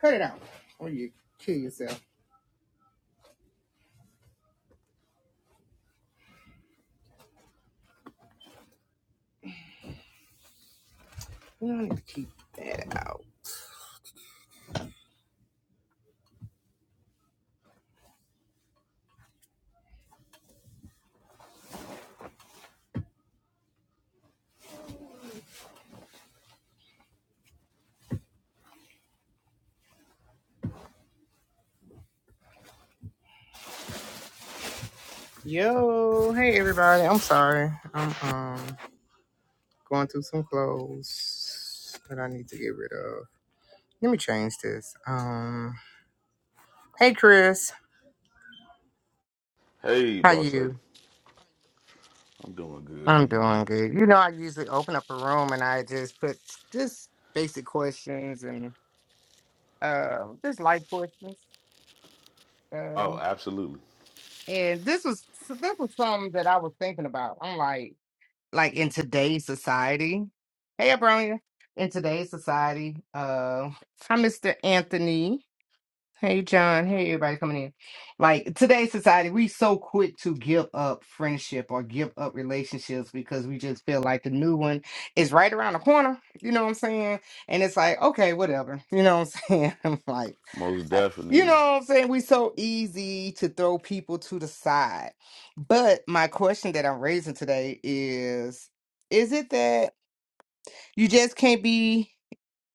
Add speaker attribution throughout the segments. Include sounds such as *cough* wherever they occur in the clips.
Speaker 1: Cut it out or you kill yourself. You don't need to keep. Yo, hey everybody. I'm sorry. I'm um going through some clothes that I need to get rid of. Let me change this. Um, hey Chris,
Speaker 2: Hey,
Speaker 1: how
Speaker 2: boss lady.
Speaker 1: you?
Speaker 2: I'm doing good. How
Speaker 1: I'm
Speaker 2: you doing?
Speaker 1: doing good. You know, I usually open up a room and I just put just basic questions and um just life questions.
Speaker 2: Oh,
Speaker 1: Um,
Speaker 2: absolutely.
Speaker 1: and this was so that was something that I was thinking about. I'm like. like in today's society. Hey, Abronia. In today's society, uh, hi, Mr. Anthony. Hey John, hey everybody coming in. Like today's society, we so quick to give up friendship or give up relationships because we just feel like the new one is right around the corner. You know what I'm saying? And it's like, okay, whatever. *laughs* You know what I'm saying? *laughs* I'm like,
Speaker 2: Most
Speaker 1: I- you know
Speaker 2: definitely.
Speaker 1: what I'm saying? We so easy to throw people to the side. But my question that I'm raising today is, is it that you just can't be?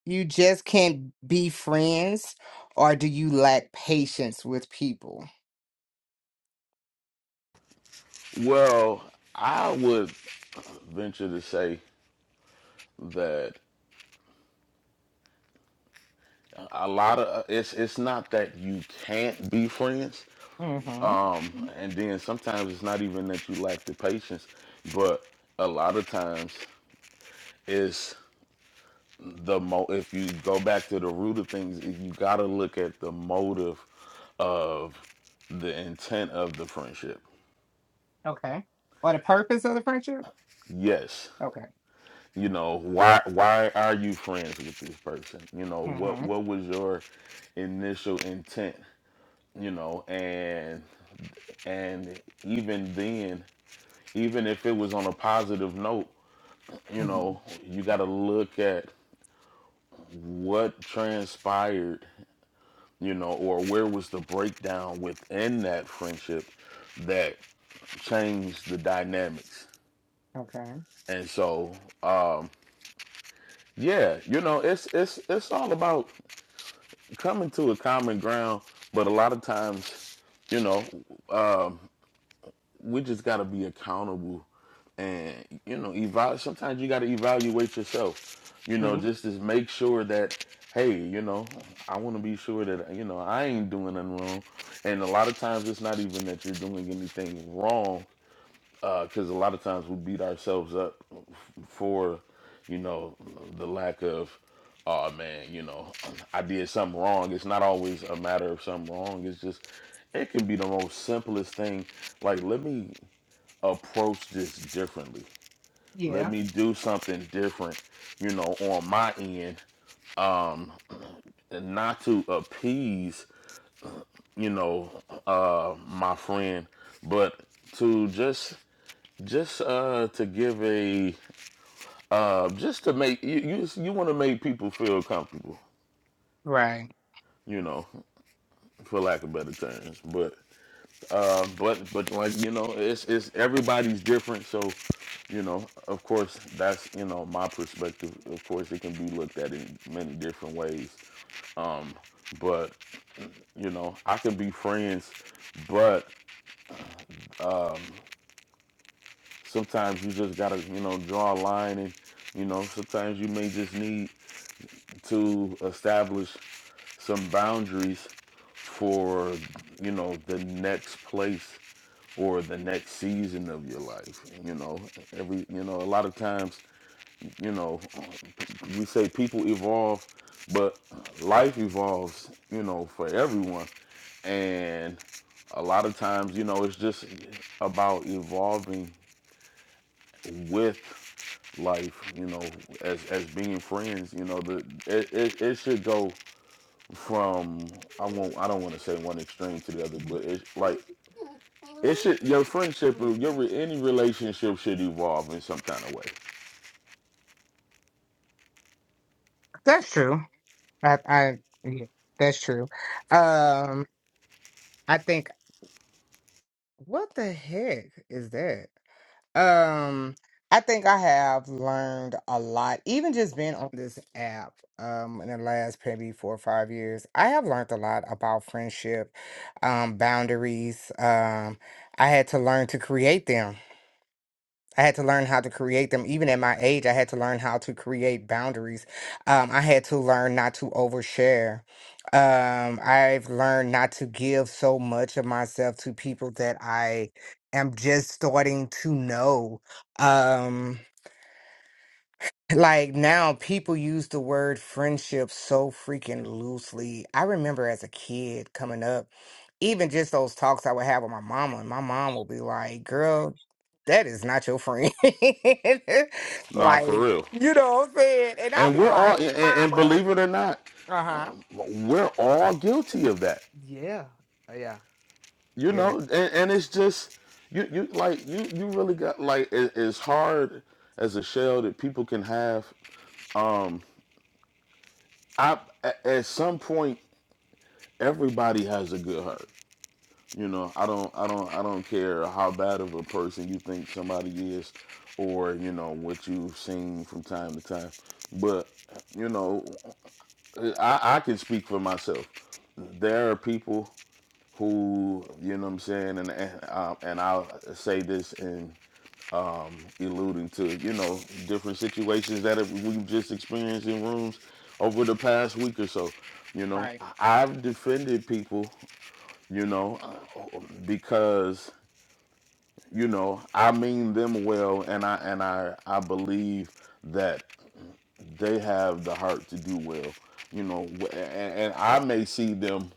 Speaker 1: You just can't be friends, or do you lack patience with people?
Speaker 2: Well, I would venture to say that a lot of it's it's not that you can't be friends.
Speaker 1: Mm-hmm.
Speaker 2: Um and then sometimes it's not even that you lack the patience, but a lot of times it's the mo if you go back to the root of things, you got to look at the motive of the intent of the friendship.
Speaker 1: Okay. Or the purpose of the friendship?
Speaker 2: Yes,
Speaker 1: Okay.
Speaker 2: you know why why are you friends with this person you know what
Speaker 1: Mm-hmm.
Speaker 2: what was your initial intent you know and and even then even if it was on a positive note you
Speaker 1: hmm
Speaker 2: know you got to look at what transpired you know or where was the breakdown within that friendship that changed the dynamics
Speaker 1: Okay.
Speaker 2: and so um yeah you know it's it's it's all about coming to a common ground, but a lot of times, you know, um, we just got to be accountable and, you know, evaluate. Sometimes you got to evaluate yourself, you know,
Speaker 1: True.
Speaker 2: just to make sure that, hey, you know, I want to be sure that, you know, I ain't doing nothing wrong. And a lot of times it's not even that you're doing anything wrong because uh, a lot of times we beat ourselves up for, you know, the lack of, oh man, you know, I did something wrong. It's not always a matter of something wrong. It's just, it can be the most simplest thing. Like, let me approach this differently. Let
Speaker 1: Yeah.
Speaker 2: me do something different, you know, on my end. Um, and not to appease, you know, uh, my friend, but to just just uh to give a uh, just to make you you, you want to make people feel comfortable,
Speaker 1: Right.
Speaker 2: you know, for lack of better terms. But uh, but but like you know, it's it's everybody's different. So you know, of course, that's you know my perspective. Of course, it can be looked at in many different ways. Um, but you know, I can be friends, but um, sometimes you just gotta you know draw a line and. You know, sometimes you may just need to establish some boundaries for you know the next place or the next season of your life you know every you know a lot of times you know we say people evolve but life evolves you know for everyone and a lot of times you know it's just about evolving with life you know as as being friends you know the it, it, it should go from I won't I don't want to say one extreme to the other, but it's like it should your friendship or your any relationship should evolve in some kind of way.
Speaker 1: That's true. I, I yeah, that's true. Um, I think what the heck is that? Um, I think I have learned a lot, even just being on this app, um, in the last maybe four or five years. I have learned a lot about friendship, um, boundaries. Um, I had to learn to create them. I had to learn how to create them. Even at my age, I had to learn how to create boundaries. Um, I had to learn not to overshare. Um, I've learned not to give so much of myself to people that I am just starting to know. Um, like now, people use the word friendship so freaking loosely. I remember as a kid coming up, even just those talks I would have with my mama, and my mom would be like, Girl, that is not your friend. *laughs*
Speaker 2: Nah,
Speaker 1: like,
Speaker 2: for real.
Speaker 1: you know what I'm saying? And I'd
Speaker 2: And
Speaker 1: be
Speaker 2: we're all
Speaker 1: like,
Speaker 2: and, and
Speaker 1: Mama.
Speaker 2: believe it or not,
Speaker 1: Uh huh.
Speaker 2: we're all guilty of that.
Speaker 1: Yeah. Uh, Yeah.
Speaker 2: You
Speaker 1: Yeah.
Speaker 2: know, and, and it's just you you like you you really got like it, as hard as a shell that people can have. Um, I at some point everybody has a good hurt You know, I don't, I don't, I don't care how bad of a person you think somebody is, or you know what you've seen from time to time. But you know, I, I can speak for myself. There are people who, you know, what I'm saying, and and, um, and I'll say this in alluding to you know different situations that have- we've just experienced in rooms over the past week or so. You know,
Speaker 1: Right.
Speaker 2: I've defended people, you know, because you know i mean them well and i and i i believe that they have the heart to do well you know wh- and, and i may see them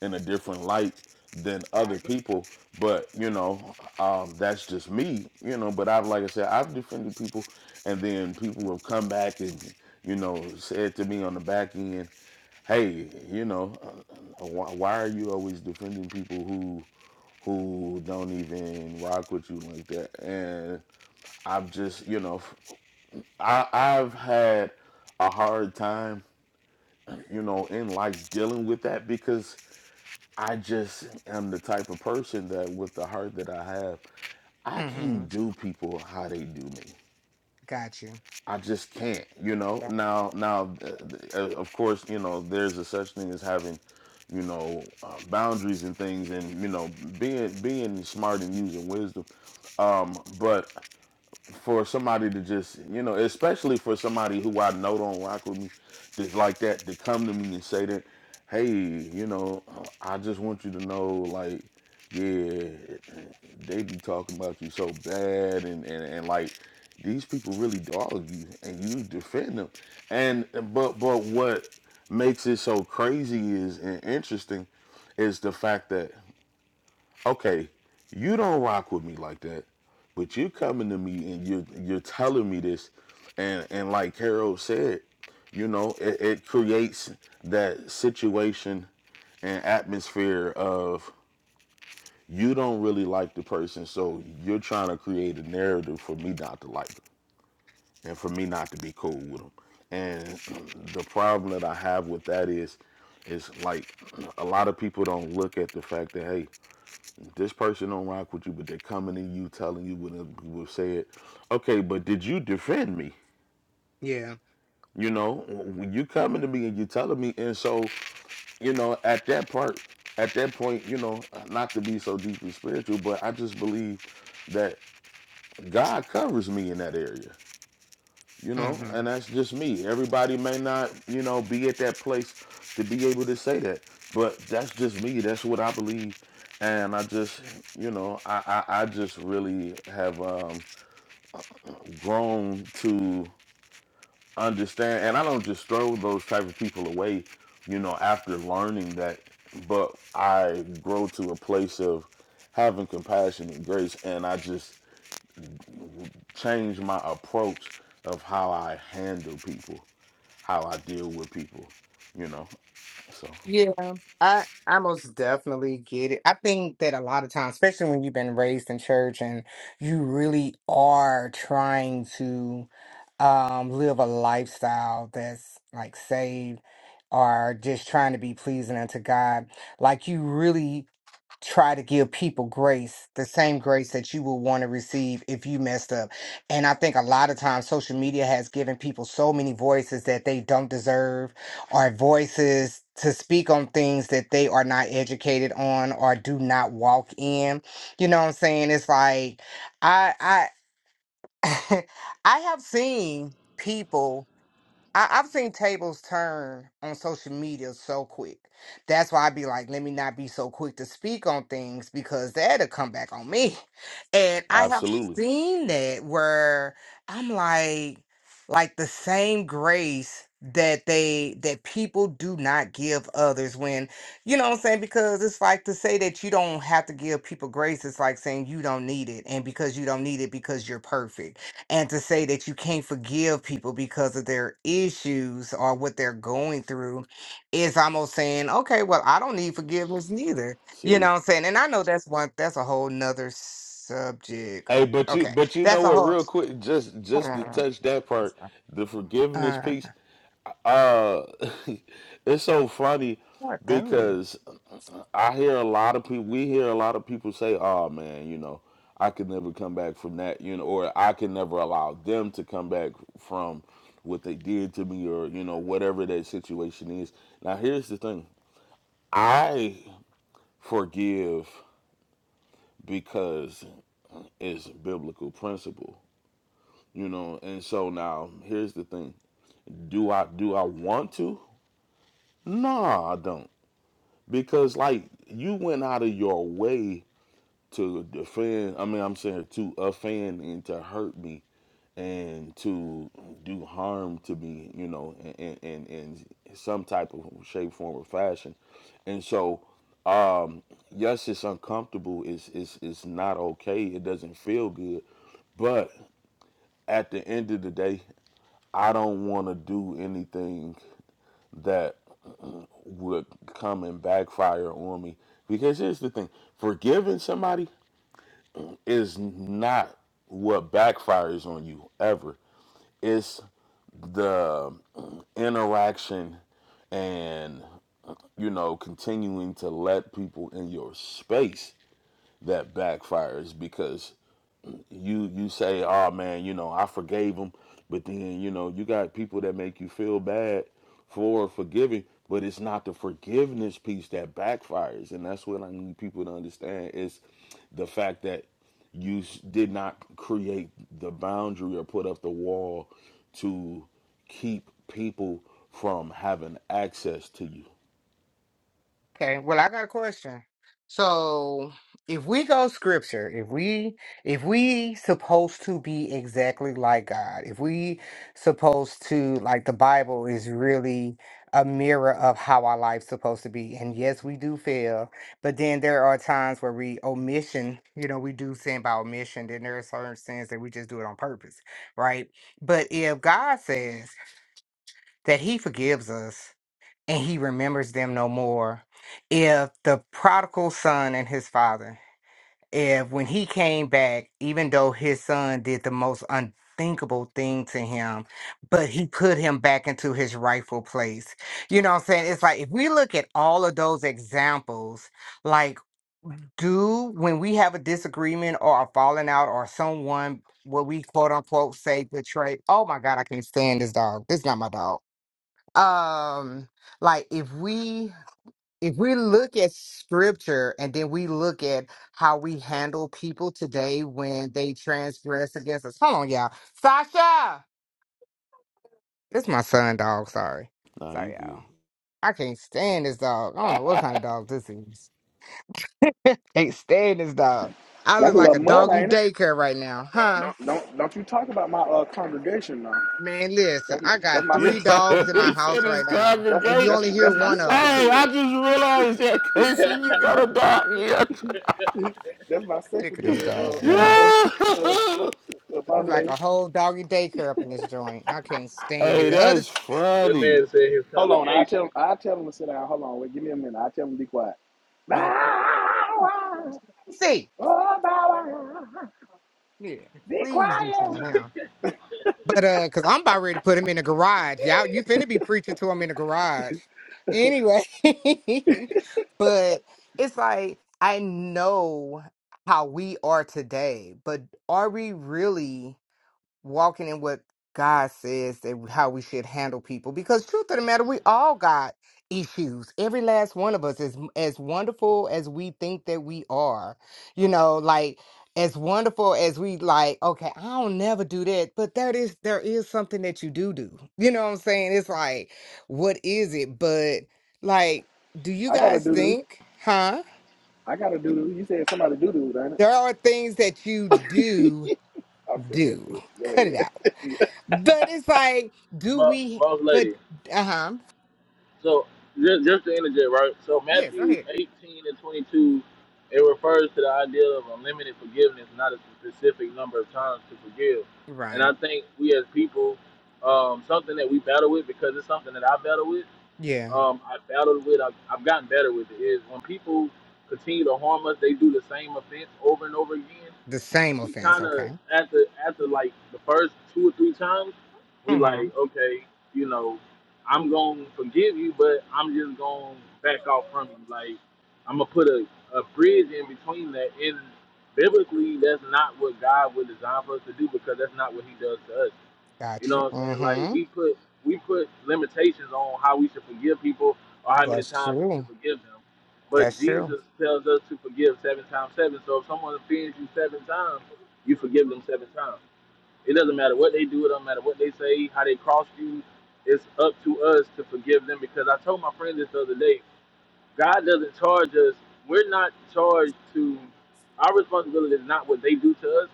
Speaker 2: in a different light than other
Speaker 1: Right.
Speaker 2: people but you know um that's just me you know but i've like i said i've defended people and then people have come back and you know said to me on the back end hey you know uh, why, why are you always defending people who who don't even rock with you like that. And I've just, you know, I, I've had a hard time, you know, in life dealing with that because I just am the type of person that, with the heart that I have, I
Speaker 1: Mm hmm.
Speaker 2: can't do people how they do me.
Speaker 1: Got you.
Speaker 2: I just can't, you know. Now, now, uh, uh, uh, of course, you know, there's a such thing as having you know uh, boundaries and things and you know being being smart and using wisdom um but for somebody to just, you know, especially for somebody who I know don't rock with me, just like that, to come to me and say that, hey, you know, uh, I just want you to know, like, yeah, they be talking about you so bad, and and, and like these people really dog you, and you defend them, and but but what makes it so crazy is and interesting is the fact that okay, you don't rock with me like that, but you're coming to me and you're you're telling me this, and and like Carol said, you know, it, it creates that situation and atmosphere of you don't really like the person, so you're trying to create a narrative for me not to like them and for me not to be cool with them. And *clears throat* the problem that I have with that is, is like *clears throat* a lot of people don't look at the fact that hey, this person don't rock with you, but they're coming to you, telling you what will say it. Okay, but did you defend me?
Speaker 1: Yeah.
Speaker 2: You know, when you coming to me and you telling me, and so you know, at that part, at that point, you know, not to be so deeply spiritual, but I just believe that God covers me in that area. you
Speaker 1: Mm
Speaker 2: know,
Speaker 1: hmm.
Speaker 2: and that's just me. Everybody may not, you know, be at that place to be able to say that, but that's just me. That's what I believe, and I just, you know, I I, I just really have um, grown to understand, and I don't just throw those type of people away, you know, after learning that, but I grow to a place of having compassion and grace, and I just change my approach of how I handle people, how I deal with people, you know. So,
Speaker 1: Yeah, I I most definitely get it. I think that a lot of times, especially when you've been raised in church and you really are trying to um live a lifestyle that's like saved or just trying to be pleasing unto God, like you really try to give people grace, the same grace that you will want to receive if you messed up. And I think a lot of times social media has given people so many voices that they don't deserve or voices to speak on things that they are not educated on or do not walk in. You know what I'm saying? It's like I I *laughs* I have seen people I, I've seen tables turn on social media so quick. That's why i be like, let me not be so quick to speak on things because that'll come back on me. *laughs* And I have
Speaker 2: absolutely.
Speaker 1: seen that where I'm like, like the same grace that they that people do not give others when you know what I'm saying because it's like to say that you don't have to give people grace it's like saying you don't need it and because you don't need it because you're perfect and to say that you can't forgive people because of their issues or what they're going through is almost saying okay well i don't need forgiveness neither you
Speaker 2: See?
Speaker 1: know what i'm saying and i know that's one that's a whole nother subject
Speaker 2: Hey, but you
Speaker 1: okay
Speaker 2: but you
Speaker 1: that's
Speaker 2: know
Speaker 1: a
Speaker 2: what?
Speaker 1: whole
Speaker 2: Real quick, just just to
Speaker 1: uh,
Speaker 2: touch that part, the forgiveness
Speaker 1: uh,
Speaker 2: piece. Uh, *laughs* it's so funny
Speaker 1: 4:30.
Speaker 2: because I hear a lot of people. We hear a lot of people say, "Oh man, you know, I could never come back from that," you know, or "I can never allow them to come back from what they did to me," or you know, whatever that situation is. Now, here's the thing: I forgive because it's biblical principle. you know and so now here's the thing do i do i want to no i don't because like you went out of your way to defend i mean i'm saying to offend and to hurt me and to do harm to me you know in in, in some type of shape form or fashion and so yes it's uncomfortable it's it's it's not okay it doesn't feel good but at the end of the day, I don't want to do anything that would come and backfire on me. Because here's the thing forgiving somebody is not what backfires on you ever, it's the um, interaction and, you know, continuing to let people in your space that backfires because you you say, "Oh man, you know, I forgave him," but then you know you got people that make you feel bad for forgiving, but it's not the forgiveness piece that backfires, and that's what I need people to understand is the fact that you did not create the boundary or put up the wall to keep people from having access to you.
Speaker 1: Okay, well, I got a question. So, if we go scripture, if we if we supposed to be exactly like God, if we supposed to like the Bible is really a mirror of how our life's supposed to be. And yes, we do fail, but then there are times where we omission, you know, we do sin by omission, then there are certain sins that we just do it on purpose, right? But if God says that he forgives us and he remembers them no more. If the prodigal son and his father, if when he came back, even though his son did the most unthinkable thing to him, but he put him back into his rightful place. You know what I'm saying? It's like if we look at all of those examples, like do when we have a disagreement or a falling out or someone what we quote unquote say betrayed. Oh my God, I can't stand this dog. This is not my dog. Um like if we if we look at scripture and then we look at how we handle people today when they transgress against us. Hold on, y'all. Sasha! This my son, dog. Sorry.
Speaker 2: Nah, you
Speaker 1: Sorry, y'all.
Speaker 2: good.
Speaker 1: I can't stand this dog. I don't know what kind of dog this is. *laughs* can't stand this dog. I look
Speaker 3: That's a
Speaker 1: like
Speaker 3: little
Speaker 1: a
Speaker 3: mud,
Speaker 1: doggy
Speaker 3: ain't it?
Speaker 1: daycare right now, huh?
Speaker 3: Don't don't you talk about my uh, congregation now.
Speaker 1: Man, listen,
Speaker 3: That's my
Speaker 1: I
Speaker 3: that's
Speaker 1: got
Speaker 3: my
Speaker 2: Yeah,
Speaker 1: three
Speaker 2: *laughs*
Speaker 1: dogs in my
Speaker 2: he said
Speaker 1: house
Speaker 2: his
Speaker 1: right now,
Speaker 3: that's
Speaker 1: and you
Speaker 3: that's
Speaker 1: only
Speaker 2: congregation.
Speaker 1: hear
Speaker 3: that's my
Speaker 2: Hey,
Speaker 1: one of them.
Speaker 2: I
Speaker 3: secretary.
Speaker 2: just realized that, Casey, you got a dog. Yeah.
Speaker 3: *laughs* that's my
Speaker 1: Sick of this
Speaker 3: secretary. Uh
Speaker 2: *laughs*
Speaker 1: dog,
Speaker 3: uh
Speaker 1: man.
Speaker 3: uh *laughs* uh,
Speaker 2: yeah.
Speaker 3: uh, uh boss
Speaker 1: It's like
Speaker 3: lady.
Speaker 1: a whole doggy daycare up in this joint. I can't stand it.
Speaker 2: Hey,
Speaker 1: The other
Speaker 2: that's
Speaker 4: That
Speaker 2: funny.
Speaker 4: man said his
Speaker 3: Hold on, I
Speaker 4: congregation,
Speaker 3: tell I tell him to sit down. Hold on, wait, give me a minute. I tell him to be quiet. Nah,
Speaker 1: Oh, see, yeah. Please do something with him. But uh, cause I'm about ready to put him in the garage. Y'all, you finna be preaching to him in the garage. Anyway, *laughs* but it's like I know how we are today, but are we really? walking in what God says that how we should handle people. Because truth of the matter, we all got issues. Every last one of us is as as wonderful as we think that we are. You know, like as wonderful as we like, okay, I don't never do that, but that is there is something that you do do. You know what I'm saying? It's like, what is it? But like, do you
Speaker 3: I got to
Speaker 1: guys
Speaker 3: do doo.
Speaker 1: think, huh?
Speaker 3: I got to do doo. You said somebody do doo, ain't it?
Speaker 1: There are things that you do
Speaker 3: I'm just messing.
Speaker 1: do.
Speaker 3: with you. Go
Speaker 1: Cut it out
Speaker 3: ahead. *laughs* Yeah.
Speaker 1: But it's like, do
Speaker 4: Mo-
Speaker 1: we?
Speaker 4: most
Speaker 1: But
Speaker 4: lady.
Speaker 1: uh huh.
Speaker 4: So just, just to interject, right? So
Speaker 1: Yeah, go
Speaker 4: Matthew
Speaker 1: ahead.
Speaker 4: 18 and 22, it refers to the idea of unlimited forgiveness, not a specific number of times to forgive. And
Speaker 1: Right.
Speaker 4: I think we as people, um, something that we battle with because it's something that I battle with.
Speaker 1: Yeah.
Speaker 4: Um, I battled with. I've, I've gotten better with it. Is when people continue to harm us, they do the same offense over and over again.
Speaker 1: The same
Speaker 4: we
Speaker 1: offense.
Speaker 4: kind of
Speaker 1: Okay.
Speaker 4: after after like the first two or three times, we
Speaker 1: Mm-hmm.
Speaker 4: like okay, you know, I'm gonna forgive you, but I'm just gonna back off from you. Like I'm gonna put a a bridge in between that. And biblically, that's not what God would design for us to do because that's not what He does to us. You
Speaker 1: Got you.
Speaker 4: know what I'm saying? Like
Speaker 1: Mm-hmm.
Speaker 4: we put we put limitations on how we should forgive people or how many
Speaker 1: That's
Speaker 4: times we should
Speaker 1: true.
Speaker 4: forgive them. But
Speaker 1: That's true.
Speaker 4: Jesus tells us to forgive seven times seven. So if someone offends you seven times, you forgive them seven times. It doesn't matter what they do, it doesn't matter what they say, how they cross you. It's up to us to forgive them because I told my friend this the other day, God doesn't charge us. We're not charged to. Our responsibility is not what they do to us,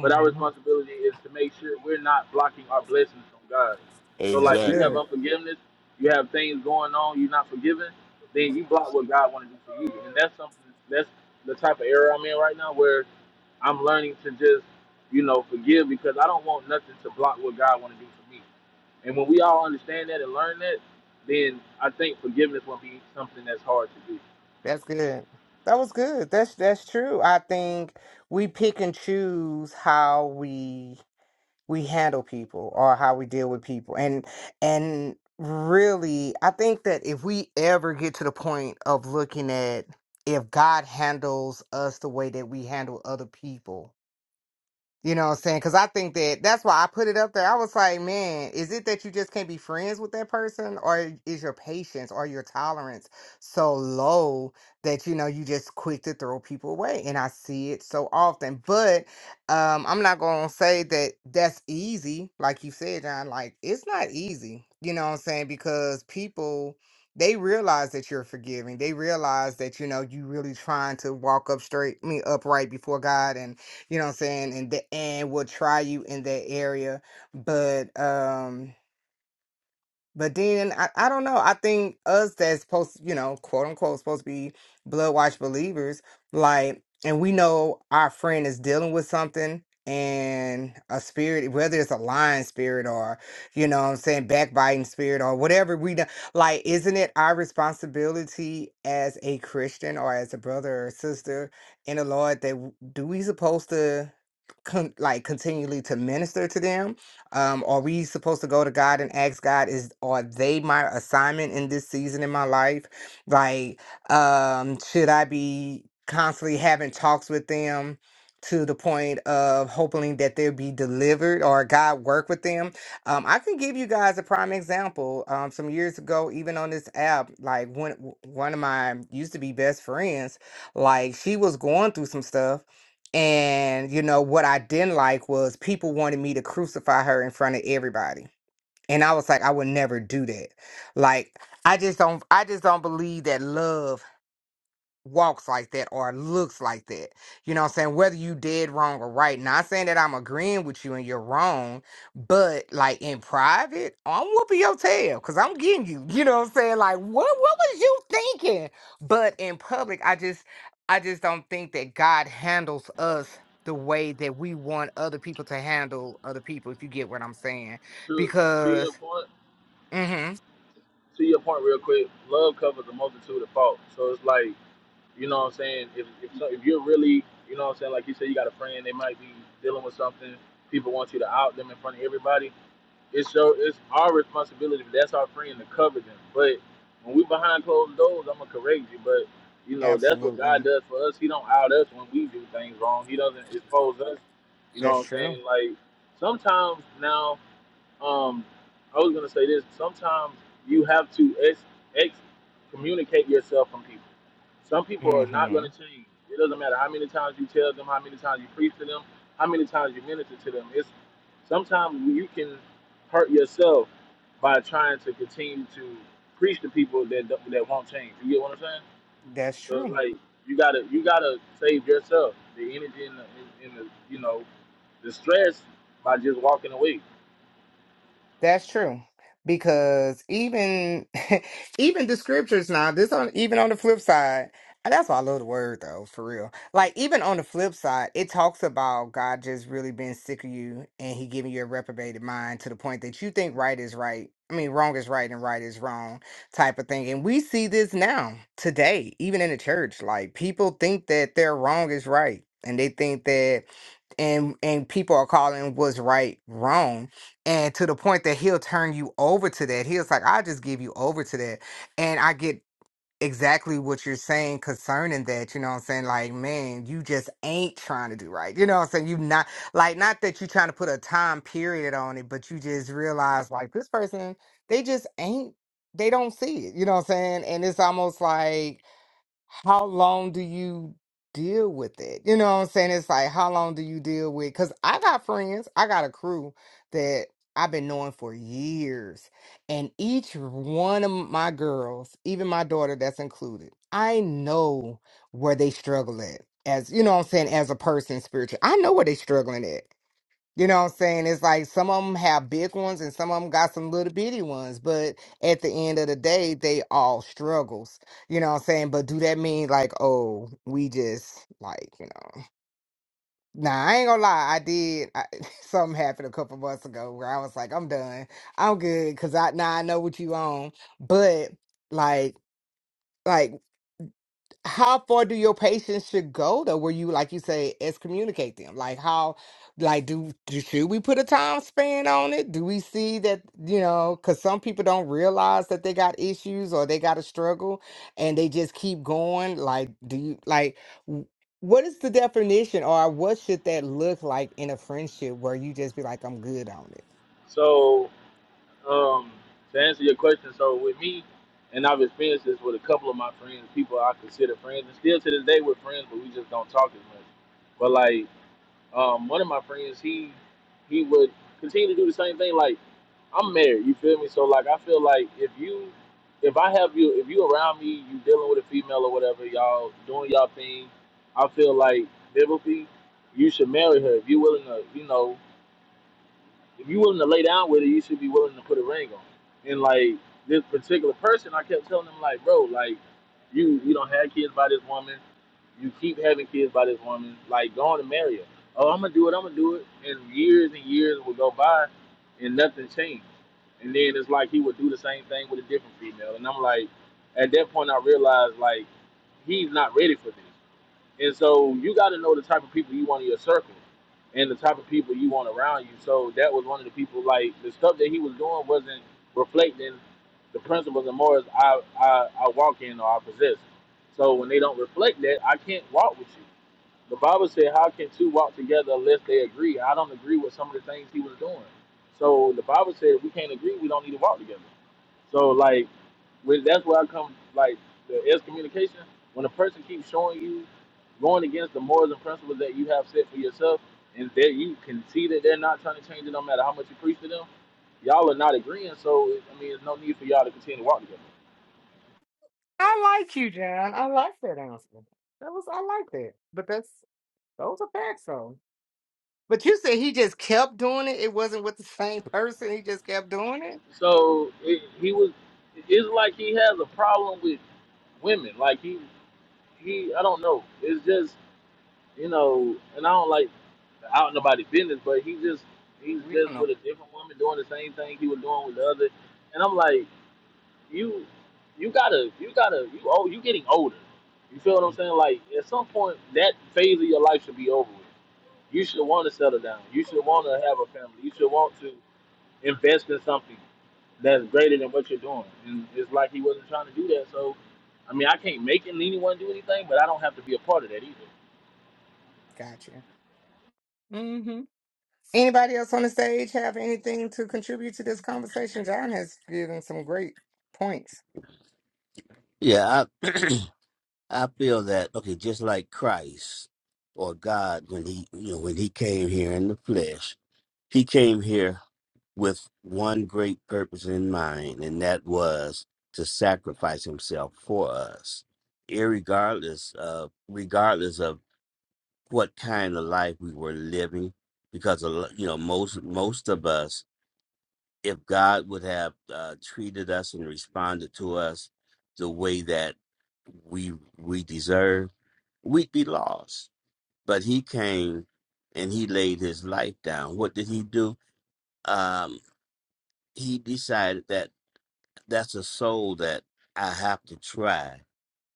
Speaker 4: but our responsibility is to make sure we're not blocking our blessings from God. So, like
Speaker 1: That's
Speaker 4: when you have
Speaker 1: good.
Speaker 2: Exactly.
Speaker 4: unforgiveness, you have things going on, you're not forgiving, then you block what God want to do for you, and that's something. That's the type of era I'm in right now, where I'm learning to just, you know, forgive because I don't want nothing to block what God want to do for me. And when we all understand that and learn that, then I think forgiveness will be something that's hard to do.
Speaker 1: That's good. That was good. That's that's true. I think we pick and choose how we we handle people or how we deal with people and and really i think that if we ever get to the point of looking at if god handles us the way that we handle other people you know what I'm saying? Because I think that that's why I put it up there. I was like, man, is it that you just can't be friends with that person, or is your patience or your tolerance so low that you know you just quick to throw people away? And I see it so often. But um, I'm not gonna say that that's easy, like you said, John. Like it's not easy. You know what I'm saying? Because people they realize that you're forgiving. They realize that you know you really trying to walk up straight, I mean upright before God and you know what I'm saying, and the, and will try you in that area. But um but then I, I don't know. I think us that's supposed, you know, quote unquote, supposed to be blood watch believers, like, and we know our friend is dealing with something and a spirit, whether it's a lying spirit or, you know what I'm saying, backbiting spirit or whatever we do, like, isn't it our responsibility as a Christian or as a brother or sister in the Lord that w- do we supposed to con- like continually to minister to them? Um, are we supposed to go to God and ask God, is are they my assignment in this season in my life? Like, um, should I be constantly having talks with them to the point of hoping that they'll be delivered or God work with them? Um, I can give you guys a prime example. Um, some years ago, even on this app, like one one of my used to be best friends, like she was going through some stuff and, you know, what I didn't like was people wanted me to crucify her in front of everybody. And I was like, I would never do that. Like, I just don't I just don't believe that love walks like that or looks like that. You know what I'm saying? Whether you did wrong or right. Not saying that I'm agreeing with you and you're wrong, but like in private, I'm whooping your tail because I'm getting you. You know what I'm saying? Like, what what was you thinking? But in public, I just I just don't think that God handles us the way that we want other people to handle other people, if you get what I'm saying.
Speaker 4: to to your
Speaker 1: Because
Speaker 4: point,
Speaker 1: mm-hmm.
Speaker 4: to your point, real quick. Love covers a multitude of faults. So it's like, you know what I'm saying. If if, so, if you're really, you know what I'm saying, like you said, you got a friend, they might be dealing with something. People want you to out them in front of everybody. It's your, it's our responsibility. that's our friend to cover them. But when we behind closed doors, I'm gonna correct you. But you know that's what God
Speaker 1: Absolutely.
Speaker 4: does for us. He don't out us when we do things wrong. He doesn't expose us. You know
Speaker 1: That's
Speaker 4: what I'm saying?
Speaker 1: true.
Speaker 4: Like sometimes now um, I was gonna say this. Sometimes you have to ex, ex communicate yourself from people. Some people are not
Speaker 1: Mm-hmm.
Speaker 4: gonna change. It doesn't matter how many times you tell them, how many times you preach to them, how many times you minister to them. It's sometimes you can hurt yourself by trying to continue to preach to people that don't- that won't change. You get what I'm saying?
Speaker 1: That's
Speaker 4: So it's
Speaker 1: true.
Speaker 4: like you gotta you gotta save yourself the energy and the, and the you know the stress by just walking away.
Speaker 1: That's true. Because even *laughs* even the scriptures now, this on even on the flip side, and that's why I love the word though, for real. Like even on the flip side, it talks about God just really being sick of you and he giving you a reprobated mind to the point that you think right is right. I mean wrong is right and right is wrong type of thing. And we see this now, today, even in the church. Like people think that their wrong is right. And they think that and and people are calling what's right wrong and to the point that he'll turn you over to that. He was like, I'll just give you over to that. And I get exactly what you're saying concerning that. You know what I'm saying? Like, man, you just ain't trying to do right. You know what I'm saying? You not like not that you're trying to put a time period on it, but you just realize like this person, they just ain't they don't see it. You know what I'm saying? And it's almost like how long do you deal with it? You know what I'm saying? It's like, how long do you deal with? Because I got friends, I got a crew that I've been knowing for years. And each one of my girls, even my daughter that's included, I know where they struggle at. As you know what I'm saying, as a person spiritually, I know where they struggling at. You know what I'm saying? It's like some of them have big ones and some of them got some little bitty ones, but at the end of the day, they all struggles. You know what I'm saying? But do that mean like, oh, we just like, you know. Nah, I ain't gonna lie. I did. I, *laughs* something happened a couple months ago where I was like, I'm done. I'm good because I now I know what you on. But like, like how far do your patients should go though where you like you say excommunicate them like how like do, do should we put a time span on it do we see that you know because some people don't realize that they got issues or they got a struggle and they just keep going like do you like w- what is the definition or what should that look like in a friendship where you just be like i'm good on it
Speaker 4: So Um, to answer your question, so with me, and I've experienced this with a couple of my friends, people I consider friends, and still to this day we're friends, but we just don't talk as much. But like, um, one of my friends, he he would continue to do the same thing. Like, I'm married, you feel me? So like, I feel like if you, if I have you, if you around me, you dealing with a female or whatever, y'all doing y'all thing. I feel like biblically, you should marry her if you're willing to, you know, if you're willing to lay down with it, you should be willing to put a ring on. it. And like this particular person, I kept telling him like, bro, like you you don't have kids by this woman. You keep having kids by this woman. Like, go on and marry her. Oh, I'm gonna do it. I'm gonna do it. And years and years will go by, and nothing changed. And then it's like he would do the same thing with a different female. And I'm like, at that point, I realized like he's not ready for this. And so you got to know the type of people you want in your circle and the type of people you want around you. So that was one of the people, like, the stuff that he was doing wasn't reflecting the principles and morals I, I, I walk in or I possess. So when they don't reflect that, I can't walk with you. The Bible said, How can two walk together unless they agree? I don't agree with some of the things he was doing. So the Bible said, If we can't agree, we don't need to walk together. So like, with, that's where I come like the excommunication. When a person keeps showing you going against the morals and principles that you have set for yourself, and that you can see that they're not trying to change it, no matter how much you preach to them, y'all are not agreeing. So it- I mean, there's no need for y'all to continue to walk together.
Speaker 1: i like you john i like that answer that was i like that but that's those are facts though. But you said he just kept doing it. It wasn't with the same person. He just kept doing it.
Speaker 4: So it, he was. It's like he has a problem with women. Like he, he. I don't know. It's just you know, and I don't like. out nobody's business, but he just he's
Speaker 1: We don't
Speaker 4: just
Speaker 1: know.
Speaker 4: with a different woman doing the same thing he was doing with the other. And I'm like, you you gotta you gotta you oh you getting older. You feel what I'm saying? Like at some point that phase of your life should be over with. You should want to settle down. You should want to have a family. You should want to invest in something that's greater than what you're doing. And it's like he wasn't trying to do that. So, I mean, I can't make anyone do anything, but I don't have to be a part of that either.
Speaker 1: Gotcha. Mm-hmm. Anybody else on the stage have anything to contribute to this conversation? John has given some great points.
Speaker 5: Yeah, I I feel that okay, just like Christ or God when he you know when he came here in the flesh, he came here with one great purpose in mind, and that was to sacrifice himself for us, irregardless of regardless of what kind of life we were living, because a lo- you know most most of us if God would have uh, treated us and responded to us the way that we we deserve, we'd be lost. But He came and He laid His life down. What did He do? Um, he decided that that's a soul that I have to try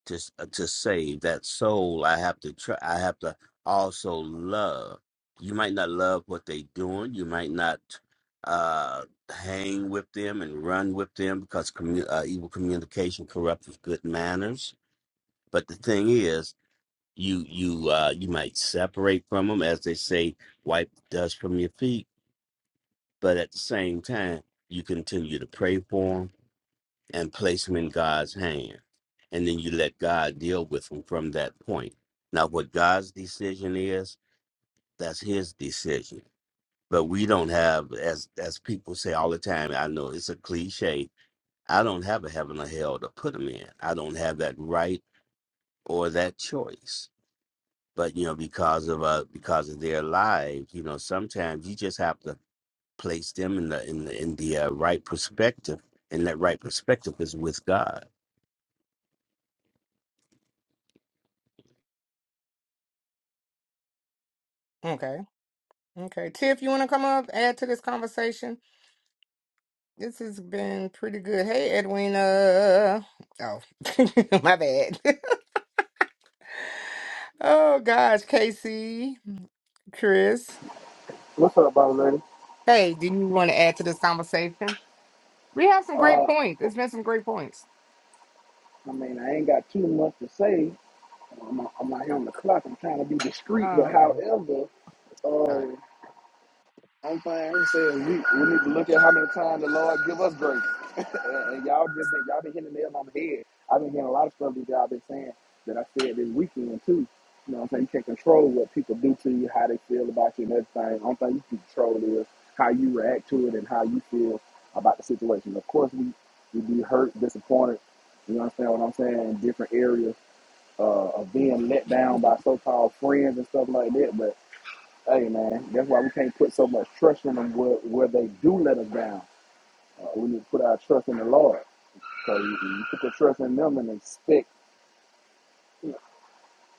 Speaker 5: just uh, to save that soul i have to try i have to also love you might not love what they doing you might not uh hang with them and run with them because commu- uh, evil communication corrupts good manners but the thing is you you uh you might separate from them as they say wipe the dust from your feet but at the same time you continue to pray for them and place them in God's hand. And then you let God deal with them from that point. Now, what God's decision is, that's his decision. But we don't have, as as people say all the time, I know it's a cliche, I don't have a heaven or hell to put them in. I don't have that right or that choice. But you know, because of uh because of their lives, you know, sometimes you just have to place them in the in the in the uh, right perspective. And that right perspective is with God.
Speaker 1: Okay. Okay. Tiff, you want to come up, add to this conversation? This has been pretty good. Hey, Edwina. Oh, *laughs* my bad. *laughs* oh, gosh. Casey, Chris.
Speaker 3: What's up, boss lady?
Speaker 1: Hey, do you want to add to this conversation? We have some great
Speaker 3: Uh,
Speaker 1: points.
Speaker 3: oh,
Speaker 1: It's been some great points.
Speaker 3: I mean, I ain't got too much to say. I'm, not- I'm not here on the clock. I'm trying to be discreet, but
Speaker 1: Oh, okay.
Speaker 3: however,
Speaker 1: All right.
Speaker 3: uh, I'm fine. i saying we, we need to look at how many times the Lord give us grace. *laughs* and, and y'all just been, y'all been hitting the nail on the head. I've been hearing a lot of stuff that y'all been saying that I said this weekend too. You know what I'm saying? You can't control what people do to you, how they feel about you and everything. The only thing you can control is how you react to it and how you feel about the situation. Of course we we be hurt, disappointed, you understand what I'm saying, in different areas uh, of being let down by so-called friends and stuff like that. But hey, man, that's why we can't put so much trust in them where, where they do let us down. Uh, we need to put our trust in the Lord. So you, you put the trust in them and expect.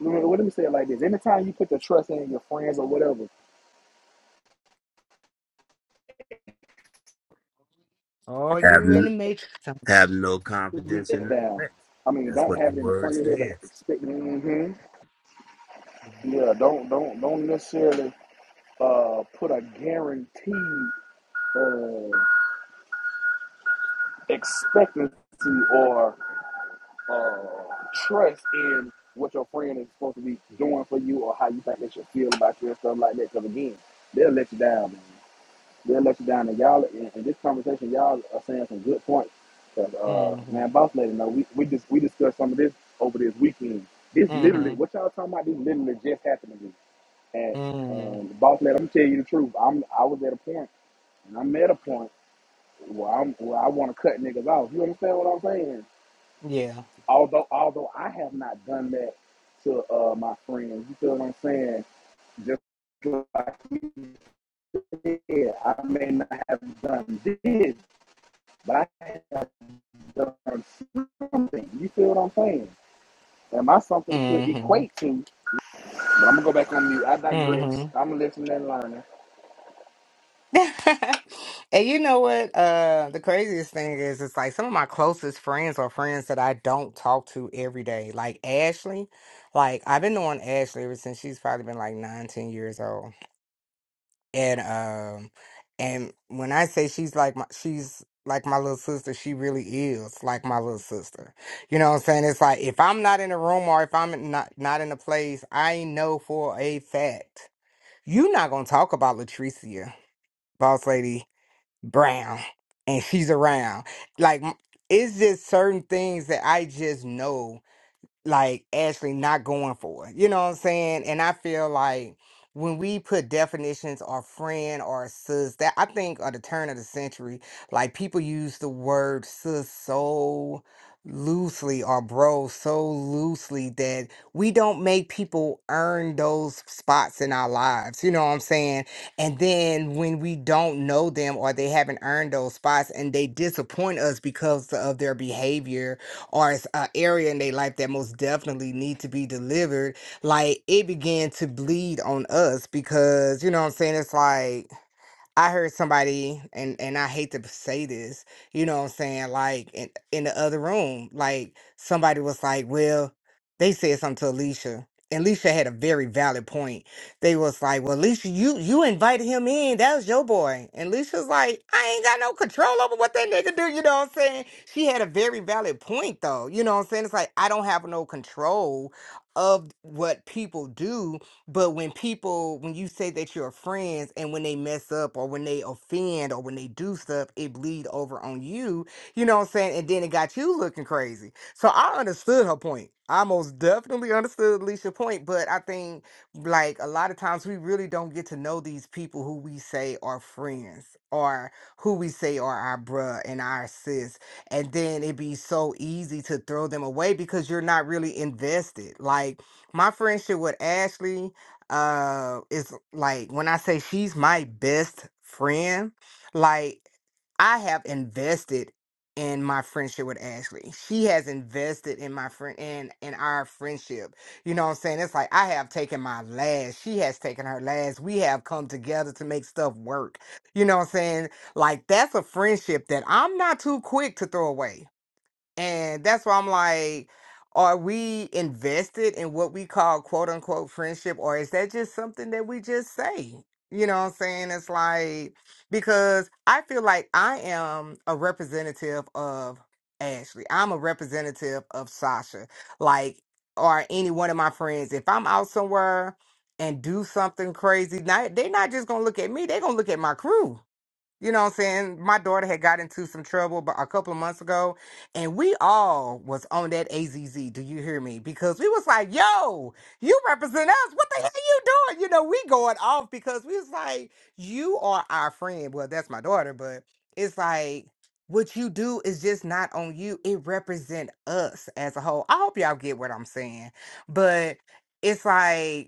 Speaker 3: Let me, let me say it like this: Anytime you put the trust in your friends or whatever,
Speaker 1: Oh, you in the matrix.
Speaker 5: Have no
Speaker 3: you be
Speaker 5: confidence
Speaker 3: let
Speaker 5: in the
Speaker 3: down.
Speaker 5: flesh.
Speaker 3: I mean,
Speaker 5: That's
Speaker 3: don't
Speaker 5: what the
Speaker 3: have it in the
Speaker 5: word
Speaker 3: front of your head,
Speaker 5: says.
Speaker 3: but expect. hmm Yeah, don't don't don't necessarily uh, put a guaranteed uh, expectancy or uh, trust in what your friend is supposed to be doing for you or how you think they should feel about you and stuff like that. Because again, they'll let you down, man. They'll let you down, and y'all in, in this conversation, y'all are saying some good points. Cause uh,
Speaker 1: Mm-hmm.
Speaker 3: man, boss lady, no, we we just we discussed some of this over this weekend. This literally,
Speaker 1: Mm-hmm.
Speaker 3: what y'all talking about? This literally just happened to me. And
Speaker 1: Mm-hmm.
Speaker 3: and boss lady, I'm gonna tell you the truth. I'm I was at a point, and I'm at a point where I'm where I want to cut niggas off. You understand what I'm saying?
Speaker 1: Yeah.
Speaker 3: although although I have not done that to uh, my friends, you feel what I'm saying? Just like you said, I may not have done this, but I have done something. You feel what I'm saying? And my something could
Speaker 1: Mm-hmm.
Speaker 3: equate to. But I'm gonna go back on mute. I digress.
Speaker 1: Mm-hmm.
Speaker 3: I'm listening and learning.
Speaker 1: *laughs* and you know what? Uh the craziest thing is it's like some of my closest friends are friends that I don't talk to every day. Like Ashley. Like I've been knowing Ashley ever since she's probably been like nine, ten years old. and um and when I say she's like my she's like my little sister, she really is like my little sister. You know what I'm saying? It's like if I'm not in a room or if I'm not not in a place, I know for a fact you're not gonna talk about Latricia, boss lady Brown, and she's around. Like m- it's just certain things that I just know like actually not going for. it, You know what I'm saying? And I feel like when we put definitions or friend or sis, that I think at the turn of the century, like people use the word sis so loosely or bro so loosely that we don't make people earn those spots in our lives. You know what I'm saying? And then when we don't know them or they haven't earned those spots and they disappoint us because of their behavior or it's an area in their life that most definitely need to be delivered, like it began to bleed on us because you know what I'm saying. It's like I heard somebody, and and I hate to say this, you know what I'm saying? Like in, in the other room, like somebody was like, well, they said something to Alicia. And Alicia had a very valid point. They was like, well, Alicia, you you invited him in. That was your boy. And Alicia's like, I ain't got no control over what that nigga do. You know what I'm saying? She had a very valid point though. You know what I'm saying? It's like I don't have no control of what people do but when people, when you say that you're friends and when they mess up or when they offend or when they do stuff, it bleed over on you. You know what I'm saying? And then it got you looking crazy. So I understood her point. I most definitely understood Alicia's point. But I think like a lot of times we really don't get to know these people who we say are friends or who we say are our bruh and our sis. And then it be so easy to throw them away because you're not really invested. Like my friendship with Ashley uh it's like when I say she's my best friend, like I have invested in my friendship with Ashley. She has invested in my friend in in our friendship. You know what I'm saying? It's like I have taken my last. She has taken her last. We have come together to make stuff work. You know what I'm saying? Like that's a friendship that I'm not too quick to throw away. And that's why I'm like, are we invested in what we call quote unquote friendship, or is that just something that we just say? You know what I'm saying? It's like, because I feel like I am a representative of Ashley, I'm a representative of Sasha, like, or any one of my friends. If I'm out somewhere, and do something crazy. Not, they're not just gonna look at me, they're gonna look at my crew. You know what I'm saying? My daughter had got into some trouble but a couple of months ago, and we all was on that AZZ. Do you hear me? Because we was like, "Yo, you represent us. What the hell you doing?" You know, we going off because we was like, "You are our friend." Well, that's my daughter, but it's like what you do is just not on you. It represent us as a whole. I hope y'all get what I'm saying, but it's like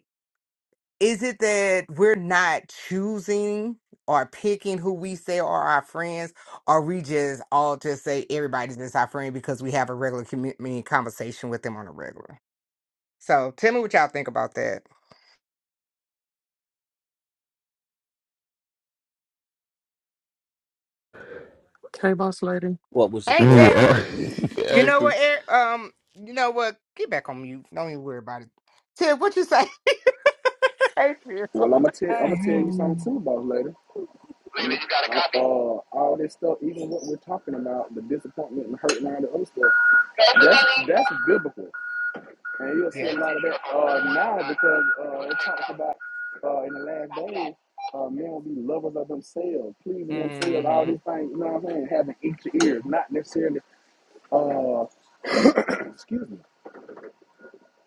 Speaker 1: is it that we're not choosing or picking who we say are our friends, or we just all just say everybody's just our friend because we have a regular community conversation with them on a regular? So tell me what y'all think about that.
Speaker 6: Hey, boss lady.
Speaker 5: What was the
Speaker 1: Hey Tim,
Speaker 5: question?
Speaker 2: Yeah. *laughs*
Speaker 1: you know
Speaker 2: Actually,
Speaker 1: what? Eric, um, you know what? Get back on mute. Don't even worry about it. Tim, what you say? *laughs* hey Tim.
Speaker 3: Well, I'm gonna tell I'm gonna tell you something too about later. Maybe you got a copy. Uh, all this stuff, even what we're talking about, the disappointment and hurt and all the other stuff, Hey, that's that's biblical. And you'll see
Speaker 1: Yes.
Speaker 3: a lot of that uh, now because uh, it talks about uh, in the last days, uh, men will be lovers of themselves, pleasing themselves, all
Speaker 1: Mm-hmm.
Speaker 3: these things, you know what I'm saying? Having itchy ears, not necessarily, uh, *clears throat* excuse me,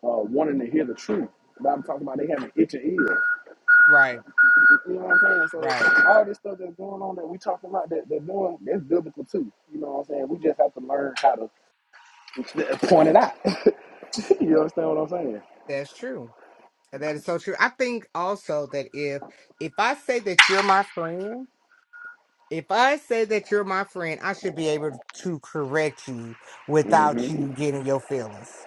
Speaker 3: uh, wanting to hear the truth. But I'm talking about they having itchy ears.
Speaker 1: Right.
Speaker 3: You know what I'm saying?
Speaker 1: Right.
Speaker 3: So all this stuff that's going on that we talking about that they're doing, that's biblical too. You know what I'm saying? We just have to learn how to point it out. *laughs* you understand what I'm saying?
Speaker 1: That's true. And That is so true. I think also that if if I say that you're my friend, if I say that you're my friend, I should be able to correct you without
Speaker 3: Mm-hmm.
Speaker 1: you getting your feelings.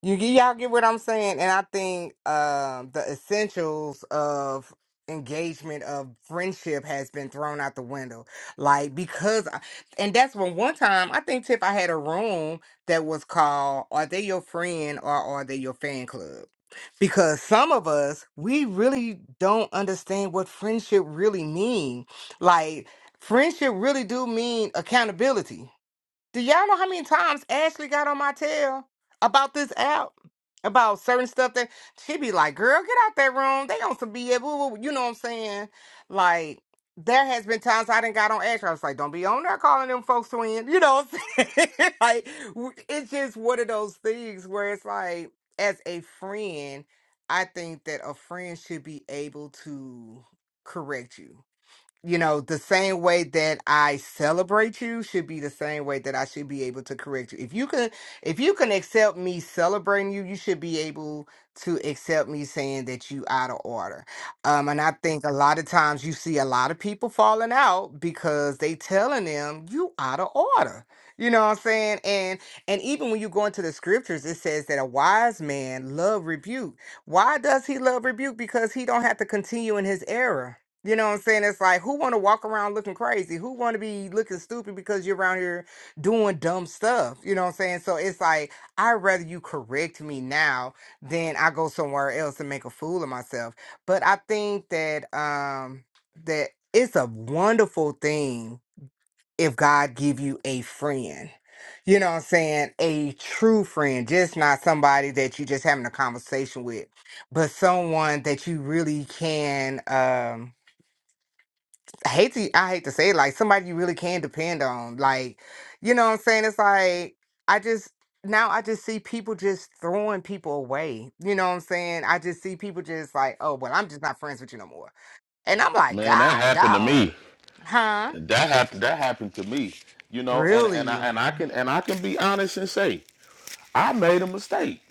Speaker 1: You get y'all get what I'm saying, and I think um the essentials of engagement of friendship has been thrown out the window. Like because, I, and that's when one time I think Tiff I had a room that was called "Are They Your Friend or Are They Your Fan Club?" Because some of us we really don't understand what friendship really mean. Like friendship really do mean accountability do y'all know how many times Ashley got on my tail about this app? About certain stuff that she be like, girl, get out that room. They on some BS. Woo, woo," You know what I'm saying? Like, there has been times I didn't got on Ashley. I was like, don't be on there calling them folks twins. You know what I'm saying? *laughs* like, w- it's just one of those things where it's like, as a friend, I think that a friend should be able to correct you you know, the same way that I celebrate you should be the same way that I should be able to correct you. If you can if you can accept me celebrating you, you should be able to accept me saying that you out of order. Um and I think a lot of times you see a lot of people falling out because they telling them you out of order. You know what I'm saying? And and even when you go into the scriptures, it says that a wise man love rebuke. Why does he love rebuke? Because he don't have to continue in his error you know what I'm saying? It's like who want to walk around looking crazy? Who want to be looking stupid because you're around here doing dumb stuff? You know what I'm saying? So it's like I'd rather you correct me now than I go somewhere else and make a fool of myself. But I think that um that it's a wonderful thing if God give you a friend. You know what I'm saying? A true friend, just not somebody that you just having a conversation with, but someone that you really can um I hate to I hate to say it, like somebody you really can depend on. Like, you know what I'm saying? It's like I just now I just see people just throwing people away. You know what I'm saying? I just see people just like, oh well, I'm just not friends with you no more. And I'm like,
Speaker 2: man, that
Speaker 1: God,
Speaker 2: happened to
Speaker 1: dog.
Speaker 2: me.
Speaker 1: Huh?
Speaker 2: That happened. That happened to me. You know, and and I
Speaker 1: Really?
Speaker 2: and I can and I can be honest and say I made a mistake.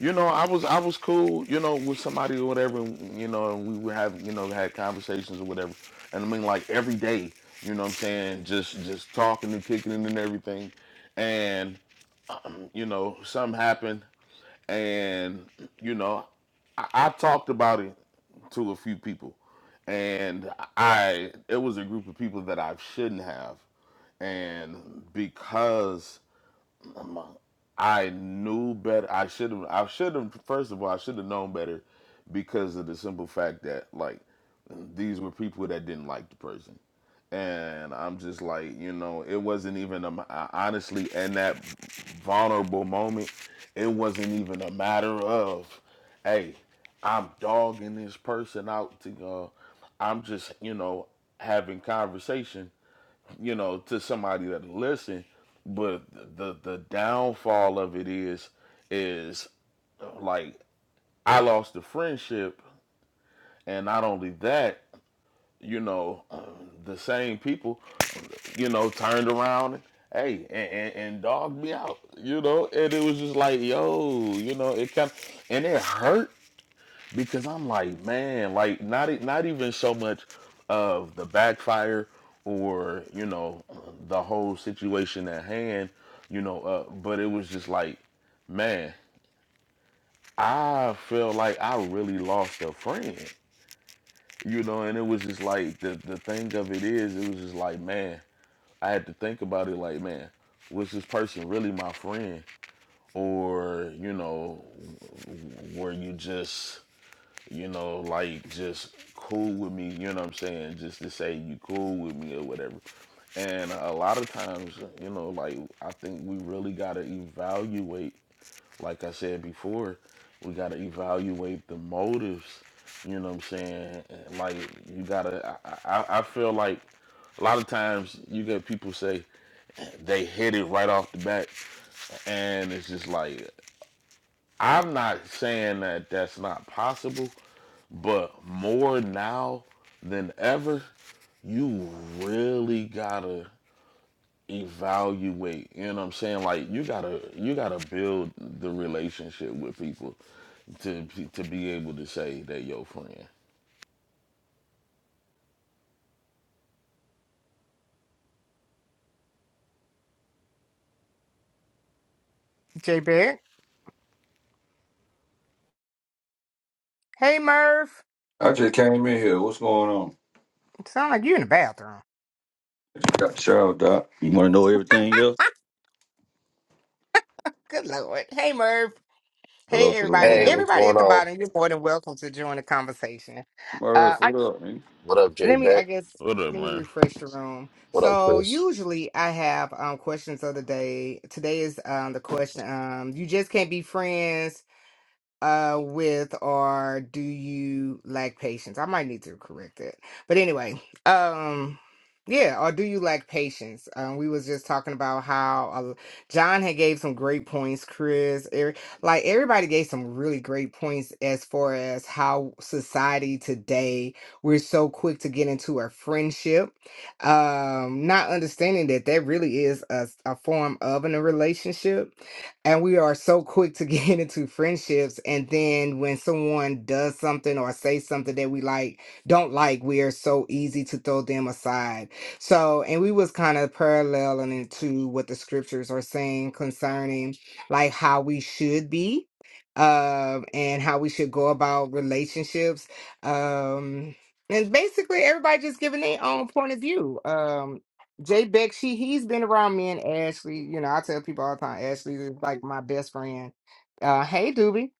Speaker 2: You know, I was I was cool, you know, with somebody or whatever, and, you know, and we would have, you know, had conversations or whatever. And I mean like every day, you know what I'm saying, just just talking and kicking it and everything. And, you know, something happened and you know, I, I talked about it to a few people. And I it was a group of people that I shouldn't have. And because I'm a- I knew better. I should have. I should have. First of all, I should have known better, because of the simple fact that like these were people that didn't like the person, and I'm just like you know it wasn't even a, I- honestly in that vulnerable moment, it wasn't even a matter of, hey, I'm dogging this person out to go. I'm just you know having conversation you know, to somebody that'll listen. But the the downfall of it is is uh, like I lost the friendship, and not only that, you know, uh, the same people, you know, turned around. And, Hey, and, and, and dogged me out, you know, and it was just like, yo, you know, it kind of, and it hurt because I'm like, man, like not e- not even so much of the backfire or you know the whole situation at hand, you know, uh, but it was just like, man, I feel like I really lost a friend, you know, and it was just like the the thing of it is, it was just like, man, I had to think about it, like, man, was this person really my friend, or you know, were you just you know, like just cool with me, you know what I'm saying? Just to say you cool with me or whatever. And a lot of times, you know, like I think we really gotta evaluate, like I said before, we gotta evaluate the motives, you know what I'm saying? Like you gotta I, I, I feel like a lot of times you get people say they hit it right off the bat and it's just like I'm not saying that that's not possible but more now than ever, you really gotta evaluate. You know what I'm saying? Like you gotta you gotta build the relationship with people to to be able to say that your friend.
Speaker 1: J Beck? Hey Murph.
Speaker 7: I just came in here. What's going on?
Speaker 1: Sound like you in the bathroom.
Speaker 7: I just got the shower, Doc. You want to know everything else?
Speaker 1: Good Lord. Hey Murph. Hey
Speaker 7: Hello to the
Speaker 8: Hey,
Speaker 1: everybody.
Speaker 7: room.
Speaker 8: what's
Speaker 1: Everybody
Speaker 8: going
Speaker 1: at the
Speaker 8: on?
Speaker 1: bottom, you're more than welcome to join the conversation.
Speaker 7: Murder,
Speaker 1: Uh,
Speaker 7: what up, man?
Speaker 8: What up, Jay
Speaker 1: let me
Speaker 8: Beck?
Speaker 1: i guess
Speaker 2: What up,
Speaker 1: let me
Speaker 2: man?
Speaker 1: refresh the room
Speaker 8: What up,
Speaker 1: so
Speaker 8: Chris?
Speaker 1: usually i have um questions of the day today is um the question um you just can't be friends uh with or do you lack patience i might need to correct it but anyway um yeah or do you lack patience um we was just talking about how uh, john had gave some great points chris Eric, like everybody gave some really great points as far as how society today we're so quick to get into a friendship um not understanding that that really is a, a form of in a relationship and we are so quick to get *laughs* into friendships. And then when someone does something or say something that we like, don't like, we are so easy to throw them aside. So, and we was kind of paralleling into what the scriptures are saying concerning like how we should be um and how we should go about relationships um and basically everybody just giving their own point of view um Jay Beck, she he's been around me and Ashley. You know, I tell people all the time, Ashley is like my best friend. Uh, hey, Doobie.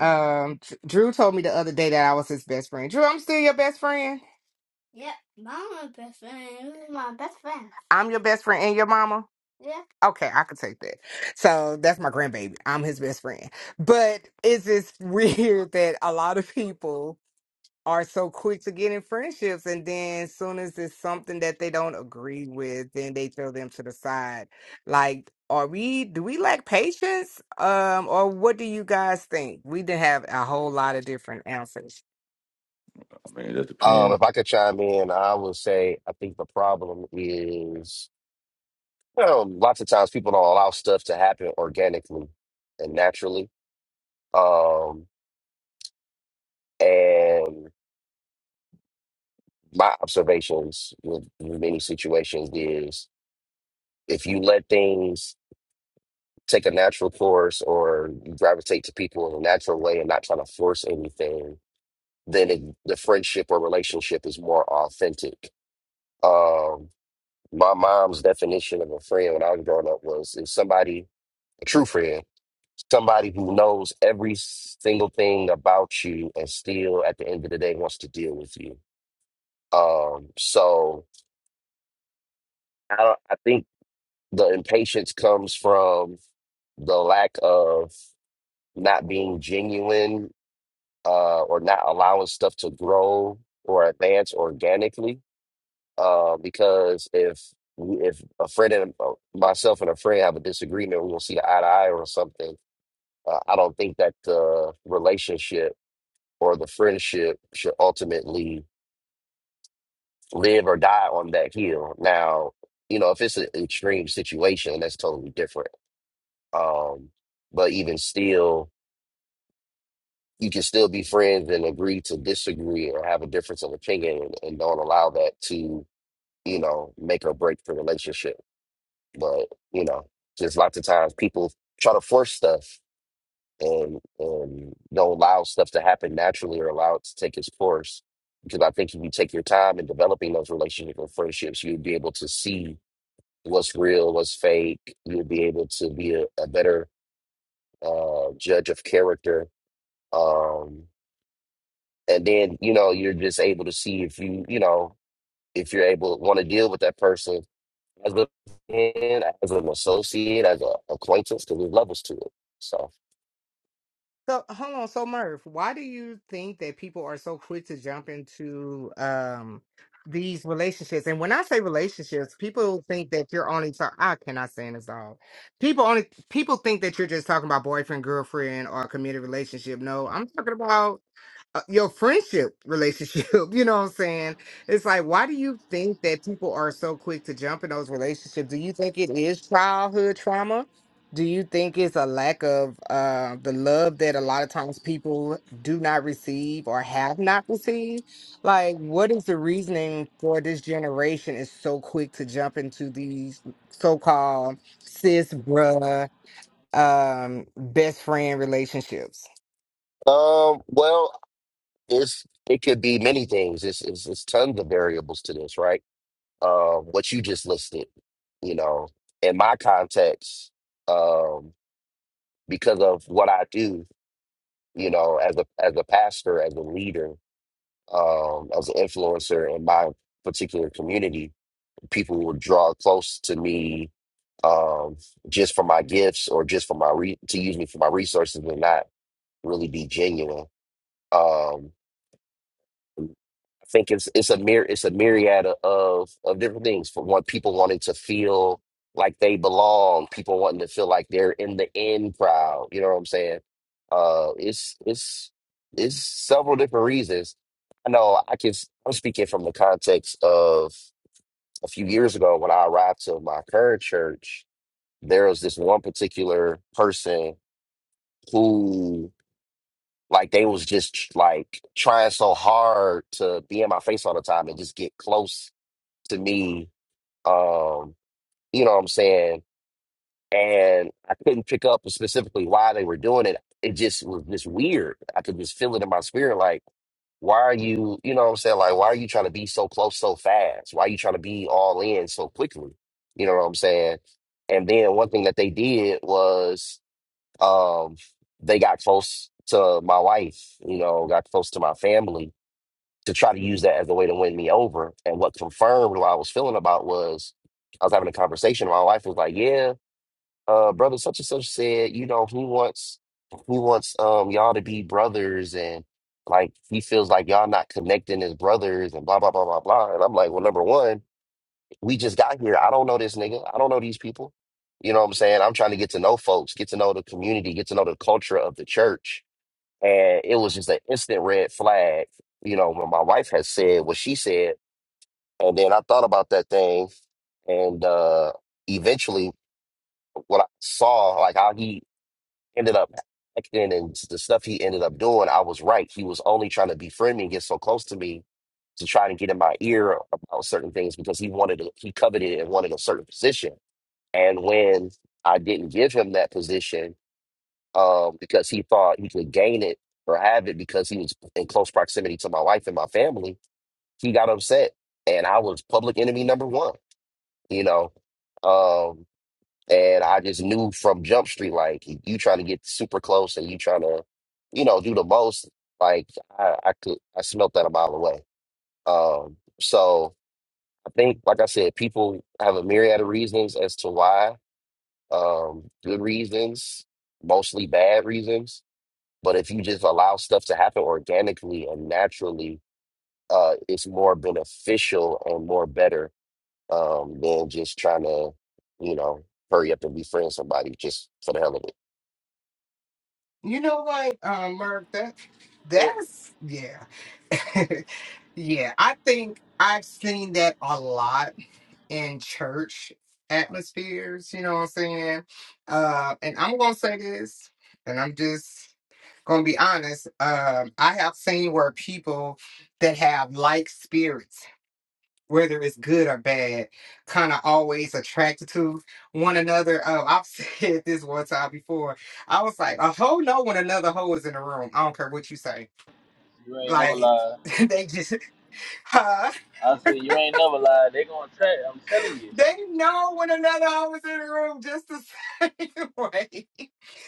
Speaker 1: Um, Dr- Drew told me the other day that I was his best friend. Drew, I'm still your best friend. Yep, best best friend, friend. you my best friend. I'm your best friend and your mama. Okay, I could take that. So that's my grandbaby. I'm his best friend. But it's just *laughs* weird that a lot of people are so quick to get in friendships and then soon as it's something that they don't agree with then they throw them to the side like are we do we lack patience um or what do you guys think we did have a whole lot of different answers
Speaker 7: I mean, that depends.
Speaker 8: Um, if I could chime in, I would say I think the problem is, you know, lots of times people don't allow stuff to happen organically and naturally. Um, and my observations with with many situations is if you let things take a natural course or you gravitate to people in a natural way and not trying to force anything, then it, the friendship or relationship is more authentic. Um, My mom's definition of a friend when I was growing up was if somebody, a true friend, somebody who knows every single thing about you and still at the end of the day wants to deal with you. Um, so I, don't- I think the impatience comes from the lack of not being genuine uh, or not allowing stuff to grow or advance organically uh, because if if a friend and uh, myself and a friend have a disagreement, we will see eye to eye or something. Uh, I don't think that the relationship or the friendship should ultimately live or die on that hill. Now, you know, if it's an extreme situation, that's totally different. Um, but even still, you can still be friends and agree to disagree or have a difference of opinion and, and don't allow that to, you know, make or break the relationship. But you know, just lots of times people try to force stuff and and don't allow stuff to happen naturally or allow it to take its course. Because I think if you take your time in developing those relationships or friendships, you'll be able to see what's real, what's fake. You'll be able to be a, a better uh, judge of character. Um, and then, you know, you're just able to see if you, you know, if you're able to want to deal with that person as a friend, as an associate, as an acquaintance, because there's levels to it. So,
Speaker 1: So hold on, so Murph, why do you think that people are so quick to jump into um these relationships? And when I say relationships, people think that you're only talking. I cannot say this all. People only people think that you're just talking about boyfriend, girlfriend, or a committed relationship. No, I'm talking about uh, your friendship relationship. *laughs* You know what I'm saying? It's like, why do you think that people are so quick to jump in those relationships? Do you think it is childhood trauma? Do you think it's a lack of uh, the love that a lot of times people do not receive or have not received? Like, what is the reasoning for this generation is so quick to jump into these so called cis bruh um, best friend relationships?
Speaker 8: um, well, it's it could be many things. It's it's, it's tons of variables to this, right? Um, what you just listed, you know, in my context, um, because of what I do, you know, as a as a pastor, as a leader, um, as an influencer in my particular community, people will draw close to me um, just for my gifts or just for my re- to use me for my resources and not really be genuine. Um, I think it's it's a mir- it's a myriad of of of different things. For one, people wanting to feel like they belong, people wanting to feel like they're in the in crowd. You know what I'm saying? Uh, it's it's it's several different reasons. I know I can. I'm speaking from the context of a few years ago when I arrived to my current church there was this one particular person who like they was just tr- like trying so hard to be in my face all the time and just get close to me. Um, you know what I'm saying? And I couldn't pick up specifically why they were doing it. It just was just weird. I could just feel it in my spirit, like, why are you, you know what I'm saying? Like, why are you trying to be so close so fast? Why are you trying to be all in so quickly? You know what I'm saying? And then one thing that they did was um, they got close to my wife, you know, got close to my family to try to use that as a way to win me over. And what confirmed what I was feeling about was I was having a conversation. My wife was like, Yeah, uh, brother such and such said, you know, he wants he wants um y'all to be brothers and like he feels like y'all not connecting as brothers and blah blah blah blah blah. And I'm like, well, number one. We just got here. I don't know this nigga. I don't know these people. You know what I'm saying? I'm trying to get to know folks, get to know the community, get to know the culture of the church. And it was just an instant red flag, you know, when my wife had said what she said. And then I thought about that thing. And uh, eventually, what I saw, like how he ended up acting and the stuff he ended up doing, I was right. He was only trying to befriend me and get so close to me to try to get in my ear about certain things because he wanted to, he coveted and wanted a certain position and when I didn't give him that position um, because he thought he could gain it or have it because he was in close proximity to my wife and my family, he got upset. And I was public enemy number one, you know. Um, and I just knew from Jump Street, like, you trying to get super close and you trying to, you know, do the most. Like, I, I could, I smelt that a mile away. Um, so I think, like I said, people have a myriad of reasons as to why um, good reasons, mostly bad reasons. But if you just allow stuff to happen organically and naturally, uh, it's more beneficial and more better um, than just trying to, you know, hurry up and befriend somebody just for the hell of it.
Speaker 1: You know what, um, Merv, that that's yeah. *laughs* Yeah, I think I've seen that a lot in church atmospheres, you know what I'm saying? Uh, and I'm gonna say this, and I'm just gonna be honest. Um, I have seen where people that have like spirits whether it's good or bad, kind of always attracted to one another. Um, I've *laughs* said this one time before. I was like, a hoe know when another hoe is in the room. I don't care what you say.
Speaker 4: You ain't never
Speaker 1: Like,
Speaker 4: lied.
Speaker 1: *laughs* they just, *laughs* huh?
Speaker 4: I said you ain't never lied. They gonna track. I'm telling you.
Speaker 1: They know when another I was in the room just the same *laughs* way.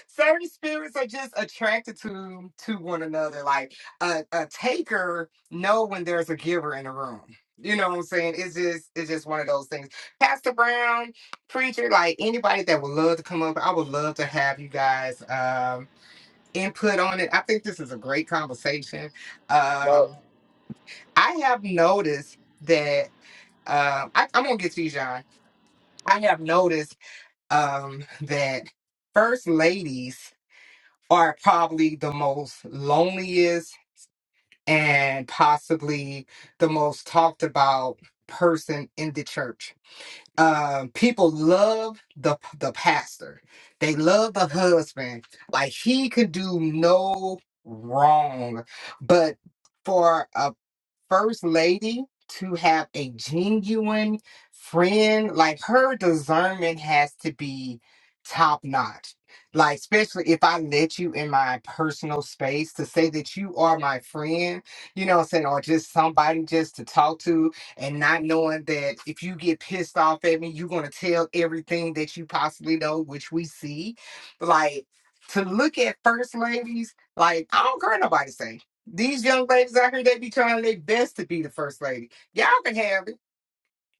Speaker 1: Certain spirits are just attracted to to one another. Like a, a taker know when there's a giver in the room. You know what I'm saying? It's just it's just one of those things. Pastor Brown, preacher, like anybody that would love to come up, I would love to have you guys um input on it. I think this is a great conversation.
Speaker 4: But
Speaker 1: Um I have noticed that um I, I'm gonna get to you, John. I have noticed um, that first ladies are probably the most loneliest and possibly the most talked about person in the church. Um, people love the the pastor. They love the husband. Like he could do no wrong. But for a first lady to have a genuine friend, like her discernment has to be top notch. Like, especially if I let you in my personal space to say that you are my friend, you know what I'm saying, or just somebody just to talk to, and not knowing that if you get pissed off at me, you're going to tell everything that you possibly know, which we see. Like, to look at first ladies, like, I don't care what nobody say. These young ladies out here, they be trying their best to be the first lady. Y'all can have it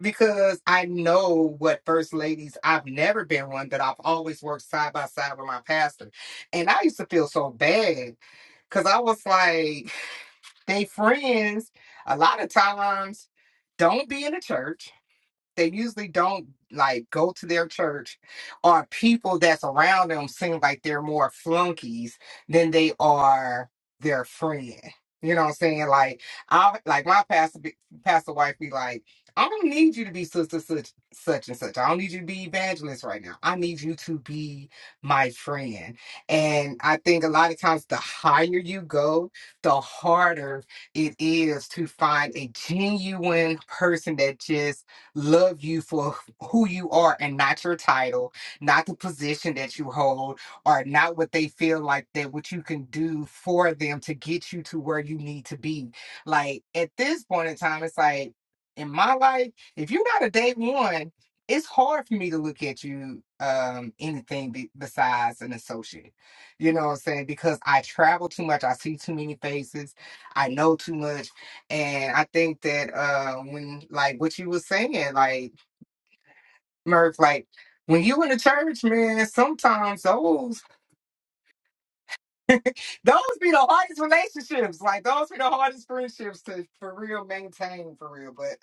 Speaker 1: because I know what first ladies. I've never been one, but I've always worked side by side with my pastor, and I used to feel so bad because I was like, *sighs* they friends. A lot of times, don't be in the church they usually don't like go to their church or people that's around them seem like they're more flunkies than they are their friend. You know what I'm saying? Like I like my pastor be- pastor wife be like, I don't need you to be sister such such and such. I don't need you to be evangelist right now. I need you to be my friend. And I think a lot of times the higher you go, the harder it is to find a genuine person that just love you for who you are and not your title, not the position that you hold, or not what they feel like that what you can do for them to get you to where you need to be. Like at this point in time, it's like in my life, if you're not a day one, it's hard for me to look at you um anything be- besides an associate. You know what I'm saying? Because I travel too much, I see too many faces, I know too much, and I think that uh when like what you were saying, like Murph, like when you in the church, man, sometimes those those be the hardest relationships. Like those be the hardest friendships to for real maintain for real. But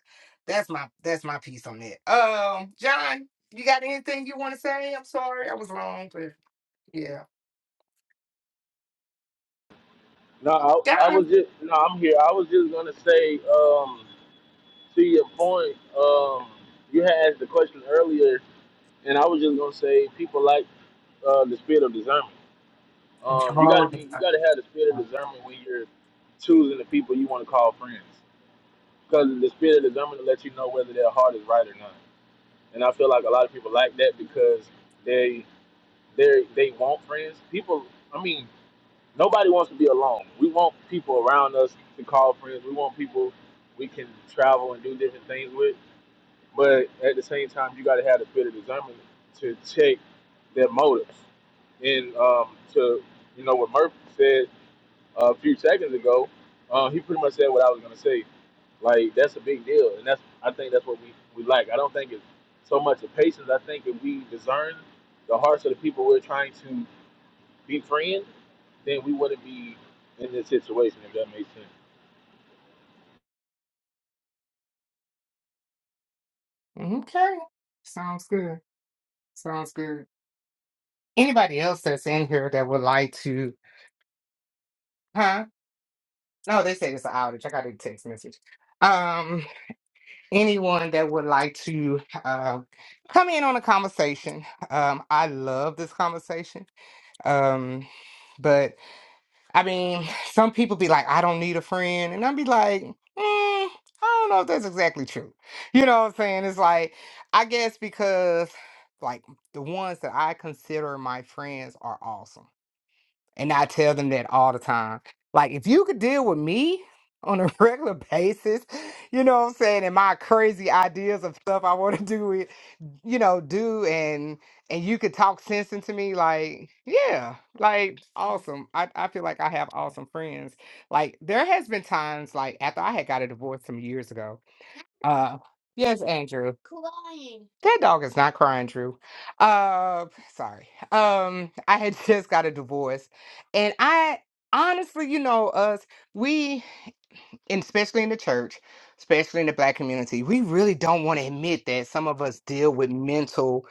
Speaker 1: that's my that's my piece on it. Um, John, you got anything you want to say? I'm sorry, I was long, but yeah.
Speaker 4: no, I, I
Speaker 1: John.
Speaker 4: was just no, I'm here. I was just gonna say, um, to your point, um, you had asked the question earlier, and I was just gonna say people like uh, the spirit of discernment. Um, you gotta
Speaker 1: Oh,
Speaker 4: be, you gotta have the spirit of discernment when you're choosing the people you want to call friends, because the spirit of discernment will let you know whether their heart is right or not. And I feel like a lot of people like that because they they they want friends. People, I mean, Nobody wants to be alone. We want people around us to call friends. We want people we can travel and do different things with. But at the same time, you got to have the bit of discernment to check their motives. And um, to you know what Murph said a few seconds ago, uh, he pretty much said what I was gonna say. Like that's a big deal, and that's I think that's what we we like. I don't think it's so much of patience. I think if we discern the hearts of the people we're trying to be friends, then we wouldn't be in this situation, if that makes sense.
Speaker 1: Okay. Sounds good. Sounds good. Anybody else that's in here that would like to, huh? No, they said it's an outage. I got a text message. Um, anyone that would like to uh, come in on a conversation, um, I love this conversation. Um, but I mean, some people be like, "I don't need a friend," and I'll be like, mm, "I don't know if that's exactly true." You know what I'm saying? It's like I guess because like the ones that I consider my friends are awesome and I tell them that all the time. Like, if you could deal with me on a *laughs* regular basis, you know what I'm saying, and my crazy ideas of stuff I want to *laughs* do it, you know, do and and you could talk sense into me, like, yeah, like awesome. I, I feel like I have awesome friends. Like there has been times like after I had got a divorce some years ago. Uh yes, Andrew. That dog is not crying, Drew. Uh, sorry. Um, I had *laughs* just got a divorce, and I honestly, you know, us, we and especially in the church, especially in the black community, we really don't want to admit that some of us deal with mental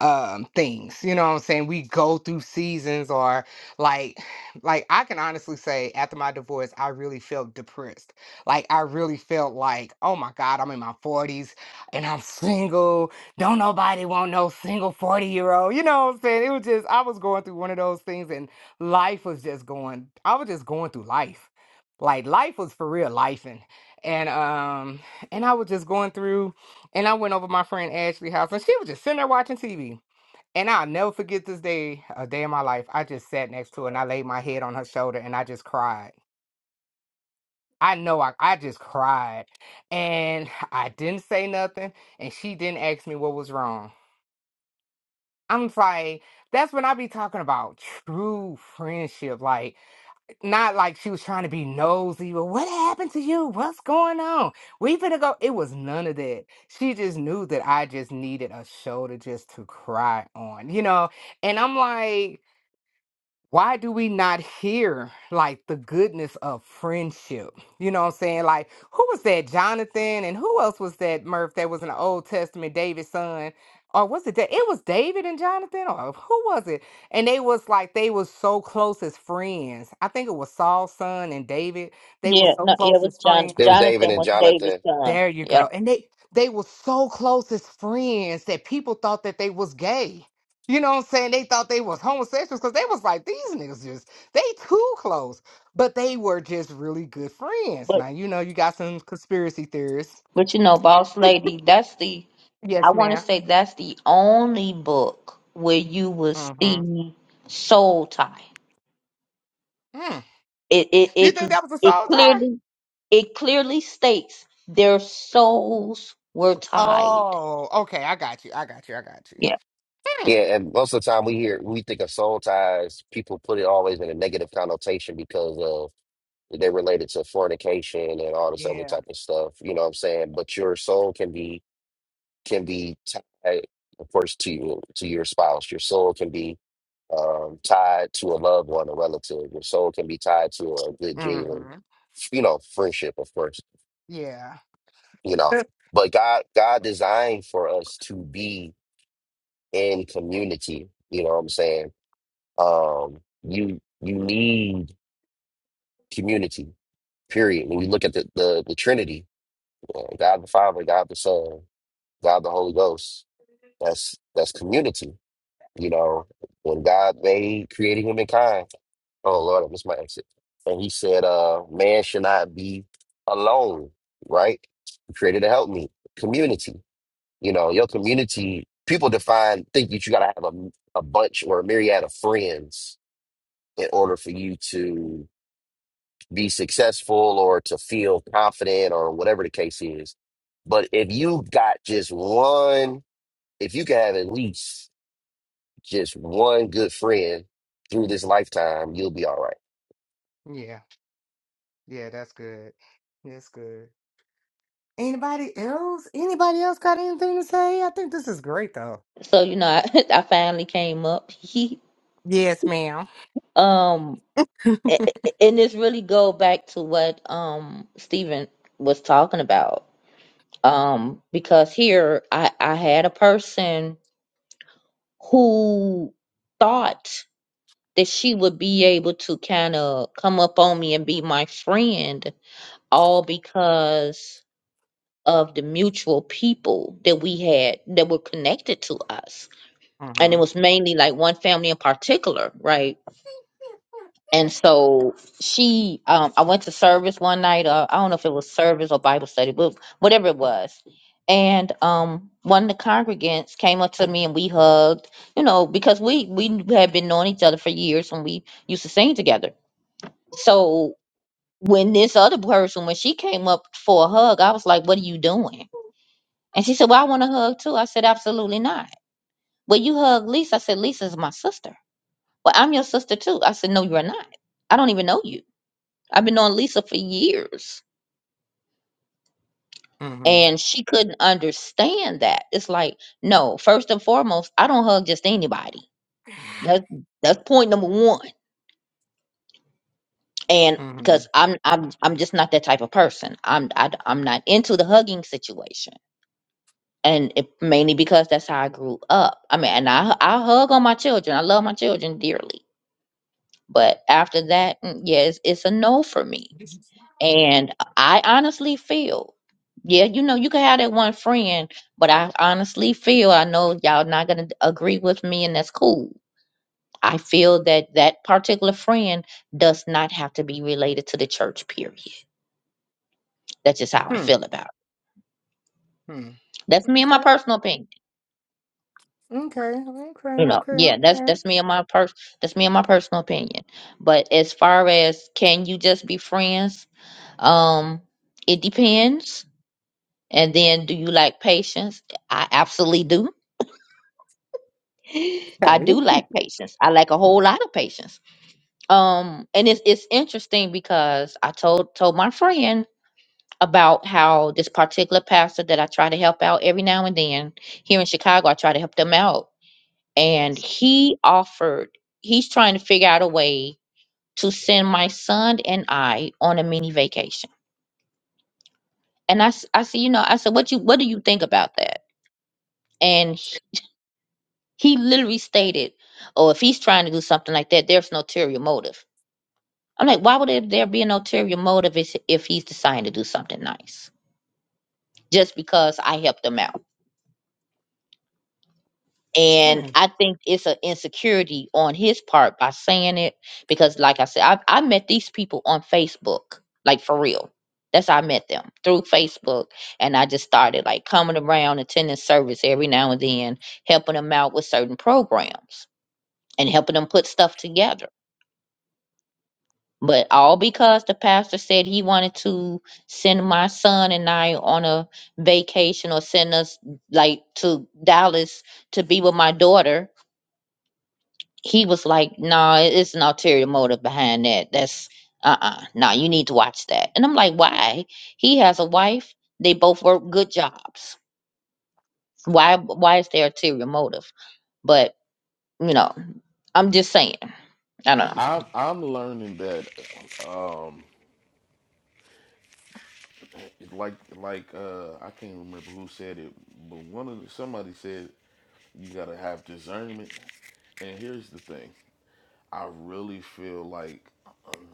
Speaker 1: um things. You know what I'm saying? We go through seasons or like like I can honestly say after my divorce, I really felt depressed. Like I really felt like, oh my God, I'm in my 40s and I'm single. Don't nobody want no single 40 year old. You know what I'm saying? It was just I was going through one of those things and life was just going I was just going through life like life was for real life and and um and I was just going through and I went over my friend Ashley's house and she was just sitting there watching TV. And I'll never forget this day, a day in my life. I just sat next to her and I laid my head on her shoulder and I just cried. I know I, I just cried. And I didn't say nothing and she didn't ask me what was wrong. I'm like, that's when I be talking about true friendship. Like not like she was trying to be nosy, but what happened to you? What's going on? We finna go. It was none of that. She just knew that I just needed a shoulder just to cry on, you know? And I'm like, why do we not hear like the goodness of friendship? You know what I'm saying? Like, who was that Jonathan and who else was that Murph that was in the Old Testament, David's son? Or was it that it was David and Jonathan? Or who was it? And they was like they was so close as friends. I think it was Saul's son and David. They were
Speaker 9: Yeah,
Speaker 1: so
Speaker 9: no, yeah,
Speaker 1: close
Speaker 9: it was
Speaker 1: as
Speaker 9: John.
Speaker 1: friends.
Speaker 8: It was David
Speaker 9: Jonathan
Speaker 8: and
Speaker 9: was David's
Speaker 8: Jonathan.
Speaker 9: son.
Speaker 1: There you
Speaker 9: Yeah,
Speaker 1: go. And they they were so close as friends that people thought that they was gay. You know what I'm saying? They thought they was homosexuals because they was like, these niggas just they too close. But they were just really good friends.
Speaker 9: but
Speaker 1: Now you know you got some conspiracy theorists.
Speaker 9: but you know, Boss Lady, that's the I
Speaker 1: Yes,
Speaker 9: want to
Speaker 1: ma'am.
Speaker 9: say that's the only book where you will
Speaker 1: Mm-hmm.
Speaker 9: see soul tie.
Speaker 1: Mm.
Speaker 9: It it
Speaker 1: You
Speaker 9: it
Speaker 1: think that was a
Speaker 9: it
Speaker 1: soul tie?
Speaker 9: clearly it clearly states their souls were tied.
Speaker 1: Oh, okay. I got you. I got you. I got you.
Speaker 9: Yeah.
Speaker 1: Hmm.
Speaker 8: Yeah, and most of the time we hear we think of soul ties. People put it always in a negative connotation because of they're related to fornication and all this other
Speaker 1: Yeah.
Speaker 8: type of stuff. You know what I'm saying? But your soul can be can be tied, of course, to you, to your spouse. Your soul can be um, tied to a loved one, a relative. Your soul can be tied to a good genuine,
Speaker 1: Mm-hmm.
Speaker 8: you know, friendship, of course,
Speaker 1: Yeah.
Speaker 8: you know.
Speaker 1: *laughs*
Speaker 8: But God, God designed for us to be in community. You know what I'm saying? Um, you you need community. Period. When we look at the the, the Trinity, you know, God the Father, God the Son, God the Holy Ghost. That's that's community You know, when God made created humankind, oh Lord, I missed my exit. And he said, uh, man should not be alone, right? He created to help me. Community. You know, your community, people define think that you gotta have a, a bunch or a myriad of friends in order for you to be successful or to feel confident or whatever the case is. But if you got just one, if you can have at least just one good friend through this lifetime, you'll be all right.
Speaker 1: yeah. Yeah. That's good. That's good. Anybody else? Anybody else got anything to say? I think this is great though.
Speaker 9: So you know, *laughs* I, I finally came up. *laughs* He
Speaker 1: Yes, ma'am.
Speaker 9: um, a- a- and this really go back to what um Stephen was talking about um, because here I, I had a person who thought that she would be able to kind of come up on me and be my friend, all because of the mutual people that we had that were connected to us. And
Speaker 1: Mm-hmm.
Speaker 9: it was mainly like one family in particular, right? And so she, um, I went to service one night. Uh, I don't know if it was service or Bible study, but whatever it was. And um, one of the congregants came up to me and we hugged, you know, because we we had been knowing each other for years and we used to sing together. So when this other person, when she came up for a hug, I was like, "What are you doing?" And she said, "Well, I want a hug too." I said, "Absolutely not." Well, you hug Lisa. I said, "Lisa's my sister." Well, I'm your sister too. I said, "No, you're not. I don't even know you." I've been on Lisa for years
Speaker 1: Mm-hmm.
Speaker 9: and she couldn't understand that. It's like, no, first and foremost, I don't hug just anybody. That's that's point number one. And
Speaker 1: Mm-hmm.
Speaker 9: because I'm I'm I'm just not that type of person. I'm I, am i am not into the hugging situation. And it, mainly because that's how I grew up. I mean, and I I hug on my children. I love my children dearly. But after that, mm, yeah, it's, it's a no for me And I honestly feel, yeah, you know, you can have that one friend, but I honestly feel, I know y'all not going to agree with me, and that's cool. I feel that that particular friend does not have to be related to the church, period. That's just how I
Speaker 1: Hmm.
Speaker 9: feel about it.
Speaker 1: Hmm.
Speaker 9: That's me and my
Speaker 1: Okay.
Speaker 9: personal opinion.
Speaker 1: Okay. Okay.
Speaker 9: You know,
Speaker 1: Okay.
Speaker 9: yeah, that's
Speaker 1: Okay.
Speaker 9: that's me and my pers that's me and my personal opinion. But as far as can you just be friends, um, it depends. And then do you like patience? I absolutely do. I
Speaker 1: Okay.
Speaker 9: do lack patience. I lack a whole lot of patience. Um, and it's it's interesting because I told told my friend about how this particular pastor that I try to help out every now and then here in Chicago, I try to help them out, and he offered. He's trying to figure out a way to send my son and I on a mini vacation. And I s- I said, you know, I said, what you what do you think about that? And he, he literally stated, oh, if he's trying to do something like that, there's no ulterior motive I'm like, why would there there be an ulterior motive if, if he's deciding to do something nice just because I helped him out? And
Speaker 1: Hmm.
Speaker 9: I think it's an insecurity on his part by saying it because, like I said, I, I met these people on Facebook, like for real. That's how I met them through Facebook. And I just started like coming around, attending service every now and then, helping them out with certain programs and helping them put stuff together But all because the pastor said he wanted to send my son and I on a vacation or send us like to Dallas to be with my daughter, he was like, "No, nah, it- it's an ulterior motive behind that. That's uh uh Nah, you need to watch that." And I'm like, "Why? He has a wife. They both work good jobs. Why? Why is there ulterior motive?" But you know, I'm just saying. I don't know.
Speaker 2: I'm I'm learning that, um, like like uh, I can't remember who said it, but one of the, somebody said you gotta have discernment. And here's the thing, I really feel like,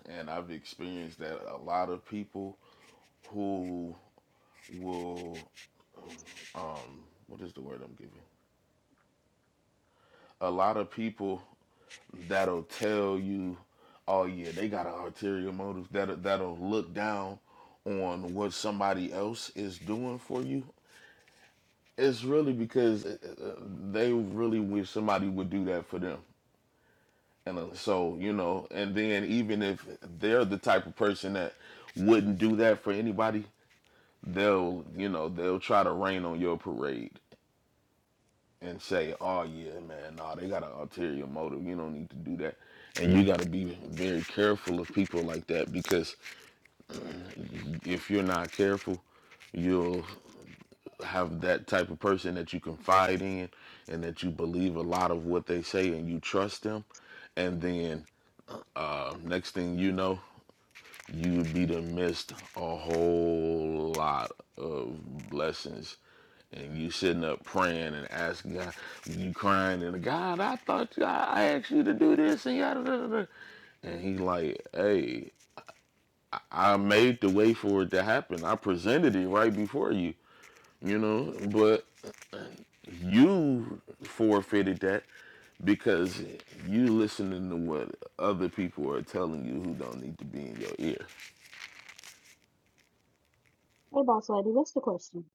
Speaker 2: and I've experienced that a lot of people who will, um, what is the word I'm giving? A lot of people that'll tell you, oh yeah, they got an ulterior motive. That that'll look down on what somebody else is doing for you. It's really because uh, uh, they really wish somebody would do that for them. And uh, so, you know, and then even if they're the type of person that wouldn't do that for anybody, they'll you know they'll try to rain on your parade and say, "Oh yeah, man, nah, they got an ulterior motive. You don't need to do that." And you got to be very careful of people like that because if you're not careful, you'll have that type of person that you confide in and that you believe a lot of what they say and you trust them. And then uh, next thing you know, you would be to missed a whole lot of blessings. And you sitting up praying and asking God, you crying and God, I thought you, I I asked you to do this and yada da da. da." And he's like, hey, I made the way for it to happen. I presented it right before you, you know, but you forfeited that because you listening to what other people are telling you who don't need to be in your ear.
Speaker 10: Hey, boss lady, what's the question?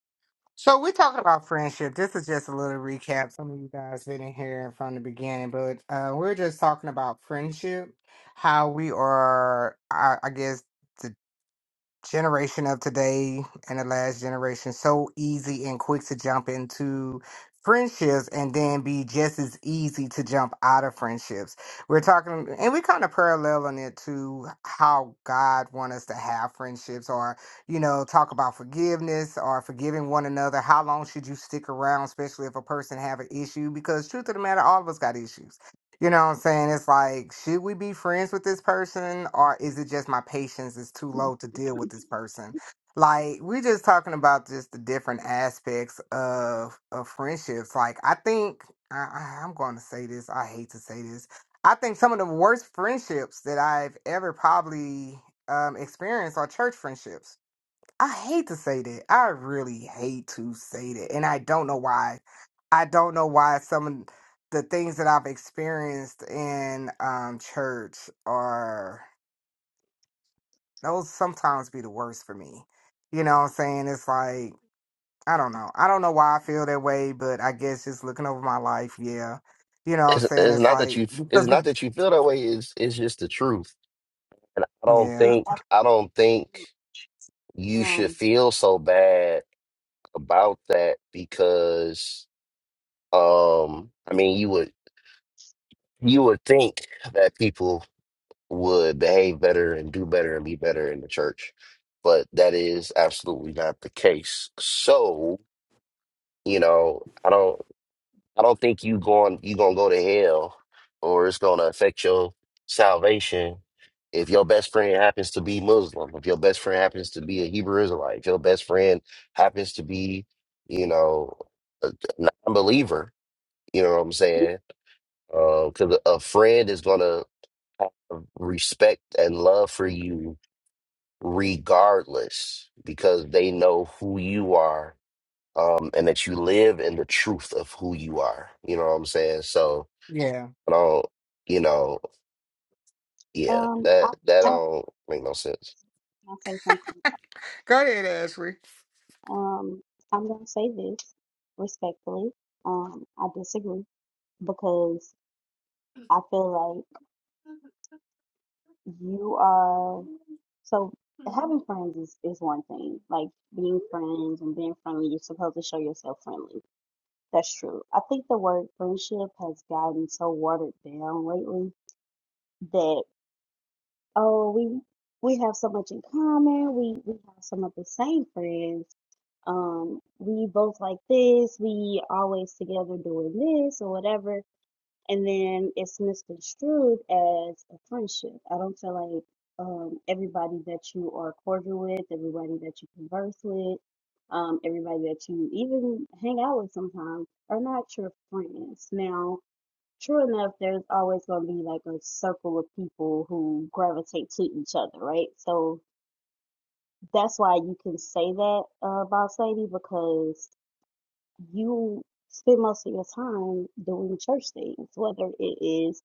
Speaker 1: So we're talking about friendship. This is just a little recap. Some of you guys didn't hear from the beginning, but uh, we're just talking about friendship, how we are, I, I guess, generation of today and the last generation so easy and quick to jump into friendships and then be just as easy to jump out of friendships we're talking and we kind of paralleling it to how god wants us to have friendships or you know talk about forgiveness or forgiving one another how long should you stick around especially if a person have an issue because truth of the matter all of us got issues you know what I'm saying? It's like, should we be friends with this person or is it just my patience is too
Speaker 10: Hmm,
Speaker 1: low to deal with this person? Like, we're just talking about just the different aspects of of friendships. Like, I think I, I- I'm going to say this. I hate to say this. I think some of the worst friendships that I've ever probably um, experienced are church friendships I hate to say that. I really hate to say that. And I don't know why. I don't know why some of the things that I've experienced in um, church are, those sometimes be the worst for me. You know what I'm saying? It's like, I don't know. I don't know why I feel that way, but I guess just looking over my life, yeah. You know what I'm
Speaker 8: It's,
Speaker 1: saying?
Speaker 8: it's
Speaker 1: It's
Speaker 8: not that
Speaker 1: like,
Speaker 8: you it's
Speaker 1: because we,
Speaker 8: not that you feel that way, it's it's just the truth. And I don't
Speaker 1: yeah,
Speaker 10: Just
Speaker 8: think
Speaker 10: ask,
Speaker 8: I don't think you should
Speaker 10: um,
Speaker 8: feel so bad about that because um I mean you would you would think that people would behave better and do better and be better in the church, but that is absolutely not the case. So, you know, I don't. I don't think you going you gonna go to hell or it's gonna affect your salvation if your best friend happens to be Muslim, if your best friend happens to be a Hebrew Israelite, if your best friend happens to be, you know, a a non-believer, you know what I'm
Speaker 10: if,
Speaker 8: saying? Because a friend is gonna have respect and love for you regardless because they know who you are um, and that you live in the truth of who you are. You know what I'm saying? So
Speaker 1: yeah.
Speaker 8: I don't, you know, yeah,
Speaker 10: um, I,
Speaker 8: that that
Speaker 10: I
Speaker 8: don't make no sense.
Speaker 10: want to say something.
Speaker 1: Go ahead, Ashley.
Speaker 10: Um, I'm gonna say this respectfully. Um, I disagree because I feel like you are so having friends is, is one thing. Like being friends and being friendly, you're supposed to show yourself friendly. That's true. I think the word friendship has gotten so watered down lately that. oh, we we have so much in common. We we have some of the same friends. Um, we both like this. We always together doing this or whatever. And then it's misconstrued as a friendship. I don't feel like um, everybody that you are cordial with, everybody that you converse with, um, everybody that you even hang out with sometimes are not your friends. Now, True enough, there's always going to be like a circle of people who gravitate to each other, right? So that's why you can say that uh, about Sadie because you spend most of your time doing church things, whether it is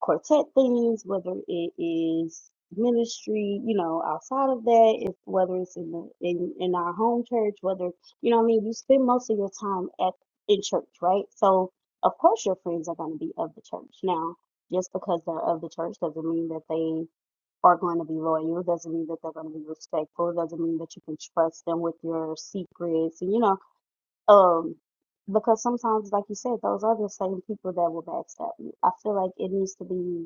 Speaker 10: quartet things, whether it is ministry, you know, outside of that, if whether it's in the in, in our home church, whether you know what I mean, you spend most of your time at in church, right? So of course your friends are gonna be of the church. Now, just because they're of the church doesn't mean that they are going to be loyal, doesn't mean that they're going to be respectful, doesn't mean that you can trust them with your secrets and you know, um because sometimes like you said, those are the same people that will backstab you. I feel like it needs to be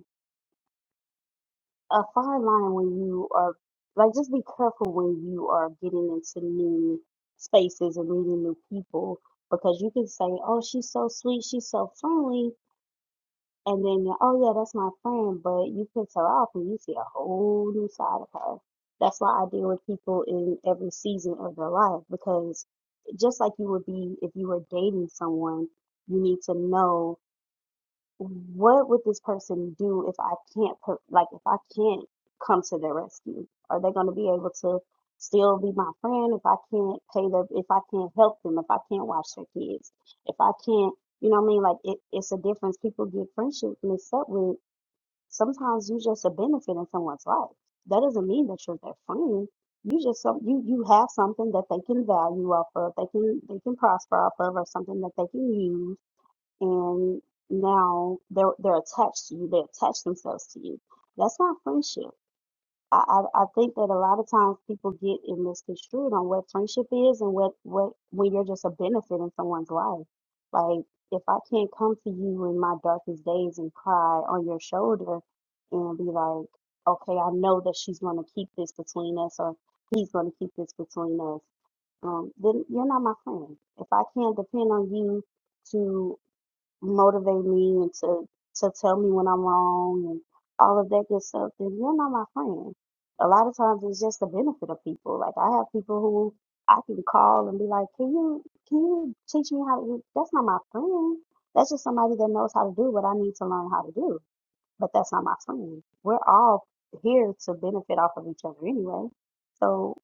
Speaker 10: a fine line when you are like just be careful when you are getting into new spaces and meeting new people because you can say, "Oh, she's so sweet, she's so friendly," and then you're, "Oh yeah, that's my friend," but you piss her off and you see a whole new side of her. That's why I deal with people in every season of their life because just like you would be if you were dating someone, you need to know what would this person do if I can't put like if I can't come to their rescue? Are they going to be able to still be my friend if I can't pay their if I can't help them, if I can't watch their kids, if I can't, you know what I mean? Like it, it's a difference. People get friendship mixed up with sometimes you just a benefit in someone's life. That doesn't mean that you're their friend. You just some you you have something that they can value off of, they can they can prosper off of, or something that they can use and now they're they're attached to you. They attach themselves to you. That's not friendship. I, I I think that a lot of times people get in misconstrued on what friendship is and what what when you're just a benefit in someone's life. Like if I can't come to you in my darkest days and cry on your shoulder and be like, okay, I know that she's going to keep this between us or he's going to keep this between us. Um, then you're not my friend. If I can't depend on you to motivate me and to to tell me when I'm wrong and all of that good stuff, then you're not my friend. A lot of times it's just the benefit of people. Like I have people who I can call and be like, Can you can you teach me how to do that's not my friend. That's just somebody that knows how to do what I need to learn how to do. But that's not my friend. We're all here to benefit off of each other anyway. So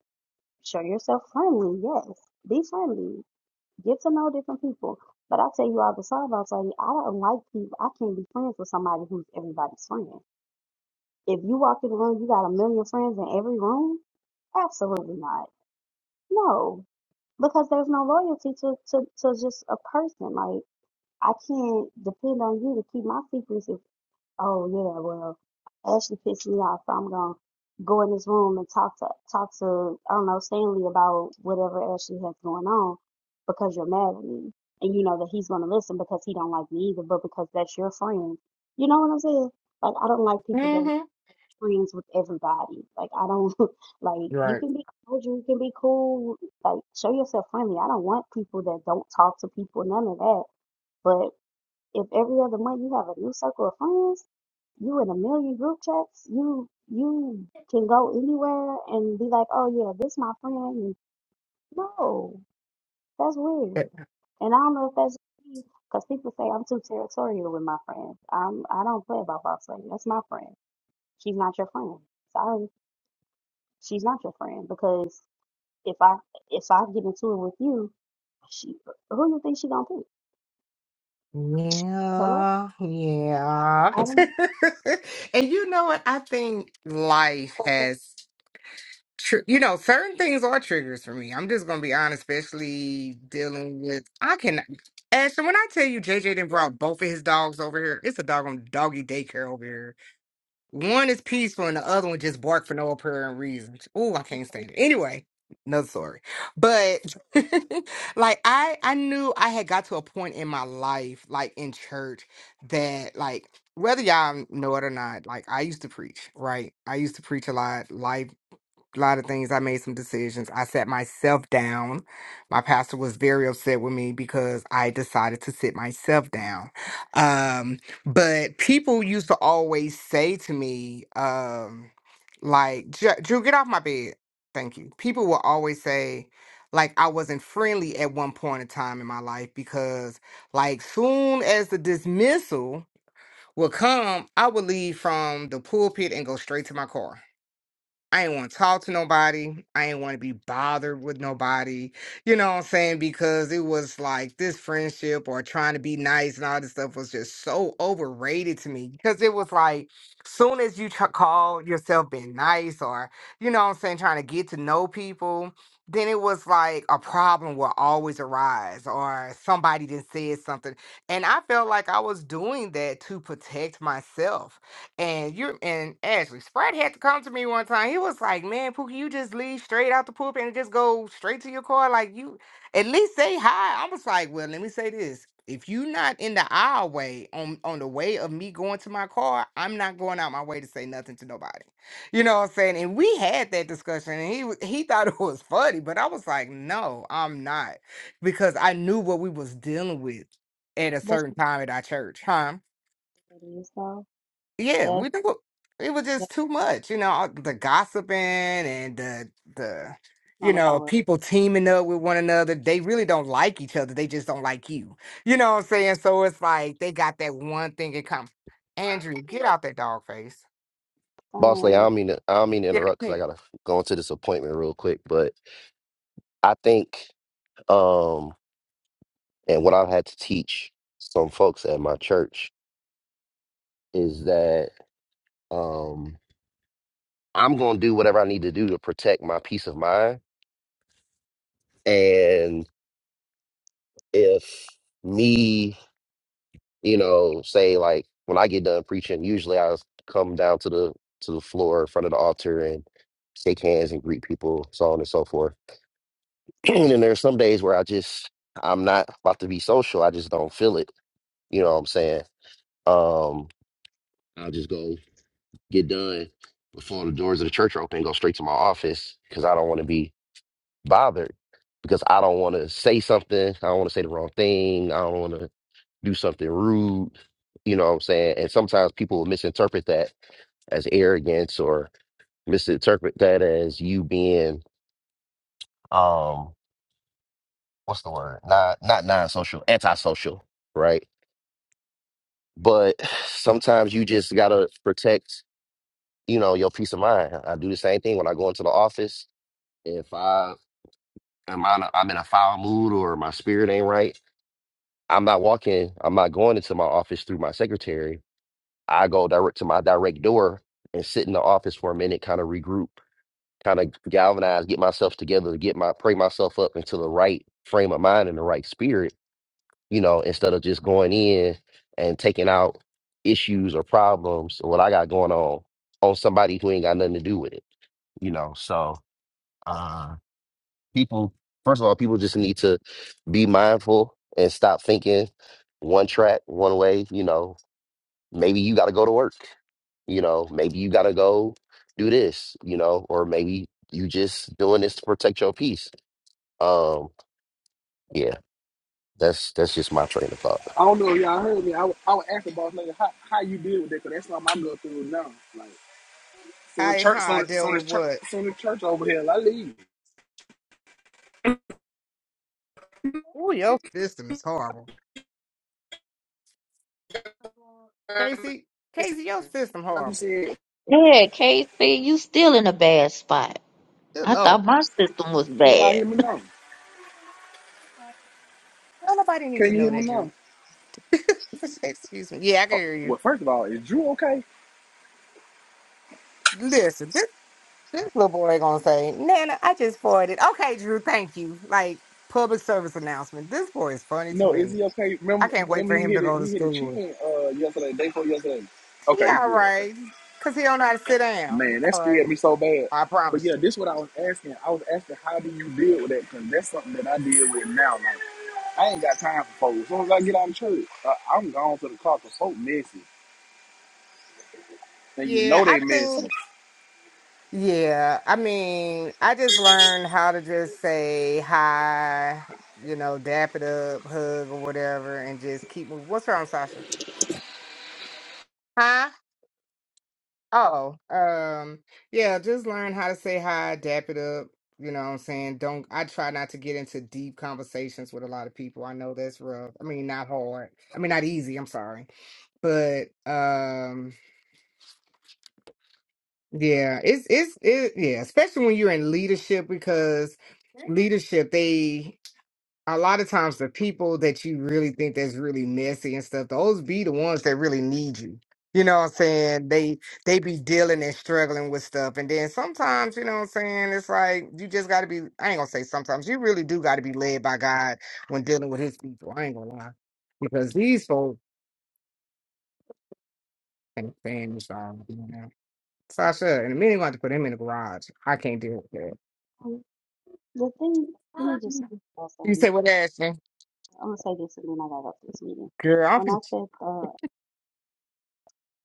Speaker 10: show yourself friendly, yes. Be friendly. Get to know different people. But I tell you all the time, I tell you, I don't like people. I can't be friends with somebody who's everybody's friend. If you walk in the room, you got a million friends in every room? Absolutely not. No, because there's no loyalty to, to, to just a person. Like, I can't depend on you to keep my secrets if Oh yeah, well, Ashley pissed me off. So I'm gonna go in this room and talk to talk to I don't know Stanley about whatever Ashley has going on because you're mad at me and you know that he's gonna listen because he don't like me either, but because that's your friend. You know what I'm saying? Like I don't like people that
Speaker 1: Mm-hmm.
Speaker 10: friends with everybody. Like I don't *laughs* like
Speaker 1: You're
Speaker 10: you
Speaker 1: Right.
Speaker 10: can be cordial, you can be cool, like show yourself friendly. I don't want people that don't talk to people, none of that. If every other month you have a new circle of friends, you in a million group chats, you you can go anywhere and be like, oh yeah, this my friend. And no, that's weird. And I don't know if that's me, because people say I'm too territorial with my friends. I'm I don't play about boss lady. That's my friend. She's not your friend. Sorry, she's not your friend because if I if I get into it with you, she who you think she gonna pick? Hello,
Speaker 1: Yeah, yeah.
Speaker 10: I, I don't.
Speaker 1: *laughs* and you know what? I think life has, tr- you know, certain things are triggers for me. I'm just going to be honest, especially dealing with, I can, Ashton, when I tell you JJ didn't brought both of his dogs over here, it's a dog on doggy daycare over here. One is peaceful and the other one just bark for no apparent reason. Oh, I can't stand it. Anyway, another story. But *laughs* like I I knew I had got to a point in my life, like in church, that like whether y'all know it or not, like I used to preach, right? I used to preach a lot. Life a lot of things. I made some decisions. I sat myself down. My pastor was very upset with me because I decided to sit myself down. Um, but people used to always say to me, um, like, "Ju- Drew, get off my bed. Thank you. People will always say, like, I wasn't friendly at one point in time in my life because, like, soon as the dismissal would come, I would leave from the pulpit and go straight to my car I ain't want to talk to nobody. I ain't want to be bothered with nobody. You know what I'm saying? Because it was like this friendship or trying to be nice and all this stuff was just so overrated to me. Because it was like, soon as you tr- call yourself being nice or, you know what I'm saying, trying to get to know people, then it was like a problem will always arise or somebody just said something. And I felt like I was doing that to protect myself and you're and Ashley Sprat had to come to me one time. He was like, "Man, Pookie, you just leave straight out the poop and just go straight to your car. Like you, at least say hi." I was like, "Well, let me say this: if you're not in the aisle way on on the way of me going to my car, I'm not going out my way to say nothing to nobody." You know what I'm saying? And we had that discussion, and he wa- he thought *laughs* it was funny, but I was like, "No, I'm not," because I knew what we was dealing with at a
Speaker 10: But
Speaker 1: certain time at our church, huh?
Speaker 10: she is though.
Speaker 1: yeah, we
Speaker 10: That
Speaker 1: knew it was just too much, you know, all the gossiping and the
Speaker 10: It's
Speaker 1: the you
Speaker 10: not what that
Speaker 1: know,
Speaker 10: was.
Speaker 1: people teaming up with one another. They really don't like each other. They just don't like you. You know what I'm saying? So it's like they got that one thing in common. Andrew, get out that dog face.
Speaker 8: Boss Lady, I
Speaker 10: Um,
Speaker 8: don't mean to, I don't mean to
Speaker 1: Yeah.
Speaker 8: interrupt because I
Speaker 1: man.
Speaker 8: gotta go into this appointment real quick, but I think, um, and what I've had to teach some folks at my church is that um, I'm gonna do whatever I need to do to protect my peace of mind, and if me you know, say like when I get done preaching, usually I come down to the to the floor in front of the altar and shake hands and greet people, so on and so forth. *clears throat* and then there's some days where I just I'm not about to be social. I just don't feel it. You know what I'm saying? Um, I'll just go get done before the doors of the church are open, go straight to my office because I don't want to be bothered. Because I don't want to say something. I don't want to say the wrong thing. I don't want to do something rude, you know what I'm saying? And sometimes people will misinterpret that as arrogance or misinterpret that as you being um what's the word? Not not non-social, antisocial, right? But sometimes you just gotta protect, you know, your peace of mind. I do the same thing when I go into the office. If I am on a, I'm in a foul mood or my spirit ain't right, I'm not walking, I'm not going into my office through my secretary. I go direct to my direct door and sit in the office for a minute, kind of regroup, kind of galvanize, get myself together, to get my pray myself up into the right frame of mind and the right spirit, you know, instead of just going in and taking out issues or problems or what I got going on on somebody who ain't got nothing to do with it, you know. So uh people first of all, people just need to be mindful and stop thinking one track, one way, you know, maybe you gotta go to work. You know, maybe you gotta go do this, you know, or maybe you just doing this to protect your peace. Um, yeah, that's that's just my train of thought.
Speaker 3: I don't know if y'all heard me. I, wa- I was asking boss nigga how, how you deal with that, cause that's what I go through now. Like so the
Speaker 1: I
Speaker 3: church,
Speaker 1: how
Speaker 3: so
Speaker 1: I
Speaker 3: the, so
Speaker 1: deal
Speaker 3: the
Speaker 1: with
Speaker 3: church,
Speaker 1: what?
Speaker 3: so the church over here. I leave.
Speaker 1: Oh, your system is horrible. Casey,
Speaker 3: It's-
Speaker 1: Casey, your system
Speaker 3: I'm
Speaker 1: horrible.
Speaker 9: Yeah, Casey, you still in a bad spot.
Speaker 1: Good
Speaker 9: I
Speaker 1: lord.
Speaker 9: thought my system was
Speaker 3: can y'all hear
Speaker 9: bad.
Speaker 3: me
Speaker 9: *laughs*
Speaker 3: now?
Speaker 1: Don't nobody need to
Speaker 3: Can you
Speaker 1: know
Speaker 3: hear me
Speaker 1: that,
Speaker 3: now?
Speaker 1: Drew. *laughs* Excuse me. Yeah, I
Speaker 3: Uh,
Speaker 1: can hear you.
Speaker 3: well, first of all, is Drew okay?
Speaker 1: Listen, This little boy gonna say, Nana, I just farted." Okay, Drew, thank you. Like public service announcement. This boy is funny to
Speaker 3: No, is
Speaker 1: me.
Speaker 3: he okay?
Speaker 1: I
Speaker 3: Remember,
Speaker 1: can't wait
Speaker 3: remember
Speaker 1: for
Speaker 3: he
Speaker 1: him
Speaker 3: hit
Speaker 1: to
Speaker 3: it.
Speaker 1: go to
Speaker 3: He hit a
Speaker 1: school.
Speaker 3: chin uh yesterday, day before yesterday.
Speaker 1: He
Speaker 3: Okay, he
Speaker 1: all
Speaker 3: good. Okay.
Speaker 1: right. Cause he don't know how to sit down. He
Speaker 3: Man, that
Speaker 1: All right.
Speaker 3: scared me so bad.
Speaker 1: I
Speaker 3: But
Speaker 1: promise
Speaker 3: yeah,
Speaker 1: you.
Speaker 3: this is what I was asking. I was asking, how do you deal with that? Because that's something that I deal with now. Like, I ain't got time for folks. As soon as I get out of church, uh, I'm gone to the car because folk messy. And you
Speaker 1: Yeah,
Speaker 3: know
Speaker 1: I
Speaker 3: they messy.
Speaker 1: think yeah. I mean, I just learned how to just say hi, you know, dap it up, hug or whatever, and just keep moving. What's wrong, Sasha? Huh? Oh, um, yeah, just learn how to say hi, dap it up. You know what I'm saying? Don't, I try not to get into deep conversations with a lot of people. I know that's rough. I mean, not hard. I mean, not easy. I'm sorry. But, um, yeah, it's, it's, it, yeah, especially when you're in leadership because leadership, they. a lot of times the people that you really think that's really messy and stuff, those be the ones that really need you. You know what I'm saying? They they be dealing and struggling with stuff. And then sometimes, you know what I'm saying, it's like you just gotta be I ain't gonna say sometimes, you really do gotta be led by God when dealing with his people. I ain't gonna lie. Because these folks ain't saying this all you know. Sasha, and the minute you want to put him in the garage, I can't deal with that.
Speaker 10: um, the thing, let me just say what I was
Speaker 1: You
Speaker 10: saying.
Speaker 1: say what Ashton?
Speaker 10: I'm gonna say this and then I gotta go to this meeting.
Speaker 1: Girl,
Speaker 10: When I
Speaker 1: I'm
Speaker 10: said, uh,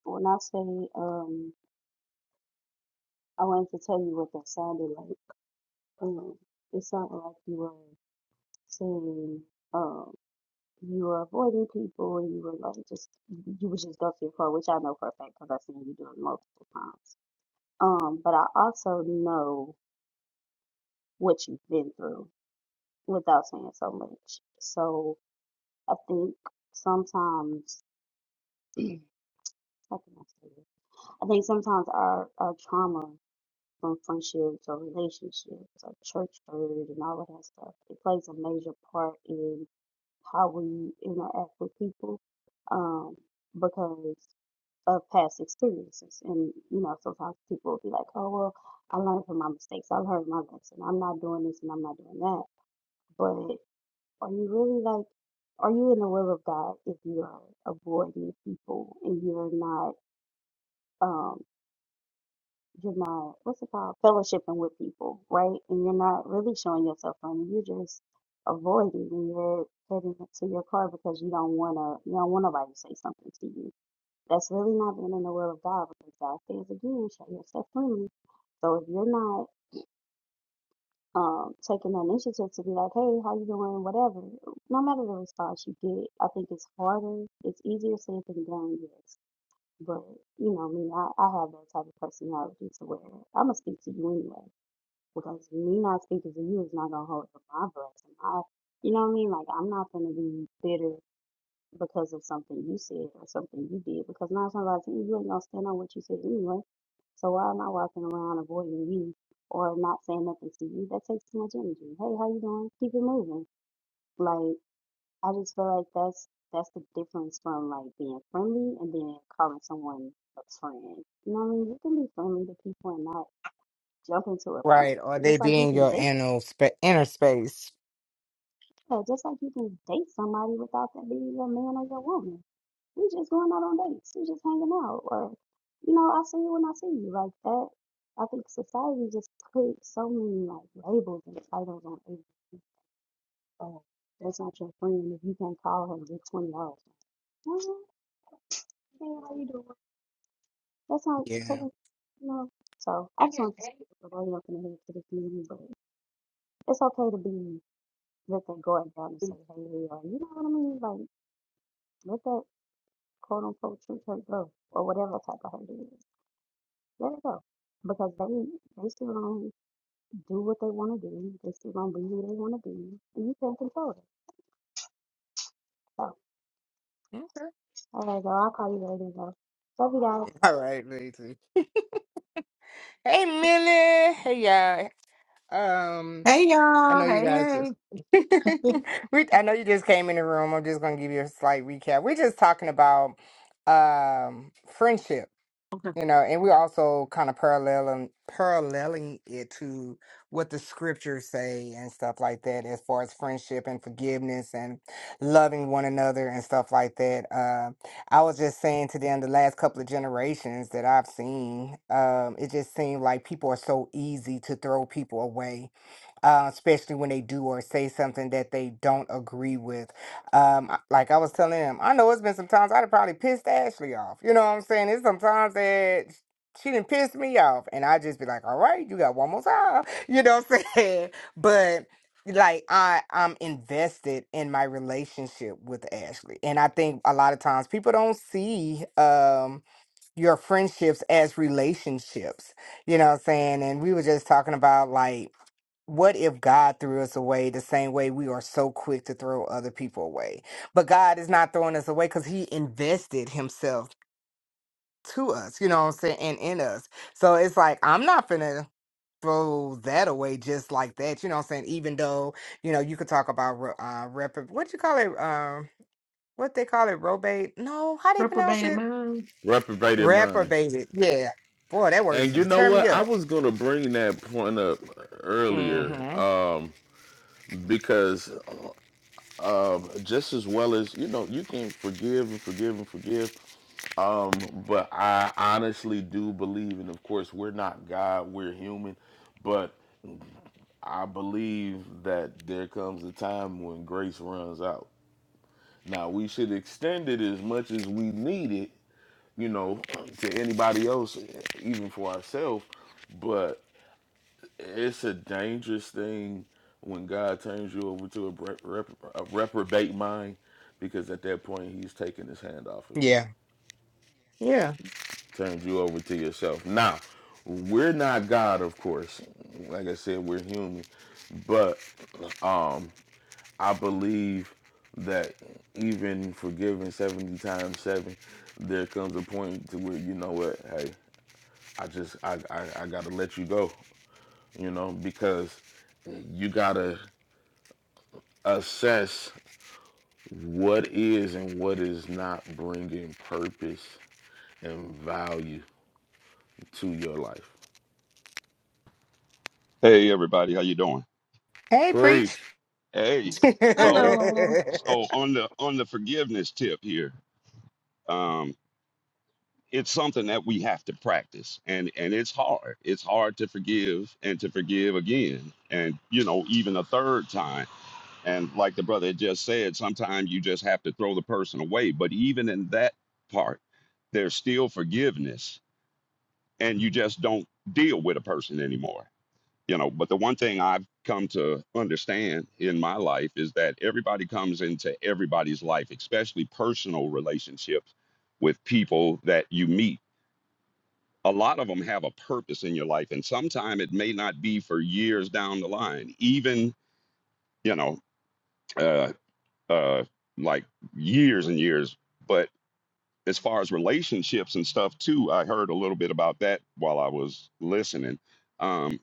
Speaker 10: when I say, um, I wanted to tell you what that sounded like. Um, it sounded like you were saying, um, you were avoiding people and you were like just, you would just go to your car, which I know for a fact because I've seen you do it multiple times. Um, but I also know what you've been through without saying so much. So, I think sometimes, how can I say this? I think sometimes our, our trauma from friendships or relationships or church hurt and all of that stuff, it plays a major part in how we interact with people um, because of past experiences. And, you know, sometimes people will be like, oh, well, I learned from my mistakes. I learned my lesson. I'm not doing this and I'm not doing that. but Are you really like, are you in the will of God if you are avoiding people and you're not, um, you're not, what's it called, fellowshipping with people, right? And you're not really showing yourself from, you're just avoiding and you're heading to your car because you don't want to, you don't want nobody to say something to you. That's really not being in the will of God because God says again, show yourself friendly. So if you're not um, taking the initiative to be like, hey, how you doing? Whatever. No matter the response you get, I think it's harder. It's easier said than done, yes. But you know me, I, I have that type of personality to where I'm gonna speak to you anyway because me not speaking to you is not gonna hold up my breath. And I, you know what I mean? Like I'm not gonna be bitter because of something you said or something you did. Because nine times out of ten, you ain't gonna stand on what you said anyway. So why am I walking around avoiding you or not saying nothing to you? That takes too much energy. Hey, how you doing? Keep it moving. Like I just feel like that's that's the difference from like being friendly and then calling someone a friend. You know what I mean? You can be friendly to people and not jump into a friend.
Speaker 1: right, or they
Speaker 10: Just like
Speaker 1: be
Speaker 10: you
Speaker 1: in
Speaker 10: can
Speaker 1: your
Speaker 10: date,
Speaker 1: inner, spa- inner space.
Speaker 10: yeah, just like you can date somebody without them being your man or your woman. We just going out on dates. We just hanging out. Or, you know, I see you when I see you. Like that. I think society just put so many like labels and titles on everything. Oh, that's not your friend if you can't call her and get twenty dollars. "Oh, Hey, how you doing? That's not
Speaker 1: Yeah.
Speaker 10: taking you know. So I just want to put the light up the head to the community, but it's okay to be let that guard down and say, Hey, we are you know what I mean? Like let that quote unquote true hurt go or whatever type of hurt it is. Let it go. Because they they still gonna do what they wanna do. They still gonna be who they wanna be. And you can't control it. So all right, girl, I'll call you later though. Love you guys.
Speaker 1: All right, Lacey. Hey, Millie. Hey, y'all. Um,
Speaker 11: Hey
Speaker 1: I
Speaker 11: y'all.
Speaker 1: know you guys
Speaker 11: Hey,
Speaker 1: just.
Speaker 11: hey.
Speaker 1: *laughs* we, I know you just came in the room. I'm just gonna give you a slight recap. We're just talking about um friendships.
Speaker 11: *laughs*
Speaker 1: you know, and we're also kind of paralleling paralleling it to what the scriptures say and stuff like that, as far as friendship and forgiveness and loving one another and stuff like that. Uh, I was just saying to them the last couple of generations that I've seen, um, it just seemed like people are so easy to throw people away uh, especially when they do or say something that they don't agree with. Um, I- like I was telling him, I know it's been some times I'd have probably pissed Ashley off. You know what I'm saying? It's sometimes that she didn't piss me off, and I just be like, "All right, you got one more time." *laughs* You know what I'm saying? But like I, I'm invested in my relationship with Ashley, and I think a lot of times people don't see. Um, your friendships as relationships. You know what I'm saying? And we were just talking about like what if God threw us away the same way we are so quick to throw other people away? But God is not throwing us away because He invested Himself to us, you know what I'm saying, and in us. So it's like, I'm not finna throw that away just like that, you know what I'm saying? Even though, you know, you could talk about, re- uh, rep- what you call it? Um, what they call it, robate? No, how they pronounce
Speaker 11: Reprobated
Speaker 1: it?
Speaker 11: mind.
Speaker 2: Reprobated mind.
Speaker 1: Reprobated. Yeah. Boy, that word's
Speaker 2: And you
Speaker 1: gonna
Speaker 2: know
Speaker 1: tear me
Speaker 2: what? I
Speaker 1: up.
Speaker 2: was gonna bring that point up earlier
Speaker 1: hmm
Speaker 2: um, because um, just as well as you know, you can forgive and forgive and forgive. Um, but I honestly do believe, and of course, we're not God; we're human. But I believe that there comes a time when grace runs out. Now we should extend it as much as we need it, you know, to anybody else, even for ourselves. but. it's a dangerous thing when God turns you over to a, rep, rep, a reprobate mind, because at that point He's taking His hand off of you,
Speaker 1: Yeah. Yeah.
Speaker 2: turns you over to yourself. Now, we're not God, of course. Like I said, we're human, but um, I believe that even forgiven seventy times seven, there comes a point to where you know what? Hey, I just I I, I gotta let you go, you know, because you gotta. assess what is and what is not bringing purpose and value to your life.
Speaker 12: Hey everybody, how you doing?
Speaker 1: Hey, preach.
Speaker 2: Preach.
Speaker 12: Hey,
Speaker 1: *laughs* I'm
Speaker 12: so
Speaker 11: Hello.
Speaker 12: so on the on the forgiveness tip here, um, it's something that we have to practice, and and it's hard. It's hard to forgive and to forgive again, and you know even a third time. And like the brother had just said, sometimes you just have to throw the person away. But even in that part, there's still forgiveness, and you just don't deal with a person anymore you know but the one thing i've come to understand in my life is that everybody comes into everybody's life especially personal relationships with people that you meet a lot of them have a purpose in your life and sometimes it may not be for years down the line even you know uh uh like years and years but as far as relationships and stuff too i heard a little bit about that while i was listening Um,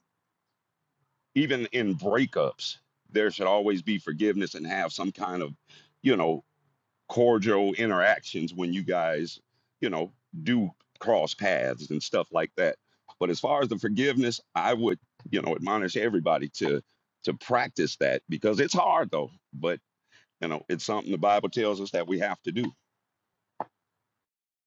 Speaker 12: even in breakups, there should always be forgiveness and have some kind of, you know, cordial interactions when you guys, you know, do cross paths and stuff like that. But as far as the forgiveness, I would, you know, admonish everybody to to practice that because it's hard though. But you know, it's something the Bible tells us that we have to do.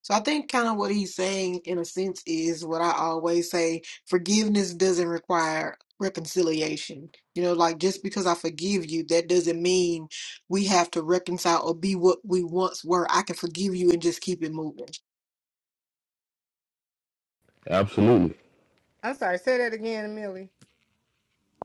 Speaker 11: So I think kind of what he's saying in a sense is what I always say, forgiveness doesn't require reconciliation. You know, like just because I forgive you, that doesn't mean we have to reconcile or be what we once were. I can forgive you and just keep it moving.
Speaker 2: Absolutely.
Speaker 1: sorry, say that again, Millie.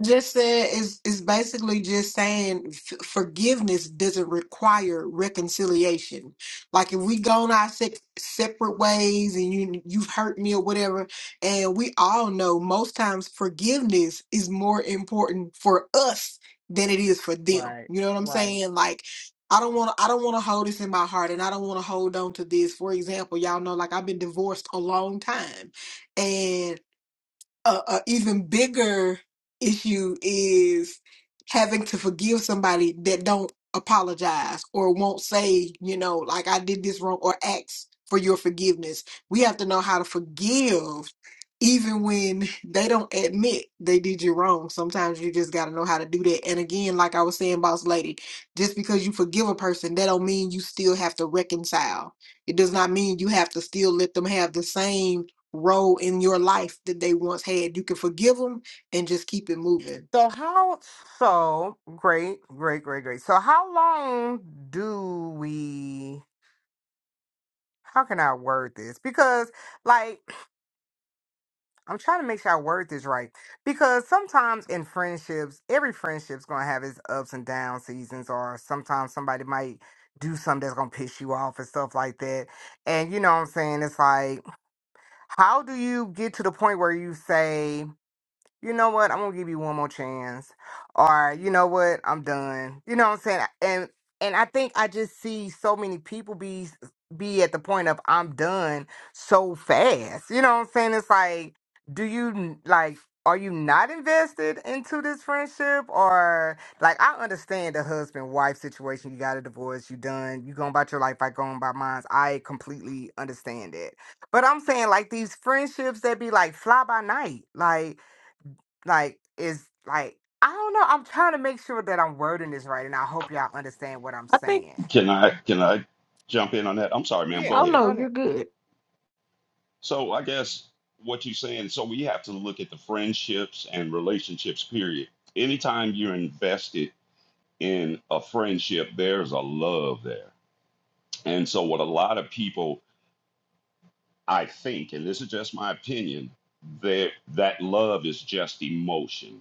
Speaker 11: Just said is is basically just saying f- forgiveness doesn't require reconciliation. Like if we gone our se- separate ways and you you've hurt me or whatever, and we all know most times forgiveness is more important for us than it is for them.
Speaker 1: Right,
Speaker 11: You know what I'm
Speaker 1: right.
Speaker 11: saying? Like I don't want to I don't want to hold this in my heart and I don't want to hold on to this. For example, y'all know like I've been divorced a long time. and a, a even bigger issue is having to forgive somebody that don't apologize or won't say, you know, like I did this wrong or ask for your forgiveness. We have to know how to forgive even when they don't admit they did you wrong. Sometimes you just got to know how to do that. And again, like I was saying, boss lady, just because you forgive a person, that don't mean you still have to reconcile. It does not mean you have to still let them have the same role in your life that they once had. You can forgive them and just keep it moving.
Speaker 1: So how so great, great, great, great. So how long do we how can I word this? Because like I'm trying to make sure I word this right because sometimes in friendships, every friendship's gonna have its ups and down seasons, or sometimes somebody might do something that's gonna piss you off and stuff like that. And you know what I'm saying? It's like, how do you get to the point where you say? you know what, I'm gonna give you one more chance. Or, you know what, I'm done. You know what I'm saying? And and I think I just see so many people be be at the point of I'm done so fast. You know what I'm saying? It's like, do you like are you not invested into this friendship or like I understand the husband wife situation, you got a divorce, you done, you going about your life, I going by mine. I completely understand it. But I'm saying like these friendships that be like fly by night. Like like is like I don't know. I'm trying to make sure that I'm wording this right, and I hope y'all understand what I'm
Speaker 11: I think,
Speaker 1: saying.
Speaker 12: Can I can I jump in on that? I'm sorry, ma'am.
Speaker 1: Yeah,
Speaker 12: Go
Speaker 11: oh
Speaker 12: ahead.
Speaker 11: no,
Speaker 1: don't
Speaker 11: you're
Speaker 1: it?
Speaker 11: good.
Speaker 12: So I guess what you're saying, so we have to look at the friendships and relationships, period. Anytime you're invested in a friendship, there's a love there. And so what a lot of people I think, and this is just my opinion, that that love is just emotion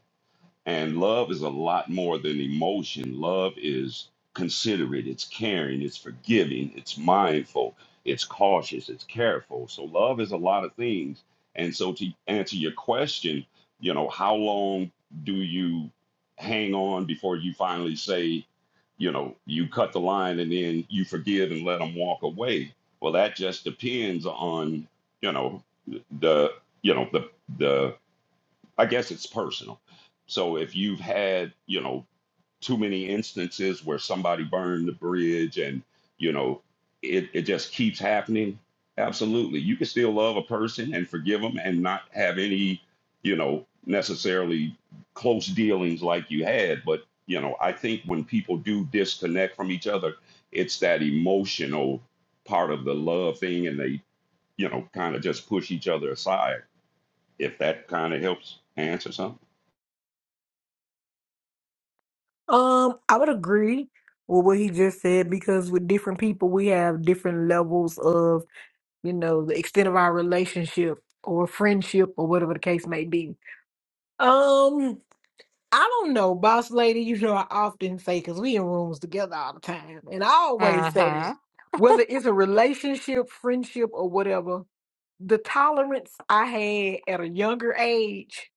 Speaker 12: and love is a lot more than emotion. Love is considerate, it's caring, it's forgiving, it's mindful, it's cautious, it's careful. So love is a lot of things. And so to answer your question, you know, how long do you hang on before you finally say, you know, you cut the line and then you forgive and let them walk away? Well, that just depends on, you know, the, you know, the the I guess it's personal. So if you've had, you know, too many instances where somebody burned the bridge and, you know, it, it just keeps happening, absolutely. You can still love a person and forgive them and not have any, you know, necessarily close dealings like you had. But, you know, I think when people do disconnect from each other, it's that emotional part of the love thing and they, you know, kind of just push each other aside. If that kind of helps answer something.
Speaker 11: Um, I would agree with what he just said because with different people, we have different levels of, you know, the extent of our relationship or friendship or whatever the case may be. Um, I don't know, boss lady. You know, I often say because we in rooms together all the time, and I always say
Speaker 1: Mm-hmm.
Speaker 11: whether it's a relationship, friendship, or whatever, the tolerance I had at a younger age,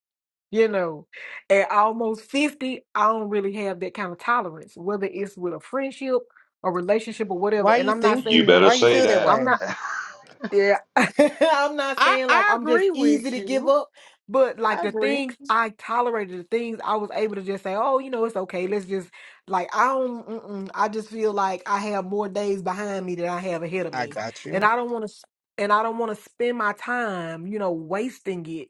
Speaker 11: you know, at almost 50, I don't really have that kind of tolerance, whether it's with a friendship, a relationship, or whatever.
Speaker 1: Why
Speaker 11: And
Speaker 1: you
Speaker 11: I'm not
Speaker 1: think that?
Speaker 12: You
Speaker 11: saying
Speaker 12: better
Speaker 1: Why you
Speaker 12: say
Speaker 1: feel that
Speaker 12: that.
Speaker 11: I'm not.
Speaker 1: way?
Speaker 11: Yeah. *laughs* I'm not
Speaker 1: I
Speaker 11: saying like
Speaker 1: I
Speaker 11: I'm just
Speaker 1: agree
Speaker 11: easy
Speaker 1: with
Speaker 11: to give
Speaker 1: you.
Speaker 11: up, but like
Speaker 1: I
Speaker 11: the
Speaker 1: agree.
Speaker 11: things I tolerated, the things I was able to just say, oh, you know, it's okay. Let's just like I don't. Mm-mm. I just feel like I have more days behind me than I have ahead of
Speaker 1: I
Speaker 11: me,
Speaker 1: got
Speaker 11: and
Speaker 1: you.
Speaker 11: I don't want to. And I don't want to spend my time, you know, wasting it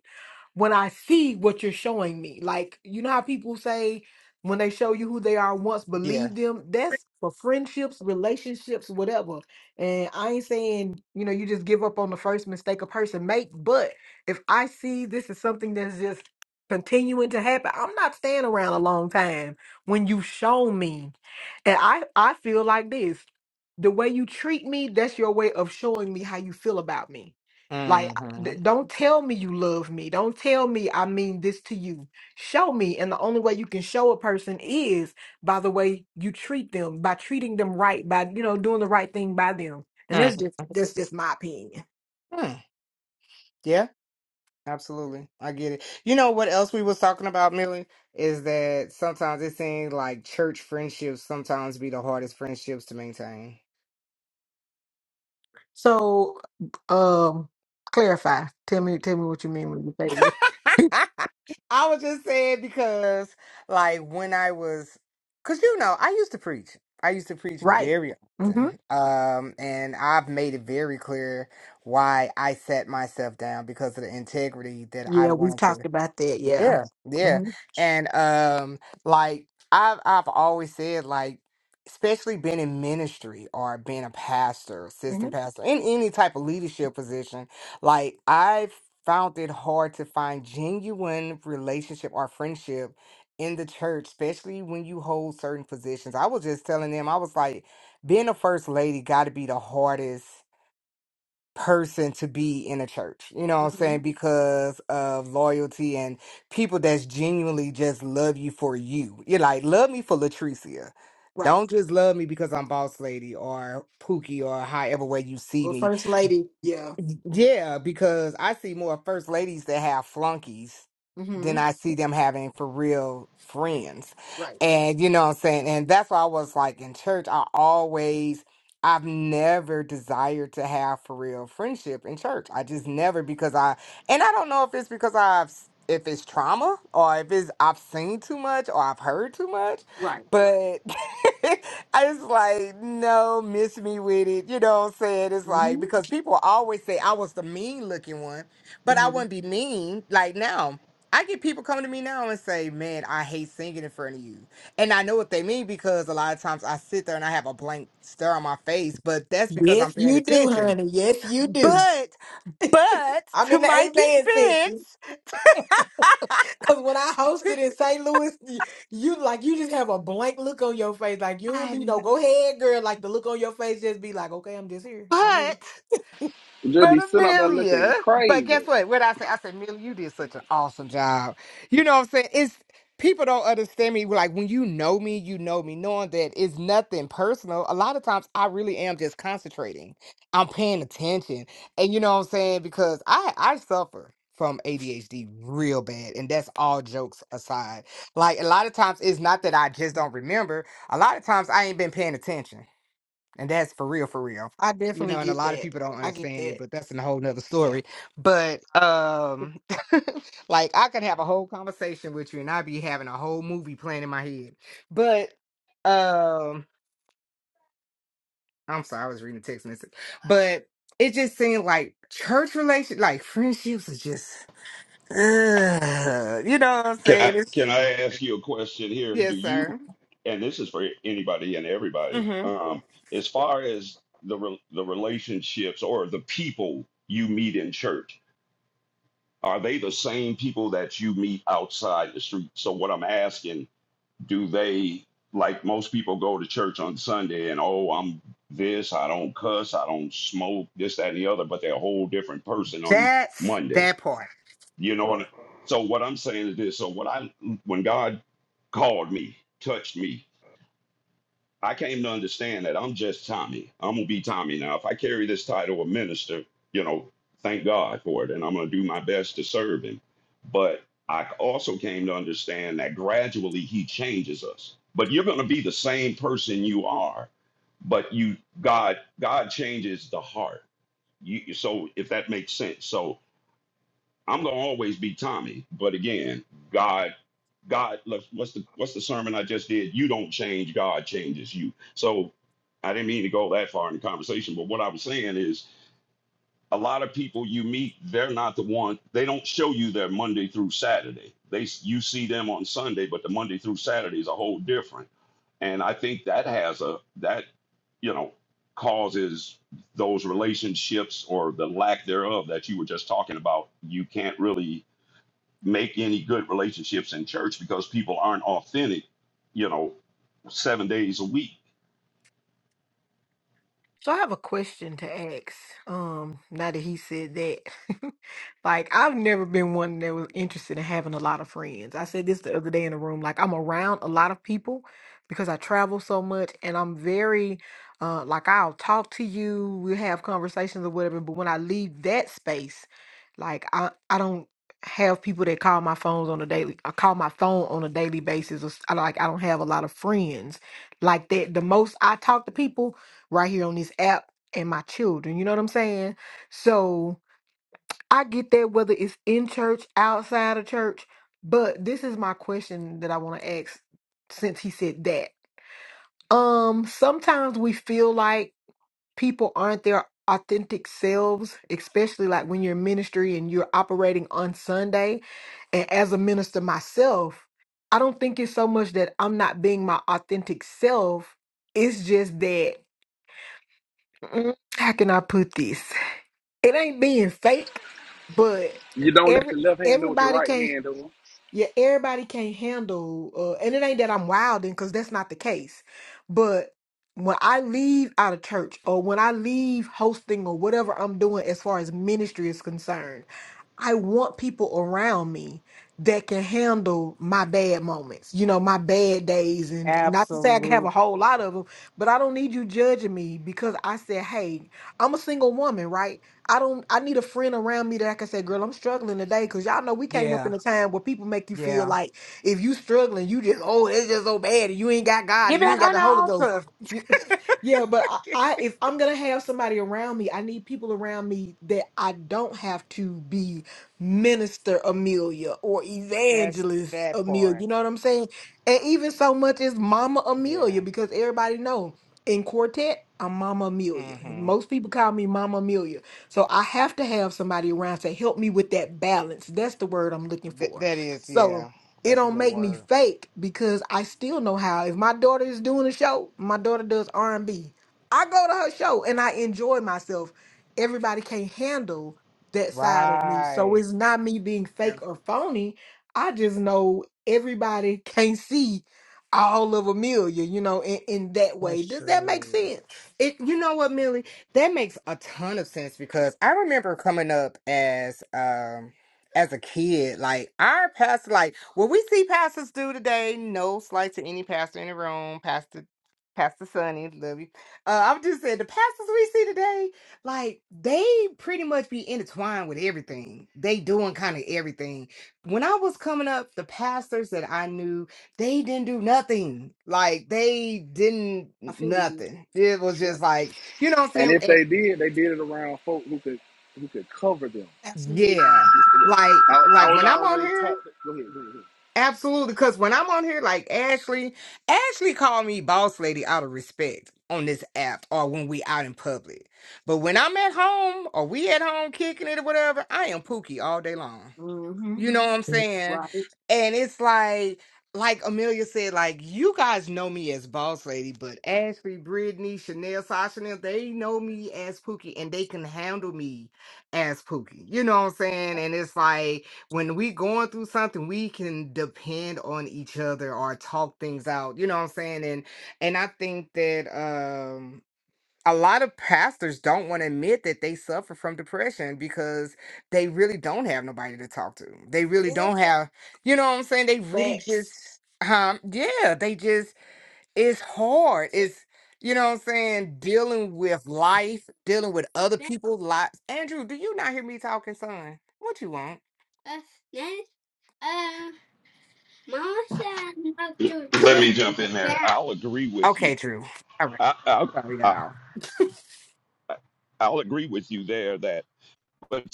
Speaker 11: when I see what you're showing me. Like you know how people say when they show you who they are once,
Speaker 1: Yeah.
Speaker 11: believe them. That's for friendships, relationships, whatever and I ain't saying, you know, you just give up on the first mistake a person make, but if I see this is something that's just continuing to happen, I'm not staying around a long time when you show me. And I I feel like this. The way you treat me, that's your way of showing me how you feel about me. Like
Speaker 1: Mm-hmm.
Speaker 11: d- don't tell me you love me. Don't tell me I mean this to you. Show me. And the only way you can show a person is by the way you treat them, by treating them right, by you know doing the right thing by them. And
Speaker 1: Mm.
Speaker 11: that's just that's just my opinion.
Speaker 1: Hmm. Yeah, absolutely. I get it. You know what else we was talking about, Millie, is that sometimes it seems like church friendships sometimes be the hardest friendships to maintain.
Speaker 11: So, um, clarify. Tell me, tell me what you mean when you say that.
Speaker 1: *laughs* I was just saying because, like, when I was, because you know, I used to preach. I used to
Speaker 11: *laughs*
Speaker 1: preach
Speaker 11: right.
Speaker 1: very
Speaker 11: Mm-hmm.
Speaker 1: often. Um, and I've made it very clear why I set myself down because of the integrity that I
Speaker 11: Yeah, we've
Speaker 1: wanted to.
Speaker 11: talked about that. Yeah.
Speaker 1: Yeah, yeah.
Speaker 11: Mm-hmm.
Speaker 1: And um like I've I've always said like especially being in ministry or being a pastor,
Speaker 11: Mm-hmm.
Speaker 1: assistant pastor, in any type of leadership position, like I've found it hard to find genuine relationship or friendship in the church, especially when you hold certain positions. I was just telling them, I was like, being a first lady gotta be the hardest person to be in a church. You know what I'm
Speaker 11: Mm-hmm.
Speaker 1: saying? Because of loyalty and people that's genuinely just love you for you. You're like, love me for Latricia.
Speaker 11: Right.
Speaker 1: Don't just love me because I'm boss lady or Pookie or however way you see
Speaker 11: Well,
Speaker 1: me.
Speaker 11: first lady, yeah.
Speaker 1: Yeah, because I see more first ladies that have flunkies
Speaker 11: Mm-hmm.
Speaker 1: than I see them having for real friends.
Speaker 11: Right,
Speaker 1: And you know what I'm saying? And that's why I was like in church, I always I've never desired to have for real friendship in church. I just never because I and I don't know if it's because I've s- if it's trauma or if it's I've seen too much or I've heard too
Speaker 11: right.
Speaker 1: much, *laughs* I was like, no, miss me with it. You know what I'm saying? It's
Speaker 11: Mm-hmm.
Speaker 1: like, because people always say I was the mean looking one, but I
Speaker 11: Mm-hmm.
Speaker 1: wouldn't be mean. Like now, I get people coming to me now and say, man, I hate singing in front of you. And I know what they mean because a lot of times I sit there and I have a blank stare on my face, but that's because
Speaker 11: Yes,
Speaker 1: I'm paying
Speaker 11: you do,
Speaker 1: attention.
Speaker 11: honey. Yes, you do.
Speaker 1: But, but
Speaker 11: I'm
Speaker 1: to
Speaker 11: in the
Speaker 1: my
Speaker 11: amen section.
Speaker 1: defense, *laughs*
Speaker 11: Cause when I hosted in St. Louis, you, you like you just have a blank look on your face. Like you don't
Speaker 1: I,
Speaker 11: be no
Speaker 1: kn-
Speaker 11: go ahead, girl. Like the look on your face just be like, okay, I'm just here. I'm here.
Speaker 1: but
Speaker 3: You just be
Speaker 1: But
Speaker 3: sitting up there looking
Speaker 1: Amelia, but
Speaker 3: crazy.
Speaker 1: guess what? What I said, I said, Amelia, you did such an awesome job. You know what I'm saying? It's people don't understand me. Like when you know me, you know me, knowing that it's nothing personal. A lot of times I really am just concentrating. I'm paying attention. And you know what I'm saying? Because I I suffer from ADHD real bad. And that's all jokes aside. Like a lot of times it's not that I just don't remember. A lot of times I ain't been paying attention. And that's for real, for real.
Speaker 11: I
Speaker 1: You
Speaker 11: definitely
Speaker 1: know, and a
Speaker 11: get
Speaker 1: lot of
Speaker 11: that.
Speaker 1: people don't
Speaker 11: I get
Speaker 1: understand it,
Speaker 11: that.
Speaker 1: but that's a whole nother
Speaker 11: Yeah.
Speaker 1: story. But um *laughs* like I could have a whole conversation with you and I'd be having a whole movie plan in my head. But um I'm sorry, I was reading a text message. But it just seemed like church relation like friendships are just ugh, you know what I'm
Speaker 12: Can I
Speaker 1: saying? It's
Speaker 12: can I ask you a question here? Do
Speaker 1: yes,
Speaker 12: you
Speaker 1: sir.
Speaker 12: and this is for anybody and everybody.
Speaker 1: Mm-hmm.
Speaker 12: Um, as far as the re- the relationships or the people you meet in church, are they the same people that you meet outside the street? So what I'm asking, do they like most people go to church on Sunday and oh, I'm this, I don't cuss, I don't smoke, this, that, and the other, but they're a whole different person on
Speaker 1: That's
Speaker 12: Monday.
Speaker 1: that part.
Speaker 12: You know what? So what I'm saying is this. So what I when God called me, touched me, I came to understand that I'm just Tommy. I'm gonna be Tommy now. If I carry this title of minister, you know, thank God for it, and I'm gonna do my best to serve Him. But I also came to understand that gradually He changes us. But you're gonna be the same person you are, but you God God changes the heart. You so if that makes sense. So I'm gonna always be Tommy. But again, God, God, look, what's the what's the sermon I just did? You don't change, God changes you. So I didn't mean to go that far in the conversation, but what I was saying is a lot of people you meet, they're not the one. They don't show you their Monday through Saturday. They you see them on Sunday, but the Monday through Saturday is a whole different. And I think that has a that you know causes those relationships or the lack thereof that you were just talking about. You can't really make any good relationships in church because people aren't authentic, you know, seven days a week.
Speaker 11: So I have a question to ask. Um, now that he said that, *laughs* like I've never been one that was interested in having a lot of friends. I said this the other day in the room. Like I'm around a lot of people because I travel so much, and I'm very, uh, like I'll talk to you, we have conversations or whatever. But when I leave that space, like I I don't have people that call my phones on a daily. I call my phone on a daily basis. Or, s- I like I don't have a lot of friends like that. The most I talk to people right here on this app and my children. You know what I'm saying? So I get that whether it's in church, outside of church, but this is my question that I want to ask since he said that. Um, sometimes we feel like people aren't their authentic selves, especially like when you're in ministry and you're operating on Sunday. And as a minister myself, I don't think it's so much that I'm not being my authentic self. It's just that mm, how can I put this? it ain't being fake, but
Speaker 3: You don't let
Speaker 11: every
Speaker 3: your left hand know what your
Speaker 11: everybody
Speaker 3: right
Speaker 11: can't
Speaker 3: hand doing.
Speaker 11: yeah, everybody can't handle uh and it ain't that I'm wilding because that's not the case. But when I leave out of church or when I leave hosting or whatever I'm doing as far as ministry is concerned, I want people around me that can handle my bad moments, you know, my bad days. And not to say I can have a
Speaker 1: Absolute.
Speaker 11: whole lot of them, but I don't need you judging me because I said, hey, I'm a single woman, right? I don't. I need a friend around me that I can say, "Girl, I'm struggling today." Because y'all know we came up in
Speaker 1: Yeah.
Speaker 11: a time where people make you feel
Speaker 1: Yeah.
Speaker 11: like if you struggling, you just oh, it's just so bad, and you ain't got God, and
Speaker 1: Get
Speaker 11: you ain't
Speaker 1: back
Speaker 11: got
Speaker 1: on
Speaker 11: the
Speaker 1: the
Speaker 11: Holy Ghost.
Speaker 1: altar.
Speaker 11: Yeah, but I, I if I'm gonna have somebody around me, I need people around me that I don't have to be minister Amelia or evangelist Amelia. You know what I'm saying? And even so much as Mama Amelia, because everybody know in quartet I'm Mama Amelia. Most people call me Mama Amelia, so I have to have somebody around to help me with that balance. That's the word I'm looking
Speaker 1: Th-
Speaker 11: for.
Speaker 1: that is,
Speaker 11: So
Speaker 1: yeah,
Speaker 11: it
Speaker 1: that's a
Speaker 11: don't
Speaker 1: good
Speaker 11: make me
Speaker 1: word.
Speaker 11: fake because I still know how. If my daughter is doing a show, my daughter does R and B. I go to her show and I enjoy myself. Everybody can't handle that side of me, so
Speaker 1: Right.
Speaker 11: it's not me being fake or phony. I just know everybody can't see all of Amelia, you know, in, in that way.
Speaker 1: That's
Speaker 11: Does that make
Speaker 1: true.
Speaker 11: sense?
Speaker 1: It, you know what, Millie? That makes a ton of sense because I remember coming up as um as a kid, like our pastor, like what we see pastors do today, no slight to any pastor in the room, Pastor Pastor Sonny, love you. Uh, I'm just saying the pastors we see today, like they pretty much be intertwined with everything. They doing kind of everything. When I was coming up, the pastors that I knew they didn't do nothing. Like they didn't
Speaker 11: I feel you.
Speaker 1: nothing. It was just
Speaker 11: Yep,
Speaker 1: like, you know what I'm
Speaker 3: And
Speaker 1: saying?
Speaker 3: if they did, they did it around folk who could who could cover them.
Speaker 1: And
Speaker 11: absolutely.
Speaker 1: yeah. Like
Speaker 3: I, I
Speaker 1: like
Speaker 3: was
Speaker 1: when I'm on
Speaker 3: always taught.
Speaker 1: here,
Speaker 3: Go ahead, go ahead. go ahead.
Speaker 1: absolutely. Cause when I'm on here, like Ashley, Ashley called me boss lady out of respect on this app or when we out in public. But when I'm at home or we at home kicking it or whatever, I am pookie all day long. You know what I'm
Speaker 11: Mm-hmm.
Speaker 1: saying?
Speaker 11: Right.
Speaker 1: And it's like, like Amelia said, like you guys know me as Boss Lady, but Ashley, Brittany, Chanel, Sasha, and them, they know me as Pookie, and they can handle me as Pookie. You know what I'm saying? And it's like when we going through something, we can depend on each other or talk things out. You know what I'm saying? And and I think that um a lot of pastors don't want to admit that they suffer from depression because they really don't have nobody to talk to. They really
Speaker 11: Yeah.
Speaker 1: don't have, you know what I'm saying? They really just,
Speaker 11: Facts.
Speaker 1: um, yeah, they just, it's hard. It's, you know what I'm saying? Dealing with life, dealing with other people's lives. Andrew, do you not hear me talking, son? What you want?
Speaker 12: Let me jump in there. I'll agree with you.
Speaker 1: Okay, Drew. All right.
Speaker 12: I, I'll,
Speaker 1: Sorry,
Speaker 12: I,
Speaker 1: y'all.
Speaker 12: I'll agree with you there that, but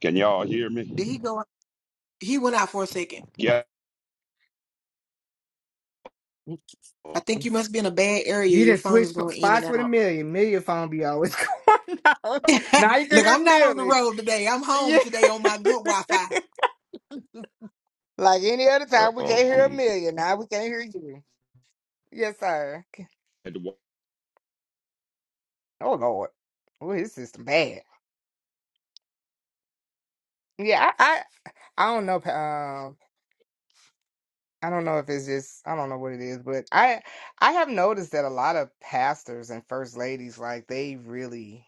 Speaker 12: can y'all hear me?
Speaker 11: Did he go? He went out for a second.
Speaker 12: Yeah.
Speaker 11: I think you must be in a bad area.
Speaker 1: You
Speaker 11: Your
Speaker 1: didn't
Speaker 11: phone
Speaker 1: switch
Speaker 11: is
Speaker 1: sp-
Speaker 11: going in and
Speaker 1: spots with a
Speaker 11: out.
Speaker 1: million. Million phone be always *laughs* going out. Now you
Speaker 11: *laughs*
Speaker 1: can
Speaker 11: Look,
Speaker 1: hear
Speaker 11: I'm not on the
Speaker 1: Millie.
Speaker 11: road today. I'm
Speaker 1: Yeah.
Speaker 11: home today on my good Wi-Fi.
Speaker 1: *laughs* Like any other
Speaker 12: Uh
Speaker 1: time, we
Speaker 12: oh.
Speaker 1: can't hear a
Speaker 12: I'm.
Speaker 1: million. Now we can't hear you. Yes, sir.
Speaker 12: at
Speaker 1: Oh Lord. Oh, his system bad. Yeah, I, I, I don't know. Um, I don't know if it's just I don't know what it is, but I, I have noticed that a lot of pastors and first ladies, like they really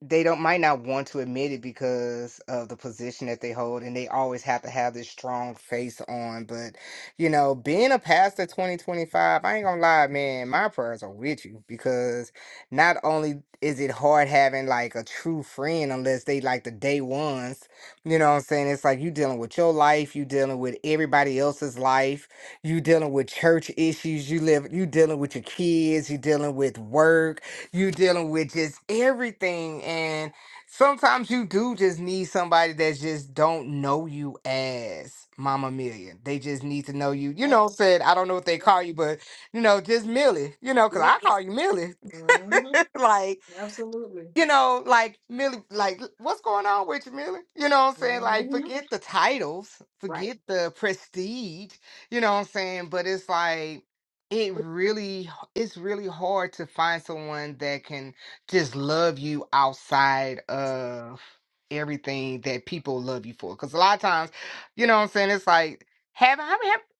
Speaker 1: they don't might not want to admit it because of the position that they hold and they always have to have this strong face on but you know being a pastor 2025 i ain't gonna lie man my prayers are with you because not only is it hard having like a true friend unless they like the day ones you know what i'm saying it's like you dealing with your life you dealing with everybody else's life you dealing with church issues you live you dealing with your kids you dealing with work you dealing with just everything and sometimes you do just need somebody that just don't know you as mama million they just need to know you you
Speaker 11: Yep,
Speaker 1: know said i don't know what they
Speaker 11: yep,
Speaker 1: call you but you know just millie you know because
Speaker 11: yep.
Speaker 1: i call you millie
Speaker 11: hmm
Speaker 1: *laughs* like
Speaker 11: Absolutely.
Speaker 1: you know, like Millie, like what's going on with you, Millie? You know what I'm saying? Like,
Speaker 11: hmm
Speaker 1: forget the titles,
Speaker 11: Right.
Speaker 1: forget the prestige. You know what I'm saying? But it's like it really, it's really hard to find someone that can just love you outside of everything that people love you for. Because a lot of times, you know what I'm saying? It's like have I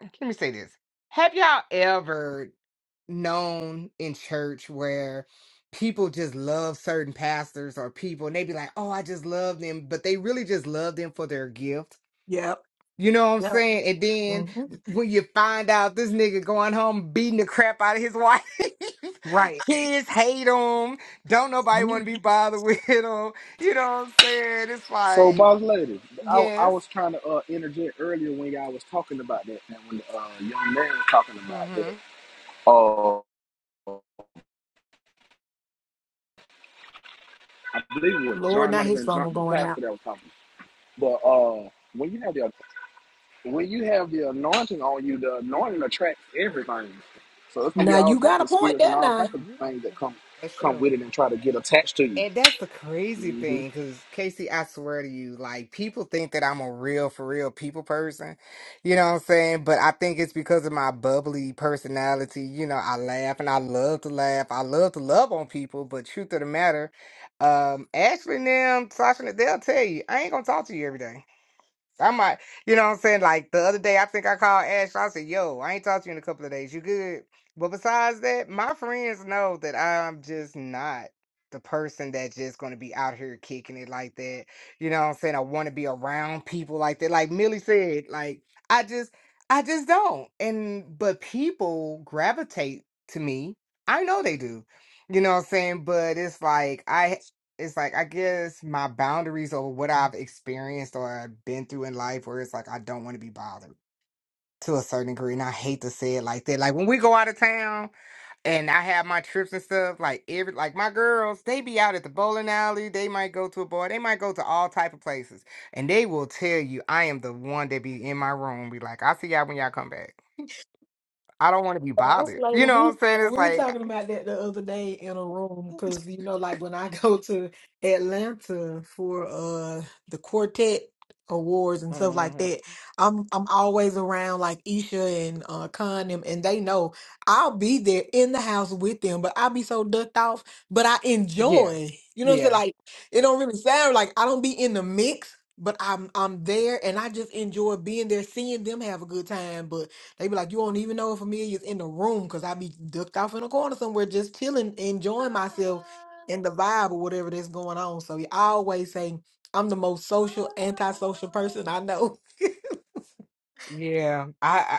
Speaker 1: have, let me say this. Have y'all ever known in church where people just love certain pastors or people and they be like, oh, I just love them, but they really just love them for their gift.
Speaker 11: Yep.
Speaker 1: You know what I'm
Speaker 11: Yep.
Speaker 1: saying? And then
Speaker 11: hmm
Speaker 1: when you find out this nigga going home beating the crap out of his wife,
Speaker 11: Right.
Speaker 1: *laughs* kids hate him, don't nobody
Speaker 11: Mhm.
Speaker 1: want to be bothered *laughs* with him. You know what I'm saying? It's
Speaker 3: So,
Speaker 1: like,
Speaker 3: boss lady, I, I
Speaker 1: yes.
Speaker 3: was trying to uh, interject earlier when y'all was talking about that, and when the uh, young man was talking about that,
Speaker 1: Mm-hmm.
Speaker 3: uh, I believe it was
Speaker 11: Lord,
Speaker 3: John,
Speaker 11: now
Speaker 3: might have
Speaker 11: his
Speaker 3: been John,
Speaker 11: phone
Speaker 3: the
Speaker 11: going out.
Speaker 3: pastor that was talking. But uh, when you have the when you have the anointing on you, the anointing attracts everything. So it's gonna be
Speaker 11: Now
Speaker 3: all
Speaker 11: you
Speaker 3: types
Speaker 11: got a
Speaker 3: of
Speaker 11: point
Speaker 3: spirits and
Speaker 11: there.
Speaker 3: all
Speaker 11: Now.
Speaker 3: types of
Speaker 1: You got
Speaker 3: things that
Speaker 1: it.
Speaker 3: come
Speaker 1: That's
Speaker 3: come
Speaker 1: true.
Speaker 3: with it and try to get attached to you.
Speaker 1: And that's the crazy
Speaker 3: hmm
Speaker 1: thing, because Casey, I swear to you, like people think that I'm a real for real people person. You know what I'm saying? But I think it's because of my bubbly personality. You know, I laugh and I love to laugh. I love to love on people, but truth of the matter, um, Ashley and them, Sasha, they'll tell you, I ain't gonna talk to you every day. I might, you know what I'm saying? Like the other day, I think I called Ash. I said, yo, I ain't talked to you in a couple of days. You good? But besides that, my friends know that I'm just not the person that's just going to be out here kicking it like that. You know what I'm saying? I want to be around people like that. Like Millie said, like, I just, I just don't. And, but people gravitate to me. I know they do. You know what I'm saying? But it's like, I, it's like I guess my boundaries or what I've experienced or been through in life where it's like I don't want to be bothered to a certain degree. And I hate to say it like that. Like when we go out of town and I have my trips and stuff, like every like my girls, they be out at the bowling alley, they might go to a bar, they might go to all type of places. And they will tell you I am the one that be in my room, be like, I'll see y'all when y'all come back. I don't want to be
Speaker 11: Us
Speaker 1: bothered. You
Speaker 11: later,
Speaker 1: know
Speaker 11: we
Speaker 1: what I'm saying? It's
Speaker 11: we were
Speaker 1: like
Speaker 11: talking about that the other day in a room because you know, like when I *laughs* go to Atlanta for uh the quartet awards and stuff like
Speaker 1: Mhm.
Speaker 11: that, I'm I'm always around like Isha and uh Con them, and they know I'll be there in the house with them, but I'll be so ducked off, but I
Speaker 1: yeah.
Speaker 11: enjoy. You know what I'm saying?
Speaker 1: Yeah,
Speaker 11: Like it don't really sound like I don't be in the mix. But I'm I'm there and I just enjoy being there, seeing them have a good time. They be like, you don't even know if Amelia's in the room because I be ducked off in a corner somewhere, just chilling, enjoying myself and the vibe or whatever that's going on. So I always say I'm the most social, antisocial person I know. *laughs*
Speaker 1: yeah. I,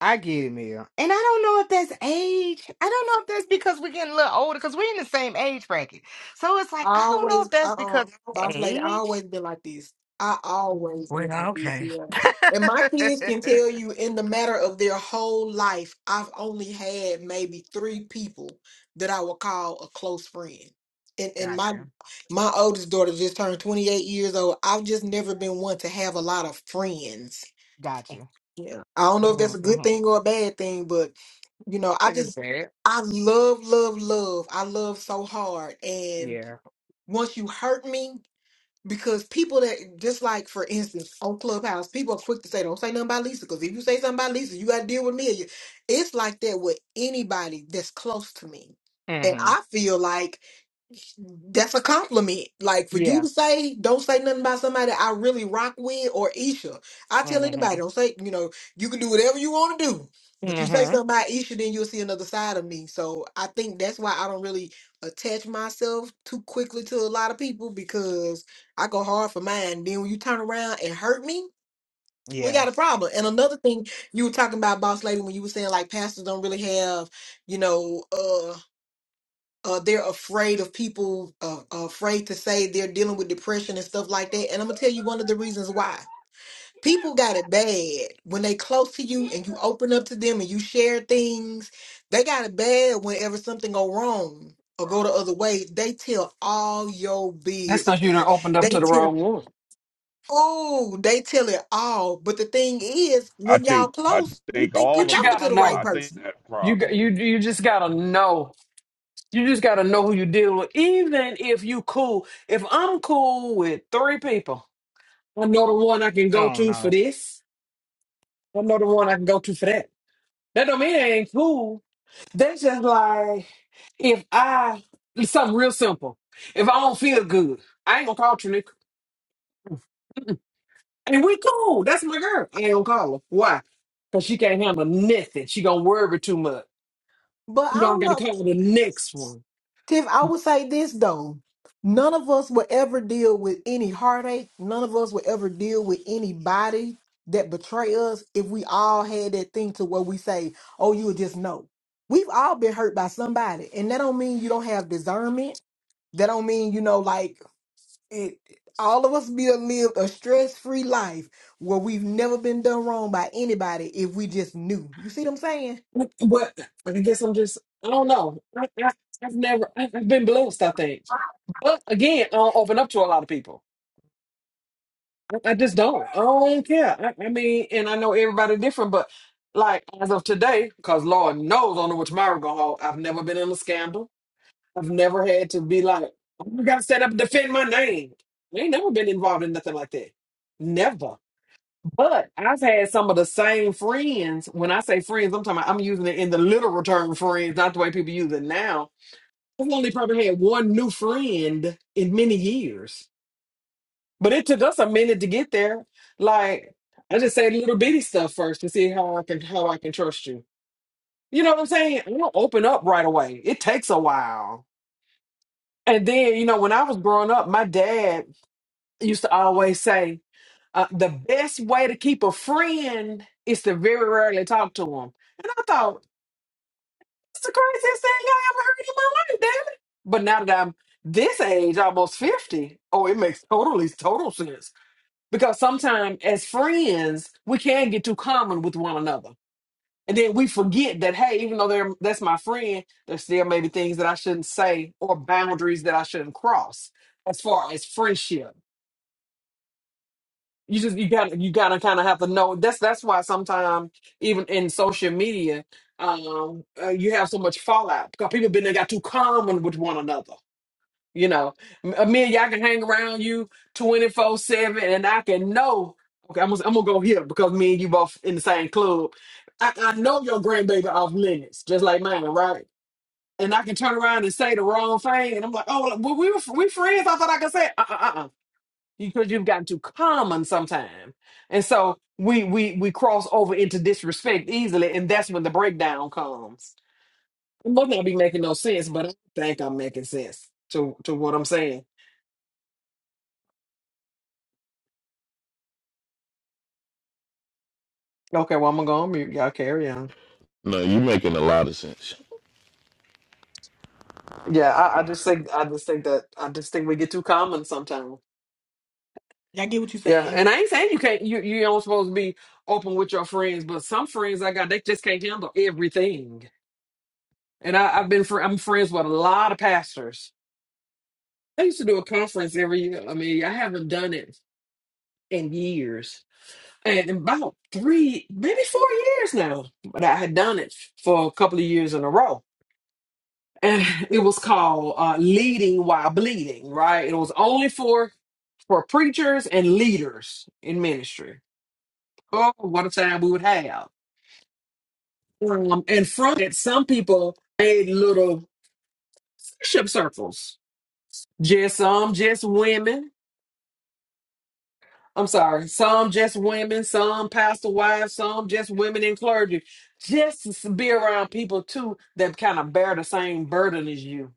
Speaker 1: I get it, Mel. And I don't know if that's age. I don't know if that's because we're getting a little older because we're in the same age bracket. So it's like,
Speaker 11: I
Speaker 1: I don't know
Speaker 11: always,
Speaker 1: if that's
Speaker 11: uh,
Speaker 1: because of
Speaker 11: boss lady, I always
Speaker 1: age.
Speaker 11: been like this. I always been
Speaker 1: Well,
Speaker 11: like this,
Speaker 1: okay.
Speaker 11: yeah. And my kids can
Speaker 1: *laughs*
Speaker 11: tell you in the matter of their whole life, I've only had maybe three people that I would call a close friend. And and my
Speaker 1: gotcha.
Speaker 11: my oldest daughter just turned 28 years old. I've just never been one to have a lot of friends.
Speaker 1: Gotcha.
Speaker 11: Yeah. I don't know if that's a good
Speaker 1: Mm-hmm.
Speaker 11: thing or a bad thing, but you know, I
Speaker 1: Think it's
Speaker 11: just
Speaker 1: bad.
Speaker 11: I love, love, love. I love so hard. And
Speaker 1: Yeah.
Speaker 11: once you hurt me, because people that just like for instance on Clubhouse, people are quick to say, Don't say nothing about Lisa, because if you say something about Lisa, you gotta deal with me. It's like that with anybody that's close to me. And
Speaker 1: Mm-hmm.
Speaker 11: I feel like that's a compliment. Like for you
Speaker 1: Yeah.
Speaker 11: to say, don't say nothing about somebody I really rock with or Isha. I tell
Speaker 1: Mm-hmm.
Speaker 11: anybody, don't say, you know, you can do whatever you want to do. But you say
Speaker 1: Mm-hmm.
Speaker 11: something about Isha, then you'll see another side of me. So I think that's why I don't really attach myself too quickly to a lot of people because I go hard for mine. Then when you turn around and hurt me, we
Speaker 1: Yeah.
Speaker 11: got a problem. And another thing you were talking about, boss lady, when you were saying like pastors don't really have, you know, uh uh, they're afraid of people uh, are afraid to say they're dealing with depression and stuff like that and i'm gonna tell you one of the reasons why people got it bad when they close to you and you open up to them and you share things they got it bad whenever something go wrong or go the other way they tell all your
Speaker 6: That's not you
Speaker 11: business
Speaker 6: done opened up to
Speaker 11: they
Speaker 6: the
Speaker 11: tell
Speaker 6: wrong one.
Speaker 11: oh they tell it all but the thing is
Speaker 12: I
Speaker 11: when y'all
Speaker 12: think. I
Speaker 11: close you
Speaker 12: think
Speaker 11: think you
Speaker 12: all
Speaker 6: But you
Speaker 12: of
Speaker 11: talking
Speaker 12: us.
Speaker 11: to
Speaker 6: gotta
Speaker 11: the right
Speaker 12: I
Speaker 6: know.
Speaker 12: think
Speaker 11: person
Speaker 12: that
Speaker 6: You got you
Speaker 12: problem.
Speaker 6: you just gotta know. You just gotta know who you deal with. Even if you cool. If I'm cool with three people, I know the one I can go
Speaker 1: Oh
Speaker 6: to for
Speaker 1: no.
Speaker 6: this. I know the one I can go to for that. That don't mean it ain't cool. That's just like if I it's something real simple. If I don't feel good, I ain't gonna call Trinick. And we cool. That's my girl. I ain't gonna call her. Why? Cause she can't handle nothing. She gonna worry too much.
Speaker 11: but i
Speaker 6: You know, I
Speaker 11: don't
Speaker 6: got to
Speaker 11: know
Speaker 6: call the next one.
Speaker 11: Tiff, I would say this though. None of us will ever deal with any heartache. None of us will ever deal with anybody that betray us if we all had that thing to where we say, oh, you would just know. We've all been hurt by somebody. And that don't mean you don't have discernment. That don't mean, you know, like it all of us be a- lived a stress-free life where we've never been done wrong by anybody if we just knew. You see what I'm saying?
Speaker 6: What? what- I guess I'm just, I don't know. I, I, I've never, I, I've been blessed, I think. But again, I don't open up to a lot of people. I, I just don't. I don't care. I, I mean, and I know everybody different, but like as of today, because Lord knows I don't know what tomorrow going to hold, I've never been in a scandal. I've never had to be like, I got to set up and defend my name. I ain't never been involved in nothing like that. Never. But I've had some of the same friends. When I say friends, I'm talking about I'm using it in the literal term friends, not the way people use it now. I've only probably had one new friend in many years. But it took us a minute to get there. Like I just say little bitty stuff first to see how I can how I can trust you. You know what I'm saying? I don't open up right away. It takes a while. And then, you know, when I was growing up, my dad used to always say, Uh, the best way to keep a friend is to very rarely talk to them. And I thought, it's the craziest thing I ever heard in my life, damn it. But now that I'm this age, almost 50, oh, it makes totally, total sense. Because sometimes as friends, we can get too common with one another. And then we forget that, hey, even though they're, that's my friend, there's still maybe things that I shouldn't say or boundaries that I shouldn't cross as far as friendship. you just you got to you got to kind of have to know that's that's why sometimes even in social media um uh, you have so much fallout because people been there got too common with one another you know M- uh, me and y'all can hang around you 24 7 and i can know okay I'm gonna, I'm gonna go here because me and you both in the same club i, I know your grandbaby off limits just like mine right and I can turn around and say the wrong thing, and I'm like, "Oh, well, we were we friends." I thought I could say, it. "Uh, uh, uh." because you've gotten too common sometimes, And so we we we cross over into disrespect easily, and that's when the breakdown comes. It must not be making no sense, but I think I'm making sense to to what I'm saying. Okay, well I'm gonna go on mute. Y'all carry on.
Speaker 2: No, you are making a lot of sense.
Speaker 6: Yeah, I, I just think I just think that I just think we get too common sometimes.
Speaker 11: Y'all get what you
Speaker 6: Yeah,
Speaker 11: saying?
Speaker 6: and I ain't saying you can't you you don't supposed to be open with your friends, but some friends I got they just can't handle everything. And I, I've been fr- I'm friends with a lot of pastors, I used to do a conference every year. I mean, I haven't done it in years, and about three, maybe four years now. But I had done it for a couple of years in a row, and *laughs* it was called uh, "Leading While Bleeding." Right? It was only for for preachers and leaders in ministry. Oh, what a time we would have! Um, and from it, some people made little worship circles. Just some, just women I'm sorry. Some just women, some pastor wives, some just women in clergy. Just to be around people too that kind of bear the same burden as you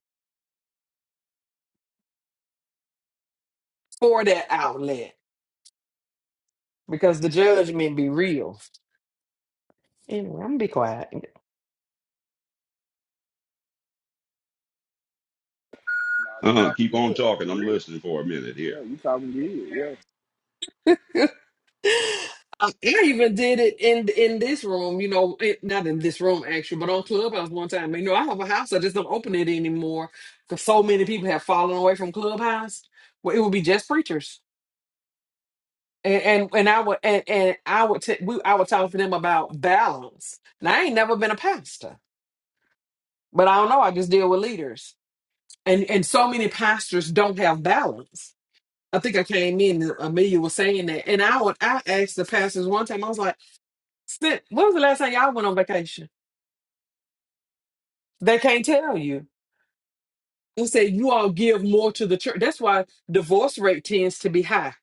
Speaker 6: for that outlet because the judgment be real. Anyway, I'm gonna be quiet. *laughs*
Speaker 3: Nah, you
Speaker 12: Uh-huh,
Speaker 3: talking
Speaker 12: keep on
Speaker 3: good though,
Speaker 12: talking.
Speaker 3: for
Speaker 12: I'm
Speaker 3: real.
Speaker 12: listening for a minute here.
Speaker 3: Yeah, you talking good. yeah.
Speaker 6: I I even did it in in this room, you know, it, not in this room actually, but on Clubhouse one time. You know, I have a house, I just don't open it anymore because so many people have fallen away from Clubhouse. Well, it would be just preachers. And and, and I would and, and I would t- we I would talk to them about balance. Now I ain't never been a pastor, but I don't know. I just deal with leaders, and and so many pastors don't have balance. I think I came in and Amelia was saying that, and I would I asked the pastors one time. I was like, "Sis, "When was the last time y'all went on vacation?" They can't tell you. They say you all give more to the church. That's why divorce rate tends to be high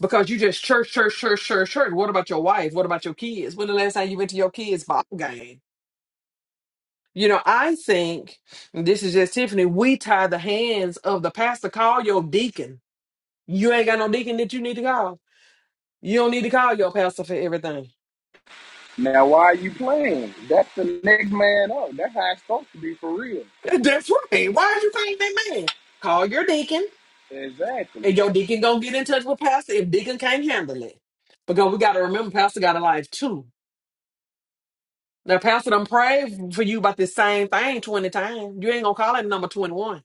Speaker 6: because you just church, church, church, church, church. What about your wife? What about your kids? When the last time you went to your kids' ball game? You know, I think and this is just Tiffany. We tie the hands of the pastor. Call your deacon. You ain't got no deacon that you need to call. You don't need to call your pastor for everything.
Speaker 3: Now, why are you playing? That's the next man up. That's how it's supposed to be for real.
Speaker 6: *laughs* That's right. Why are you saying that man? Call your deacon,
Speaker 3: Exactly.
Speaker 6: and your deacon gonna get in touch with pastor if deacon can't handle it. Because we gotta remember, pastor got a life too. Now, pastor done prayed for you about this same thing twenty times. You ain't gonna call it number twenty one.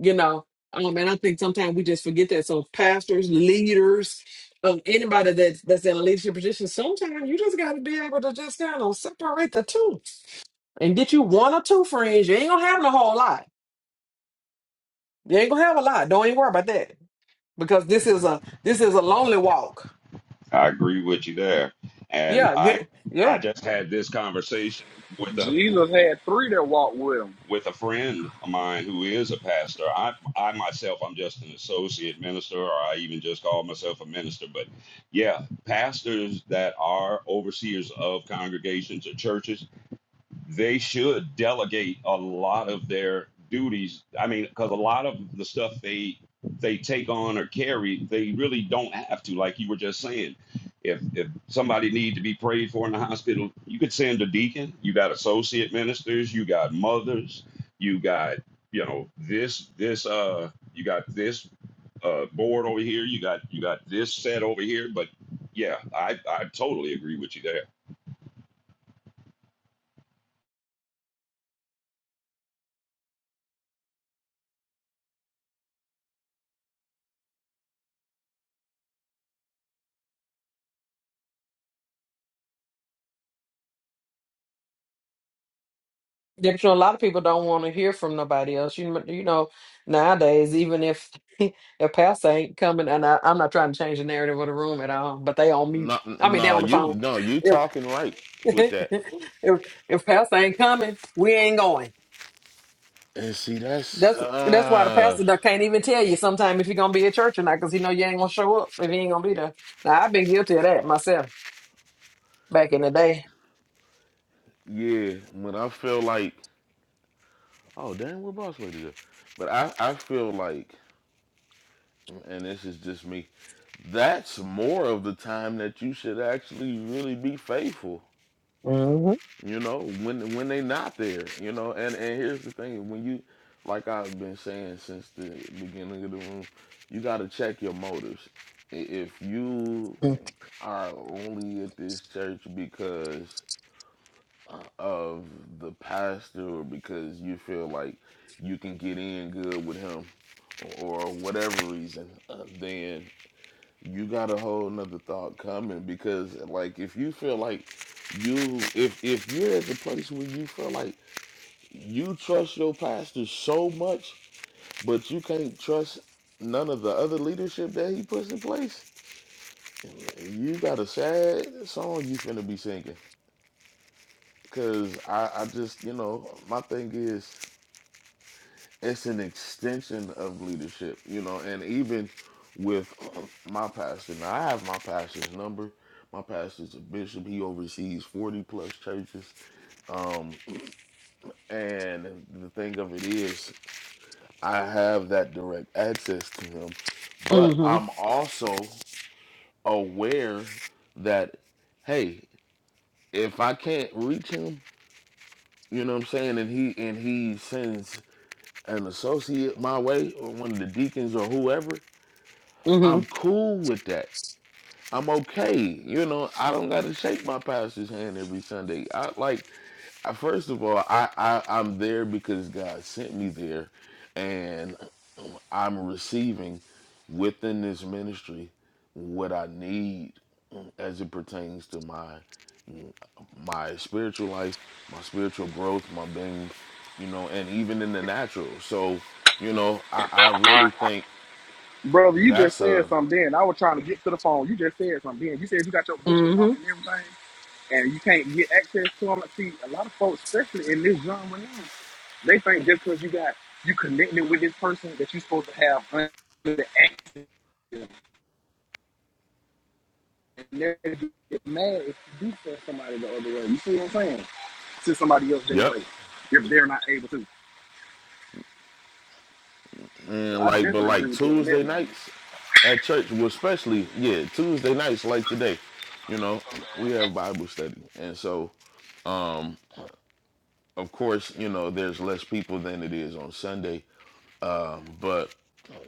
Speaker 6: you know um and i think sometimes we just forget that so pastors leaders um, anybody that's that's in a leadership position sometimes you just got to be able to just kind of separate the two and get you one or two friends you ain't gonna have no whole lot you ain't gonna have a lot don't even worry about that because this is a this is a lonely walk
Speaker 12: I agree with you there, and
Speaker 6: yeah yeah
Speaker 12: I.
Speaker 6: yeah
Speaker 12: I just had this conversation with a
Speaker 3: Jesus had three that walked with him.
Speaker 12: with a friend of mine who is a pastor. I, I myself, I'm just an associate minister, or I even just call myself a minister. But yeah, pastors that are overseers of congregations or churches they should delegate a lot of their duties. I mean, because a lot of the stuff they they take on or carry, they really don't have to. Like you were just saying, if if somebody need to be prayed for in the hospital, you could send a deacon. You got associate ministers. You got mothers. You got you know this this uh you got this uh board over here. You got you got this set over here. But yeah, I I totally agree with you there.
Speaker 6: Yeah, but you know, a lot of people don't want to hear from nobody else. You kn- you know, nowadays, even if *laughs* if pastor ain't coming, and I, I'm not trying to change the narrative of the room at all, but they on mute.
Speaker 2: No,
Speaker 6: I mean, they
Speaker 2: no,
Speaker 6: on the
Speaker 2: you
Speaker 6: phone.
Speaker 2: no, you
Speaker 6: If
Speaker 2: talking right
Speaker 6: *laughs*
Speaker 2: with that.
Speaker 6: if if pastor ain't coming, we ain't going.
Speaker 2: And see, that's
Speaker 6: That's that's why the
Speaker 2: uh,
Speaker 6: pastor done can't even tell you sometime if you're gonna be at church or not, because he know you ain't gonna show up if he ain't gonna be there. Now I've been guilty of that myself back in the day.
Speaker 2: yeah. When I feel like, oh damn, what boss lady? do? But I, I feel like, and this is just me. That's more of the time that you should actually really be faithful
Speaker 6: Mm-hmm.
Speaker 2: you know when when they not there you know and and here's the thing when you like i've been saying since the beginning of the room you got to check your motives if you are only at this church because uh, of the pastor or because you feel like you can get in good with him or whatever reason uh, then you got a whole nother thought coming because like if you feel like you if if you're at the place where you feel like you trust your pastor so much, but you can't trust none of the other leadership that he puts in place. You got a sad song you finna be singing. Cause I, I just, you know, my thing is it's an extension of leadership, you know, and even with my pastor, now I have my pastor's number. My pastor's a bishop. He oversees 40 plus churches. Um, and the thing of it is, I have that direct access to him, but
Speaker 6: Mm-hmm.
Speaker 2: I'm also aware that hey, if I can't reach him, you know what I'm saying, and he and he sends an associate my way or one of the deacons or whoever,
Speaker 6: Mm-hmm.
Speaker 2: I'm cool with that. I'm okay. You know, I don't got to shake my pastor's hand every Sunday. I like I- First of all, I, I I'm there because God sent me there, and I'm receiving within this ministry what I need as it pertains to my my spiritual life, my spiritual growth, my being, you know, and even in the natural. So, you know, I, I really think
Speaker 3: Brother, you just
Speaker 2: that's
Speaker 3: said
Speaker 2: a
Speaker 3: something then. I was trying to get to the phone. You just said something then. You said you got your bishop number
Speaker 6: Mm-hmm.
Speaker 3: and everything, and you can't get access to them. See, a lot of folks, especially in this genre now, they think just because you got you connected with this person that you're supposed to have under the access. And they get mad if you do send somebody the other way. You see what I'm saying? to somebody else their
Speaker 2: yep.
Speaker 3: way if they're not able to. So
Speaker 2: And
Speaker 3: I
Speaker 2: like, but
Speaker 3: definitely agree
Speaker 2: like
Speaker 3: with you on that,
Speaker 2: Tuesday
Speaker 3: man.
Speaker 2: nights at church, well, especially yeah, Tuesday nights like today, you know, we have Bible study, and so of course, you know, there's less people than it is on Sunday. But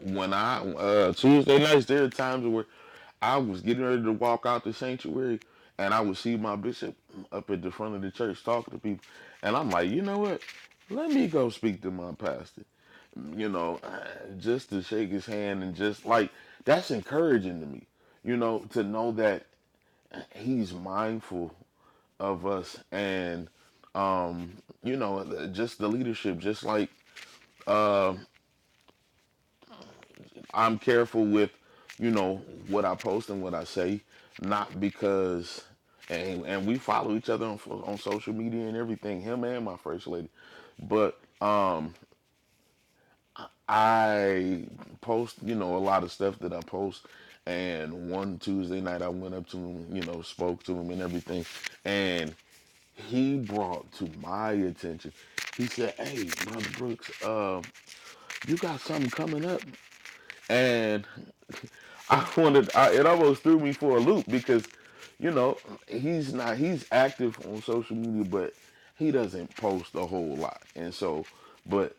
Speaker 2: when I uh, Tuesday nights, there are times where I was getting ready to walk out the sanctuary, and I would see my bishop up at the front of the church talking to people, and I'm like, you know what? Let me go speak to my pastor. you know, just to shake his hand and just like that's encouraging to me, you know, to know that he's mindful of us and you know just the leadership just like i'm careful with you know what i post and what i say not because and and we follow each other on, on social media and everything him and my first lady but I post, you know, a lot of stuff that I post. And one Tuesday night, I went up to him, you know, spoke to him and everything. And he brought to my attention, he said, Hey, Brother Brooks, uh, you got something coming up? And *laughs* I wanted. I, it almost threw me for a loop because, you know, he's not. He's active on social media, but he doesn't post a whole lot. And so, but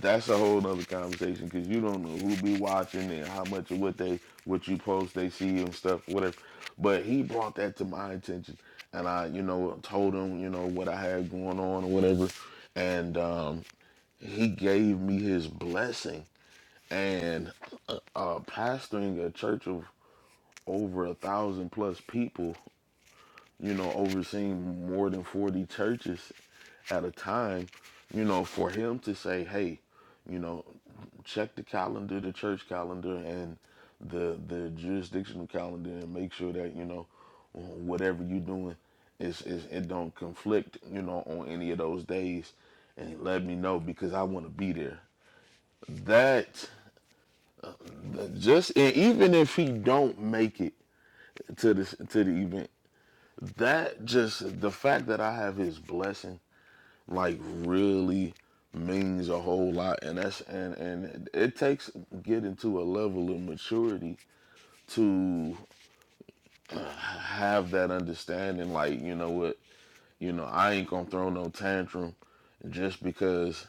Speaker 2: that's a whole nother conversation because you don't know who be watching and how much of what they what you post they see and stuff, whatever. But he brought that to my attention, and I, you know, told him, you know, what I had going on or whatever, and um, he gave me his blessing and uh, uh, pastoring a church of over a thousand plus people, you know, overseeing more than 40 churches at a time, you know, for him to say, hey, you know, check the calendar, the church calendar, and the the jurisdictional calendar, and make sure that you know whatever you're doing is is it don't conflict, you know, on any of those days, and let me know because I want to be there. That just and even if he don't make it to this to the event, that just the fact that I have his blessing like really means a whole lot and that's and and it takes getting to a level of maturity to have that understanding like you know what you know I ain't gonna throw no tantrum just because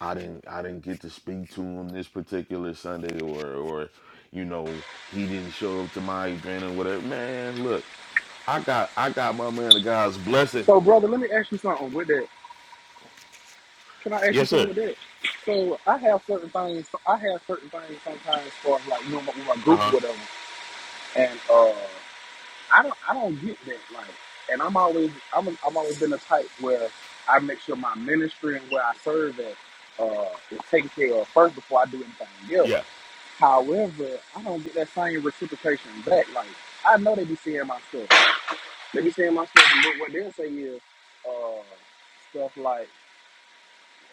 Speaker 2: I didn't I didn't get to speak to him this particular Sunday or or you know he didn't show up to my event or whatever man look I got I got my man of God's blessing
Speaker 3: So, brother, let me ask you something with that. Can I ask you
Speaker 2: yes
Speaker 3: something
Speaker 2: sir
Speaker 3: with that? So I have certain things. I have certain things sometimes for like you know with my group or
Speaker 2: uh-huh
Speaker 3: whatever, and uh, I don't I don't get that like, and I'm always I'm I'm always been the type where I make sure my ministry and where I serve at uh, is taken care of first before I do anything else.
Speaker 2: Yeah,
Speaker 3: However, I don't get that same reciprocation back. Like I know they be seeing my stuff. They be saying my stuff, but what they'll say is uh, stuff like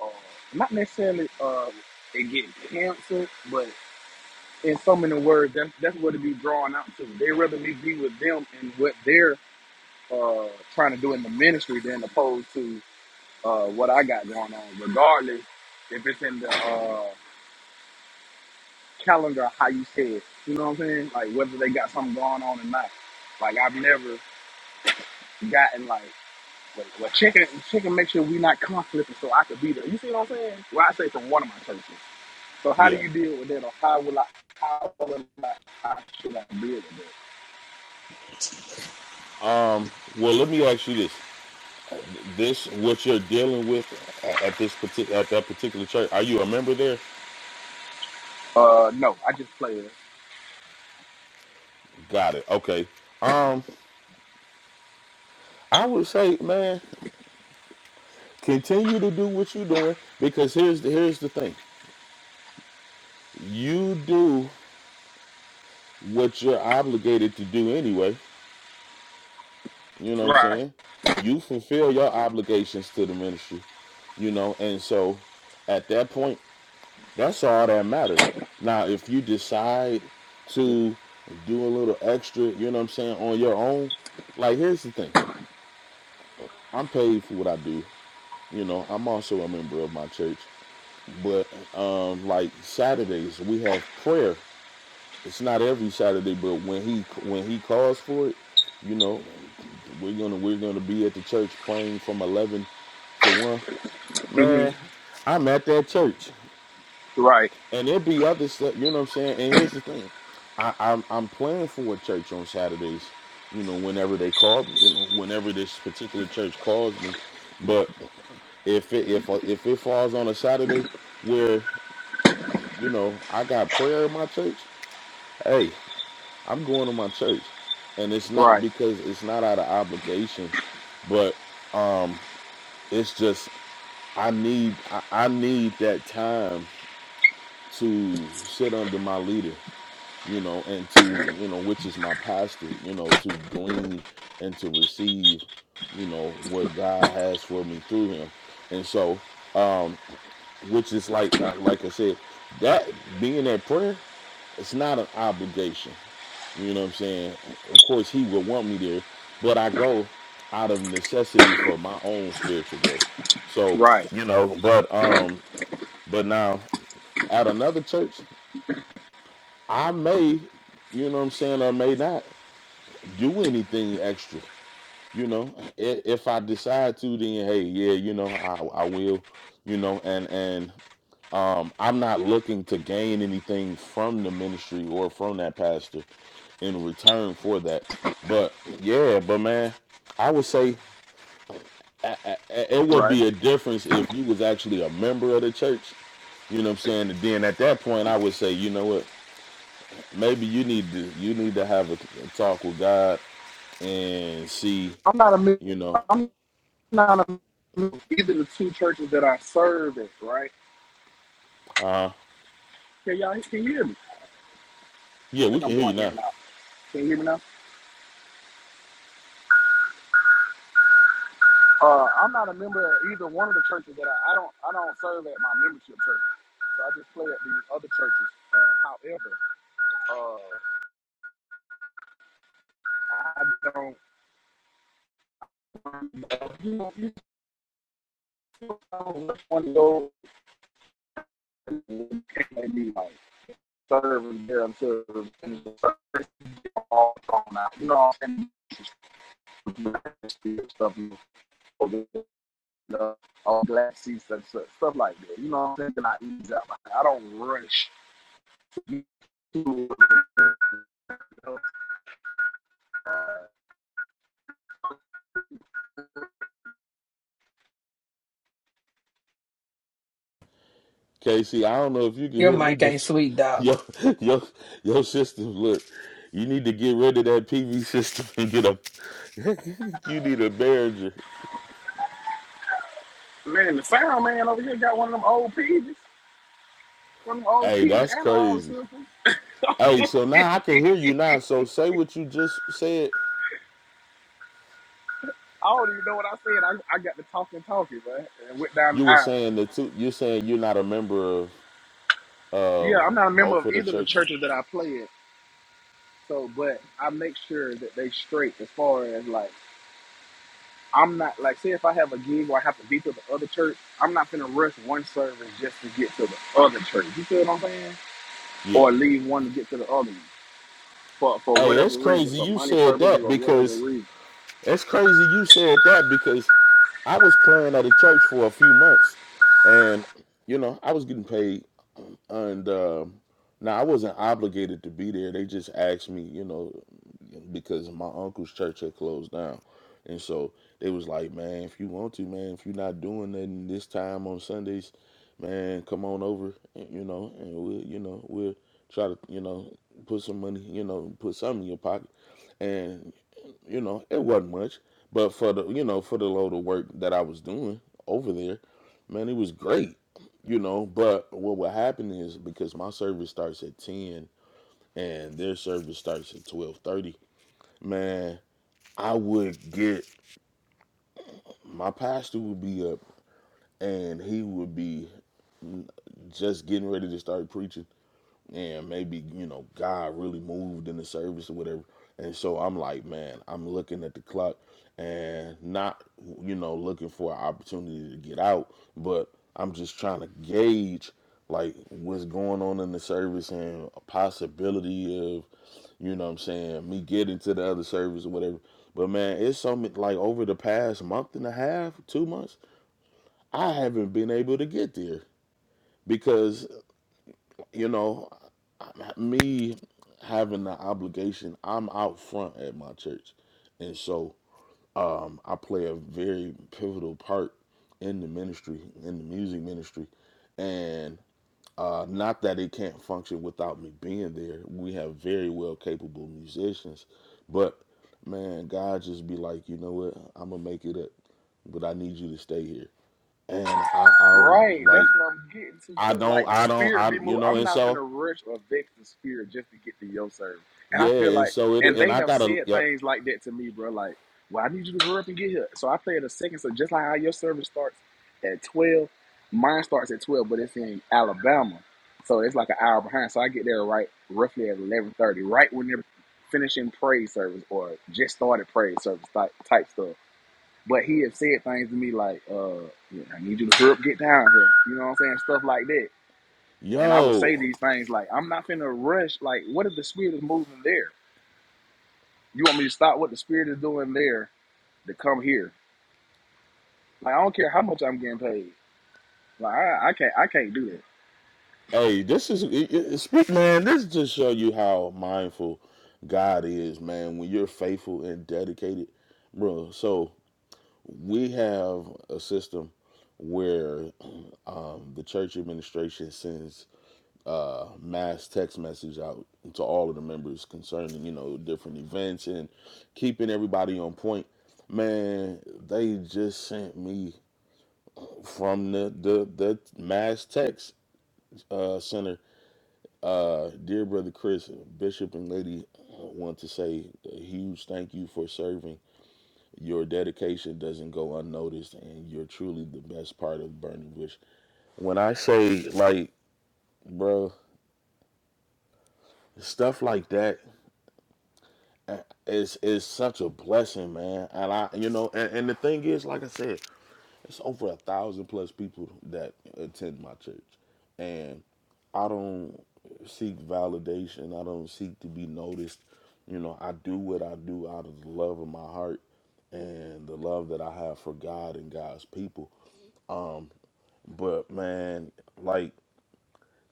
Speaker 3: uh, not necessarily uh, it get canceled, but in so many words, that's that's what it be drawn out to. They rather me be with them and what they're uh, trying to do in the ministry than opposed to uh, what I got going on, regardless if it's in the uh, calendar how you say it. You know what I'm saying? Like whether they got something going on or not. Like I've never gotten like. But, but checking checking make sure we not conflicting so I could be there. You see what I'm saying? Well, I say from one of my churches. So how do
Speaker 2: yeah.
Speaker 3: you deal with that, or how will I? How will I? How should I deal with
Speaker 2: Um, well, let me ask you this: this what you're dealing with at this particular at that particular church? Are you a member there?
Speaker 3: that? Uh, no, I just play it.
Speaker 2: Got it. Okay. Um, I would say, man, continue to do what you're doing because here's the here's the thing: you do what you're obligated to do anyway. You know what I'm
Speaker 3: Right.
Speaker 2: saying? You fulfill your obligations to the ministry. You know, and so at that point That's all that matter. Now, if you decide to do a little extra, you know what I'm saying, on your own, like here's the thing. I'm paid for what I do. You know, I'm also a member of my church. But um like Saturdays we have prayer. It's not every Saturday, but when he when he calls for it, you know, we're gonna we're gonna be at the church praying from eleven to one.
Speaker 3: hmm
Speaker 2: Man, I'm at that church.
Speaker 3: Right.
Speaker 2: and there'd be other stuff. You know what I'm saying? And here's the thing, I, I'm I'm playing for a church on Saturdays. You know, whenever they call, me, you know, whenever this particular church calls me, but if it, if if it falls on a Saturday where you know I got prayer in my church, hey, I'm going to my church, and it's not
Speaker 3: Right.
Speaker 2: because it's not out of obligation, but um, it's just I need I, I need that time to sit under my leader you know, and to, you know, which is my pastor, you know, to glean and to receive, you know, what God has for me through him. And so, um, which is like, uh, like I said, that being at prayer, it's not an obligation. You know what I'm saying? Of course, he would want me there, but I go out of necessity for my own spiritual growth. So,
Speaker 3: Right.
Speaker 2: you know, but, um, but now at another church, I may, you know what I'm saying, or may not. do anything extra. You know, I- if I decide to, then hey, yeah, you know, I I will. You know, and and um, I'm not looking to gain anything from the ministry or from that pastor in return for that. But yeah, but man, I would say a- a- it would
Speaker 3: Right.
Speaker 2: be a difference if you was actually a member of the church. You know what I'm saying? And then at that point, I would say, you know what? Maybe you need to you need to have a, a talk with God and see,
Speaker 3: I'm not a. mem-
Speaker 2: you know.
Speaker 3: I'm not a. mem- Either the two churches that I serve at, right?
Speaker 2: Uh,
Speaker 3: Can y'all can you hear me? I
Speaker 2: yeah, we
Speaker 3: think
Speaker 2: can
Speaker 3: I'm
Speaker 2: hear you
Speaker 3: going in
Speaker 2: now.
Speaker 3: and out. Can you hear me now? Uh, I'm not a member of either one of the churches that I, I don't. I don't serve at my membership church. So I just play at these other churches. Uh, however, uh, I don't I don't know which one of be like serving there until the finish all gone out. You know what I'm saying? Stuff you uh, all black seats and stuff, stuff like that. You know what I'm saying? And I ease out. Like, I don't rush.
Speaker 2: KC, I don't know if you can
Speaker 6: Your
Speaker 2: hear me,
Speaker 6: mic
Speaker 2: but
Speaker 6: ain't sweet,
Speaker 2: *laughs*
Speaker 6: dog.
Speaker 2: your your your system. Look, you need to get rid of that PV system and get a. *laughs* you need a Behringer.
Speaker 3: Man, the sound man over here got one of them old PJs, one of them old
Speaker 2: Hey,
Speaker 3: PJ
Speaker 2: that's
Speaker 3: analog
Speaker 2: crazy.
Speaker 3: systems. *laughs*
Speaker 2: Hey, so now I can hear you now. So say what you just said.
Speaker 3: I don't even know what I said. I, I got to talking, talking, man, and went down
Speaker 2: You
Speaker 3: the
Speaker 2: were
Speaker 3: aisle.
Speaker 2: saying that two. You're saying you're not a member of
Speaker 3: Yeah, I'm
Speaker 2: of
Speaker 3: not a member
Speaker 2: both
Speaker 3: of
Speaker 2: of the
Speaker 3: either of the
Speaker 2: churches.
Speaker 3: churches that I play in. So, but I make sure that they straight as far as like I'm not like say if I have a gig where I have to be to the other church, I'm not gonna rush one service just to get to the other church. You feel what I'm saying?
Speaker 2: Yeah.
Speaker 3: Or leave one to get to the other one for for
Speaker 2: Hey,
Speaker 3: whatever
Speaker 2: it's
Speaker 3: reason,
Speaker 2: crazy
Speaker 3: for
Speaker 2: you
Speaker 3: money
Speaker 2: said
Speaker 3: purposes
Speaker 2: that
Speaker 3: or whatever
Speaker 2: because
Speaker 3: reason.
Speaker 2: it's crazy you said that because I was playing at a church for a few months, and you know I was getting paid, and um, now I wasn't obligated to be there. They just asked me, you know, because my uncle's church had closed down, and so they was like, man, if you want to, man, if you're not doing nothing this time on Sundays, man, come on over, you know, and we'll, you know, we'll try to, you know, put some money, you know, put something in your pocket, and." you know, it wasn't much, but for the you know for the load of work that I was doing over there, man, it was great. You know, but what would happen is because my service starts at ten and their service starts at twelve thirty, man, I would get my pastor would be up and he would be just getting ready to start preaching and maybe you know God really moved in the service or whatever. And so I'm like, man, I'm looking at the clock and not you know looking for an opportunity to get out, but I'm just trying to gauge like what's going on in the service and a possibility of you know what I'm saying me getting to the other service or whatever. But man, it's something like over the past month and a half, two months, I haven't been able to get there because you know, me having the obligation, I'm out front at my church. And so um, I play a very pivotal part in the ministry, in the music ministry. And uh, not that it can't function without me being there. We have very well capable musicians. But man, God just be like, you know what? I'm going to make it up. But I need you to stay here. And I, I
Speaker 3: Right, that's
Speaker 2: like,
Speaker 3: what I'm getting to.
Speaker 2: I
Speaker 3: Cause
Speaker 2: don't,
Speaker 3: like the
Speaker 2: I don't,
Speaker 3: spirit
Speaker 2: I,
Speaker 3: be
Speaker 2: you
Speaker 3: moved.
Speaker 2: know,
Speaker 3: I'm
Speaker 2: and
Speaker 3: not gonna
Speaker 2: so
Speaker 3: rush or vex the spirit just to get to your service. And I
Speaker 2: Yeah,
Speaker 3: feel
Speaker 2: and
Speaker 3: like,
Speaker 2: so it
Speaker 3: and
Speaker 2: and
Speaker 3: they
Speaker 2: I
Speaker 3: have
Speaker 2: gotta
Speaker 3: said
Speaker 2: yep.
Speaker 3: things like that to me, bro. Like, well, I need you to hurry up and get here. So I play it a second. So just like how your service starts at twelve, mine starts at twelve, but it's in Alabama, so it's like an hour behind. So I get there right roughly at eleven thirty, right when they're finishing praise service or just started praise service type type stuff. But he had said things to me like, uh, yeah, I need you to hurry up, get down here. You know what I'm saying? Stuff like that. And I would say
Speaker 2: Yo,
Speaker 3: these things like, I'm not finna rush. Like, what if the spirit is moving there? You want me to stop what the spirit is doing there to come here? Like, I don't care how much I'm getting paid. Like, I, I can't, I can't do that.
Speaker 2: hey, this is it, it, speak, man. This just show you how mindful God is, man. When you're faithful and dedicated, bro. So we have a system where um, the church administration sends uh, mass text message out to all of the members concerning you know different events and keeping everybody on point. Man, they just sent me from the the, the Mass Text uh, Center. Uh, dear brother Chris, Bishop and Lady, uh, want to say a huge thank you for serving. Your dedication doesn't go unnoticed, and you're truly the best part of Burning Bush. When I say like, bro, stuff like that uh, it's is such a blessing, man. And I, you know, and, and the thing is, like I said. it's over a thousand plus people that attend my church, and I don't seek validation. I don't seek to be noticed. You know, I do what I do out of the love of my heart and the love that I have for God and God's people. Um, but man, like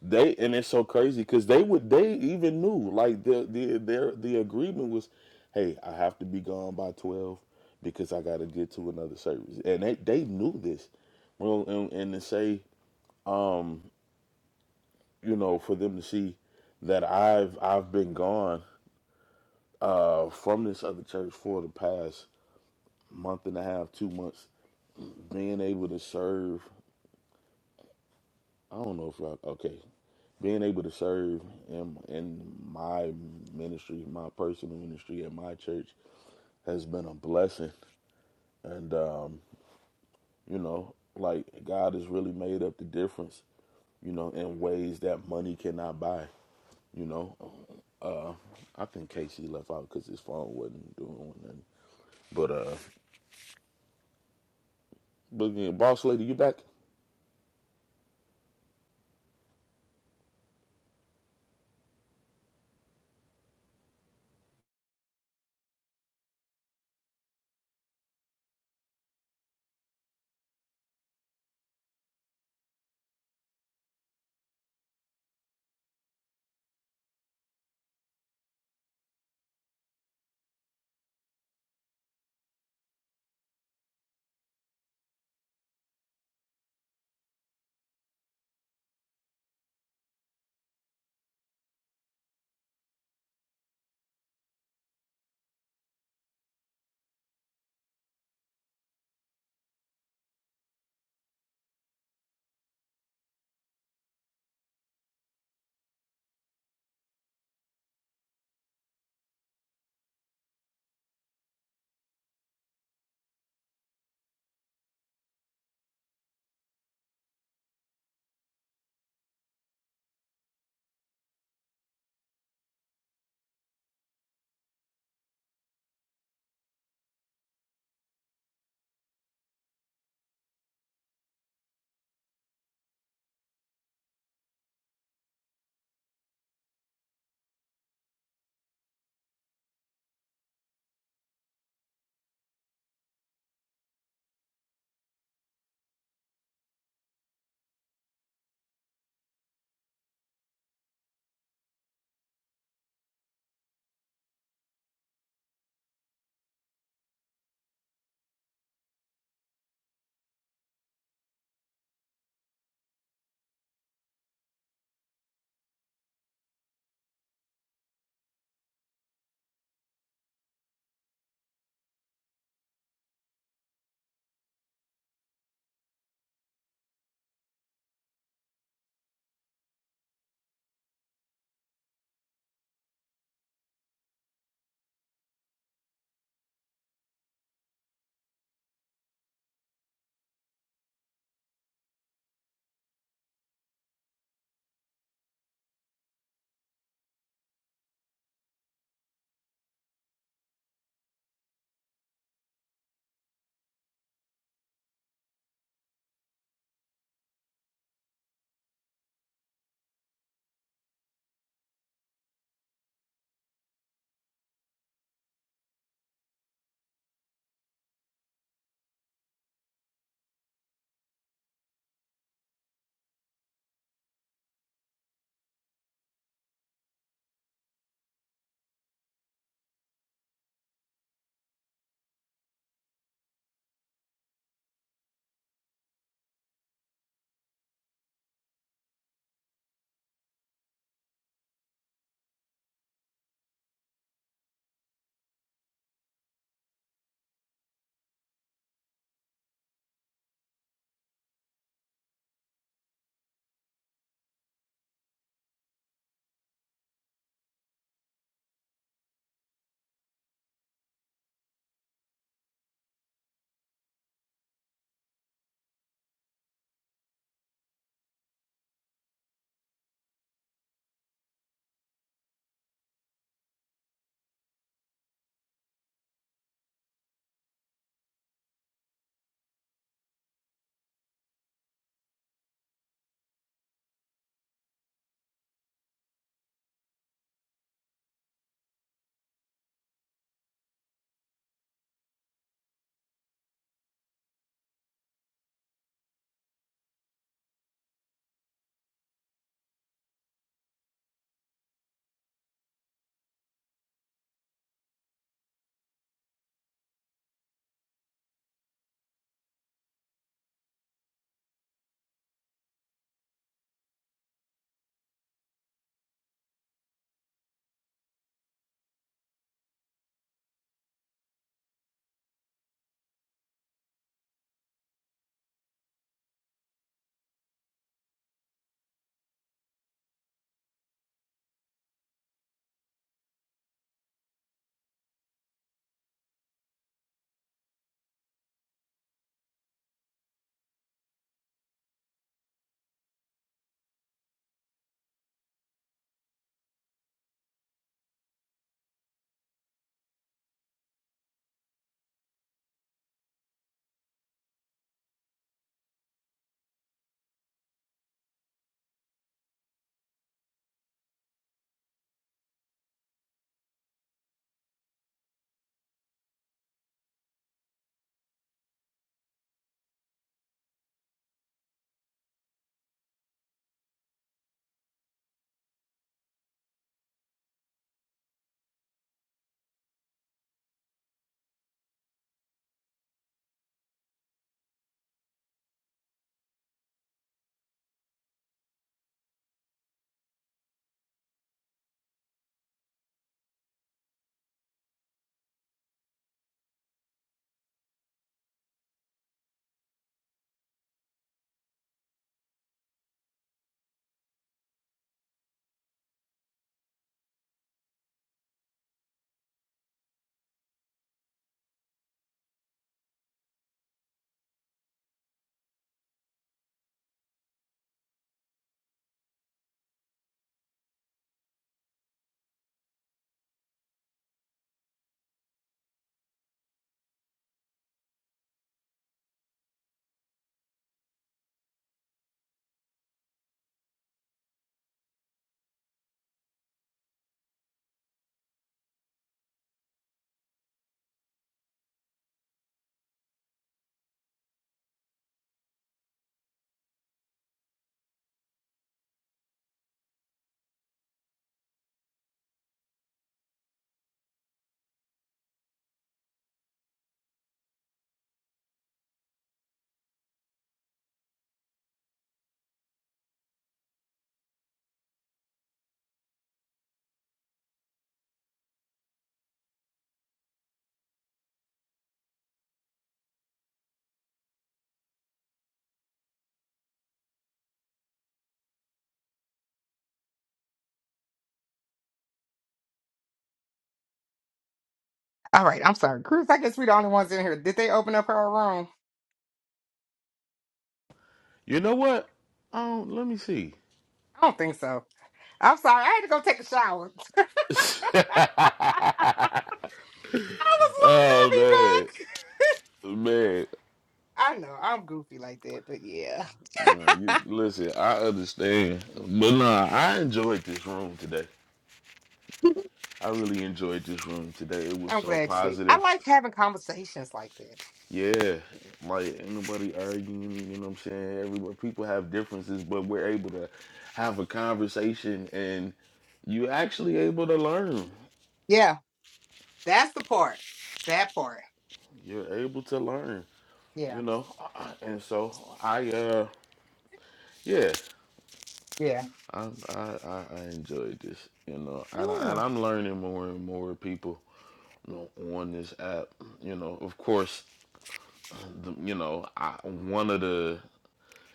Speaker 2: they and it's so crazy because they would they even knew like the the their the agreement was, hey, I have to be gone by twelve because I got to get to another service, and they they knew this. Well, and, and to say, um, you know, for them to see that I've I've been gone uh from this other church for the past month and a half, two months, being able to serve. I don't know if I okay. being able to serve in in my ministry, my personal ministry at my church has been a blessing. And um, you know, like God has really made up the difference, you know, in ways that money cannot buy. You know, uh, I think Casey left out because his phone wasn't doing nothing. But uh, but again, boss lady, you back?
Speaker 1: All right. I'm sorry. Cruz, I guess we're the only ones in here. Did they open up her room?
Speaker 2: You know what? Um, let me see.
Speaker 1: I don't think so. I'm sorry. I had to go take a shower. *laughs*
Speaker 2: *laughs*
Speaker 1: I was like, I'll
Speaker 2: oh
Speaker 1: be
Speaker 2: man,
Speaker 1: back.
Speaker 2: man.
Speaker 1: I know I'm goofy like that, but yeah,
Speaker 2: Uh, you listen. I understand, but nah, I enjoyed this room today. I really enjoyed this room today. It
Speaker 1: *laughs*
Speaker 2: was
Speaker 1: I'm
Speaker 2: so
Speaker 1: glad you did. I
Speaker 2: positive.
Speaker 1: like having conversations like that.
Speaker 2: Yeah, like ain't nobody arguing. You know what I'm saying? Everybody, people have differences, but we're able to have a conversation, and you're actually able to learn.
Speaker 1: Yeah, that's the part. That part.
Speaker 2: You're able to learn.
Speaker 1: Yeah,
Speaker 2: You know, Uh, and so I, uh, yeah,
Speaker 1: yeah,
Speaker 2: I, I, I I enjoyed this. You know, and I,
Speaker 1: yeah.
Speaker 2: and I'm learning more and more people. you know, on this app. You know, of course, the, you know, I, one of the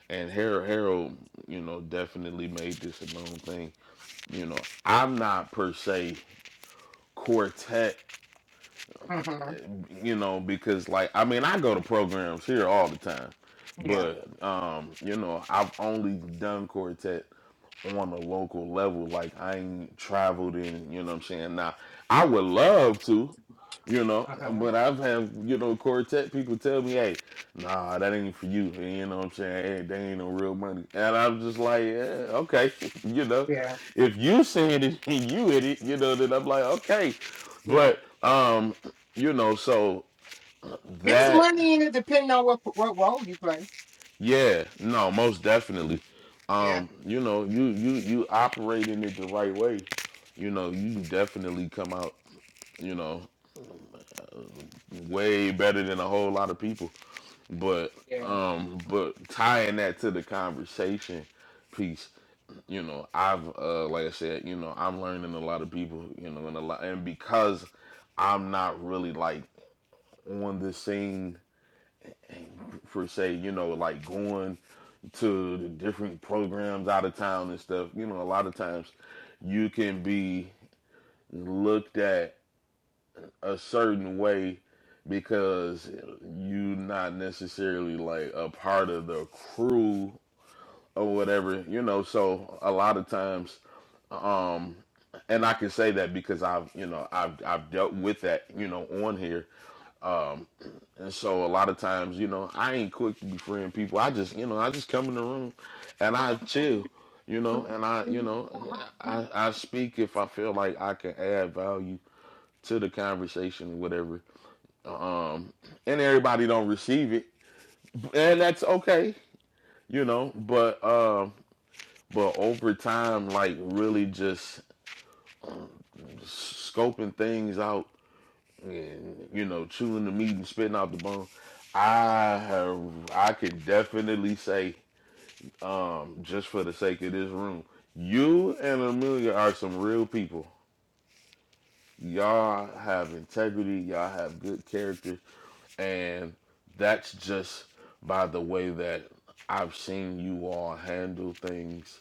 Speaker 2: and Harold Harold, you know, definitely made this a known thing. You know, I'm not per se quartet,
Speaker 1: hmm
Speaker 2: you know, because like I mean, I go to programs here all the time,
Speaker 1: Yeah,
Speaker 2: but um, you know, I've only done quartet on a local level. Like I ain't traveled in, you know what I'm saying? Now I would love to, You know,
Speaker 1: uh-huh.
Speaker 2: but I've had, you know, quartet people tell me, hey, nah, that ain't for you. And you know what I'm saying? Hey, they ain't no real money. And I'm just like, yeah, okay. *laughs* you know,
Speaker 1: yeah,
Speaker 2: if you saying it *laughs* and you in it, you know, then I'm like, okay.
Speaker 1: yeah.
Speaker 2: But, um, you know, so
Speaker 1: It's
Speaker 2: that,
Speaker 1: money in it, depending on what what role you play.
Speaker 2: yeah, no, most definitely.
Speaker 1: Yeah,
Speaker 2: Um, you know, you, you, you operate in it the right way. You know, you definitely come out, you know, way better than a whole lot of people But
Speaker 1: yeah.
Speaker 2: um, but tying that to the conversation piece, you know, I've uh, like I said, you know, I'm learning a lot of people, you know, and a lot, and because I'm not really like on the scene for say, you know, like going to the different programs out of town and stuff, you know, a lot of times you can be looked at a certain way because you are not necessarily like a part of the crew or whatever, you know. So a lot of times, um, and I can say that because I've, you know, I've I've dealt with that, you know, on here. Um, and so a lot of times, you know, I ain't quick to befriend people. I just, you know, I just come in the room and I chill, you know, and I, you know, I I speak if I feel like I can add value to the conversation or whatever. Um, and everybody don't receive it, and that's okay, you know. But um, uh, but over time, like really just scoping things out and you know chewing the meat and spitting out the bone, I have I could definitely say, um, just for the sake of this room, you and Amelia are some real people. Y'all have integrity. Y'all have good character, and that's just by the way that I've seen you all handle things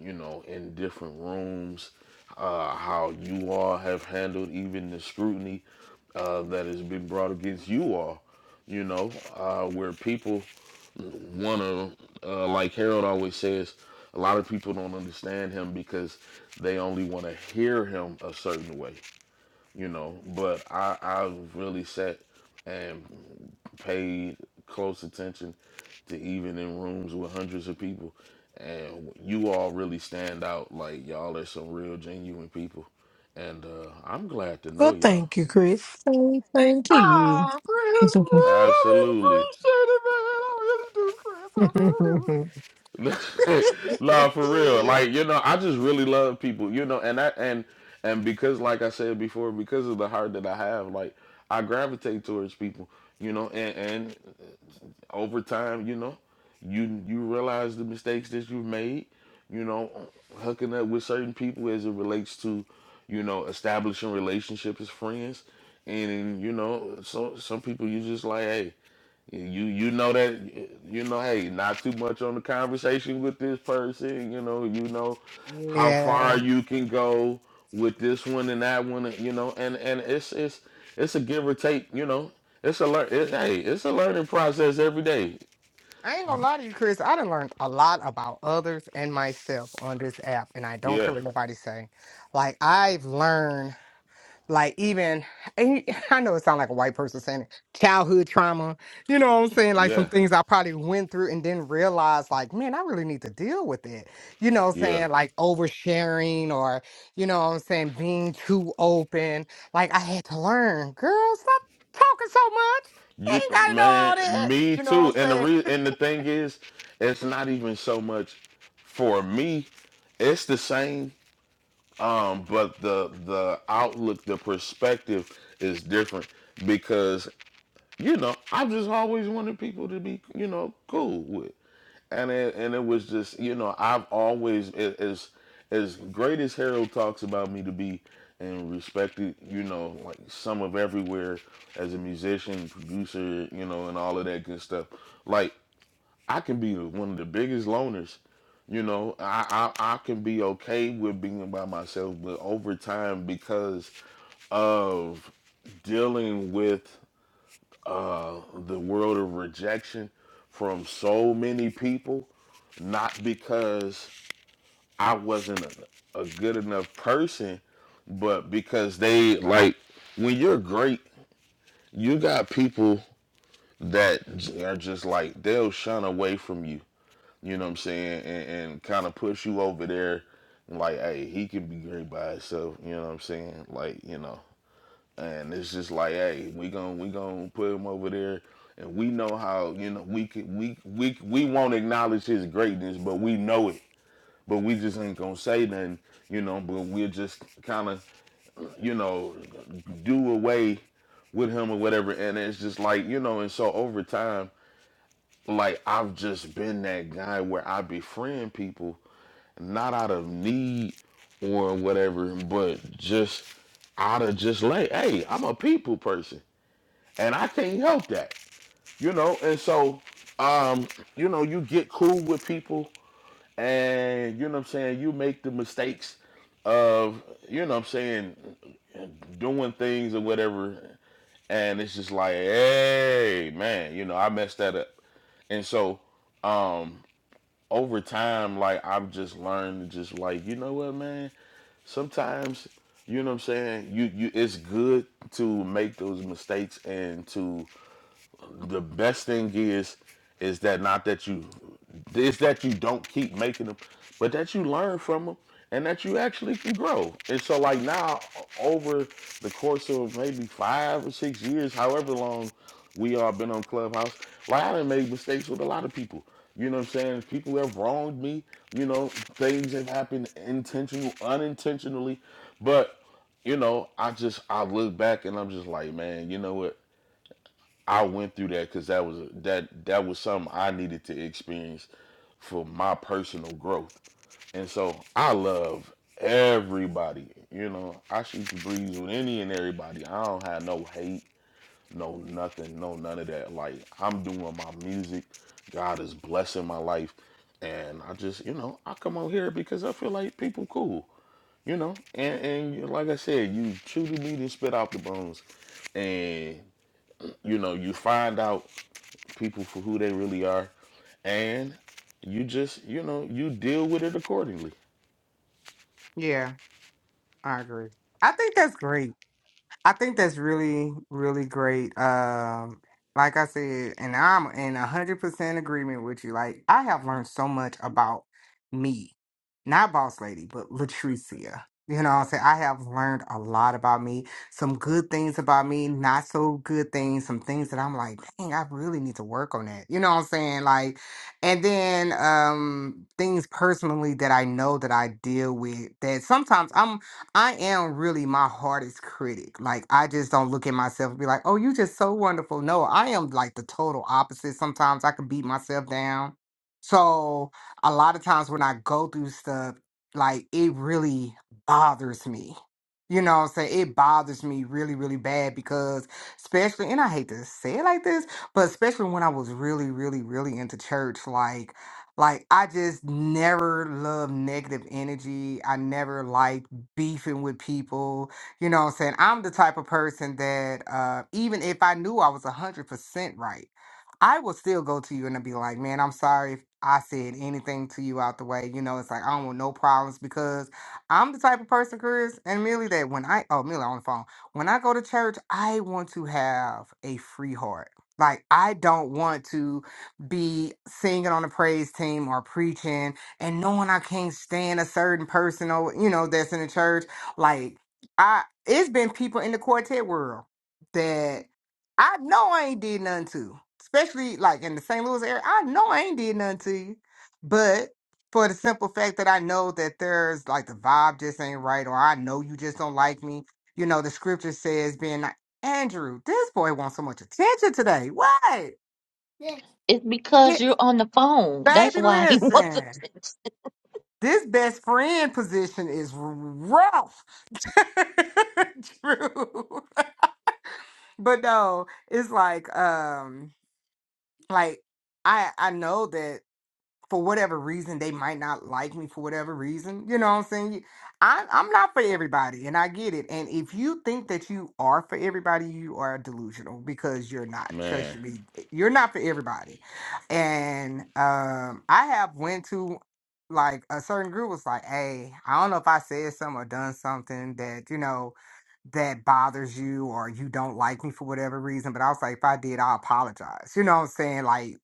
Speaker 2: you know, in different rooms, uh, how you all have handled even the scrutiny uh, that has been brought against you all, you know, uh, where people want to, uh, like Harold always says, a lot of people don't understand him because they only want to hear him a certain way you know. But I I really sat and paid close attention to even in rooms with hundreds of people, and you all really stand out. Like y'all are some real genuine people, and uh, I'm glad to
Speaker 11: Well,
Speaker 2: know y'all.
Speaker 11: thank you, Chris. Thank thank you.
Speaker 1: Oh, Chris,
Speaker 2: Absolutely.
Speaker 1: man, I really appreciate it, man. I really do,
Speaker 11: *laughs*
Speaker 2: *laughs*
Speaker 1: Chris.
Speaker 2: nah,
Speaker 1: I
Speaker 2: for real.
Speaker 1: really
Speaker 2: Like, you know, I just really love people, you know, and that and and because like I said before, because of the heart that I have, like I gravitate towards people, you know, and and over time, you know, you you realize the mistakes that you've made, you know, hooking up with certain people as it relates to, you know, establishing relationships as friends. And, you know, so some people you just like, hey, you you know that you know hey not too much on the conversation with this person you know you know
Speaker 1: do. *laughs*
Speaker 2: how
Speaker 1: yeah.
Speaker 2: far you can go with this one and that one you know and and it's it's it's a give or take you know it's a learn it, hey it's a learning process every day
Speaker 1: I ain't gonna lie to you, Chris. I done learned a lot about others and myself on this app, and I don't care
Speaker 2: yeah
Speaker 1: what nobody say. Like I've learned, like even and you- *laughs* I know it sounds like a white person saying it, childhood trauma. You know what I'm saying? Like some
Speaker 2: yeah
Speaker 1: things I probably went through and didn't realize, like man, I really need to deal with it. You know what I'm
Speaker 2: yeah
Speaker 1: saying? Like oversharing or you know what I'm saying being too open. Like I had to learn, girl, stop talking so much. They
Speaker 2: you
Speaker 1: ain't gotta know
Speaker 2: man
Speaker 1: all that.
Speaker 2: me
Speaker 1: You know
Speaker 2: too
Speaker 1: what
Speaker 2: and
Speaker 1: I'm
Speaker 2: the
Speaker 1: saying?
Speaker 2: re- and the thing is it's not even so much for me it's the same um but the the outlook the perspective is different because you know i've just always wanted people to be you know cool with and it, and it was just you know i've always a- as as great as harold talks about me to be and respected you know like some of everywhere as a musician producer you know and all of that good stuff like I can be one of the biggest loners. You know, I, I I can be okay with being by myself, but over time, because of dealing with the world of rejection from so many people, not because I wasn't a, a good enough person, but because they like when you're great, you got people that j- are just like they'll shun away from you You know what I'm saying? And, and kind of push you over there, like, hey, he can be great by himself. You know what I'm saying? Like, you know, and it's just like, hey, we gon' we gon' put him over there, and we know how. You know, we can we we we won't acknowledge his greatness, but we know it. But we just ain't gonna say nothing. You know, but we'll just kind of, you know, do away with him or whatever. And it's just like, you know, and so over time, like I've just been that guy where I befriend people not out of need or whatever, but just out of just like, hey, I'm a people person and I can't help that, you know? And so, um, you know, you get cool with people and you know what I'm saying, you make the mistakes of, you know what I'm saying, doing things or whatever. And it's just like, hey, man, you know, I messed that up. And so, um, over time, like I've just learned to just like, you know what, man, sometimes you know what I'm saying you you it's good to make those mistakes and to the best thing is is that not that you is that you don't keep making them, but that you learn from them and that you actually can grow. And so like now over the course of maybe five or six years, however long we all been on Clubhouse, like I done made mistakes with a lot of people. You know what I'm saying? People have wronged me, you know, things have happened intentional, unintentionally. But, you know, I just I look back and I'm just like, man, you know what? I went through that because that was that that was something I needed to experience for my personal growth. And so I love everybody. You know, I shoot the breeze with any and everybody. I don't have no hate, no nothing, no none of that. Like I'm doing my music. God is blessing my life. And I just, you know, I come out here because I feel like people cool. You know, and, and you- like I said, you chew the meat and spit out the bones. And, you know, you find out people for who they really are, and you just you know you deal with it accordingly.
Speaker 1: Yeah. I agree. I think that's great. I think that's really, really great. Um, like I said, and I'm in a hundred percent agreement with you. Like I have learned so much about me, not boss lady, but Latricia. You know, what I'm saying I have learned a lot about me. Some good things about me, not so good things. Some things that I'm like, dang, I really need to work on that. You know what I'm saying? Like, and then um, things personally that I know that I deal with that sometimes I'm I am really my hardest critic. Like I just don't look at myself and be like, "Oh, you just so wonderful." No, I am like the total opposite. Sometimes I can beat myself down. So, a lot of times when I go through stuff, like it really bothers me. You know what I'm saying? It bothers me really, really bad because especially and I hate to say it like this, but especially when I was really, really, really into church, like like I just never loved negative energy. I never liked beefing with people. You know what I'm saying? I'm the type of person that uh, even if I knew I was 100% right, I will still go to you and I'll be like, man, I'm sorry if I said anything to you out the way. You know, it's like, I don't want no problems because I'm the type of person, Chris, and Millie, that when I, oh, Millie on the phone, when I go to church, I want to have a free heart. Like, I don't want to be singing on the praise team or preaching and knowing I can't stand a certain person or you know that's in the church, like I it's been people in the quartet world that I know I ain't did nothing to, especially like in the St. Louis area. I know I ain't did nothing to you, but for the simple fact that I know that there's like the vibe just ain't right, or I know you just don't like me. You know the scripture says, "Being like Andrew, this boy wants so much attention today. What,
Speaker 9: It's
Speaker 1: Yeah,
Speaker 9: because you're on the phone. That's
Speaker 1: baby?
Speaker 9: why he *laughs* wasn't.
Speaker 1: Listen." This best friend position is rough. *laughs* True. But no, it's like um like I I know that for whatever reason they might not like me for whatever reason you know what i'm saying I, i'm not for everybody and i get it and if you think that you are for everybody you are delusional because you're not trust
Speaker 2: Man,
Speaker 1: me eh, you're not for everybody and um i have went to like a certain group was like hey i don't know if i said something or done something that you know that bothers you or you don't like me for whatever reason but i was like if i did i apologize you know what i'm saying like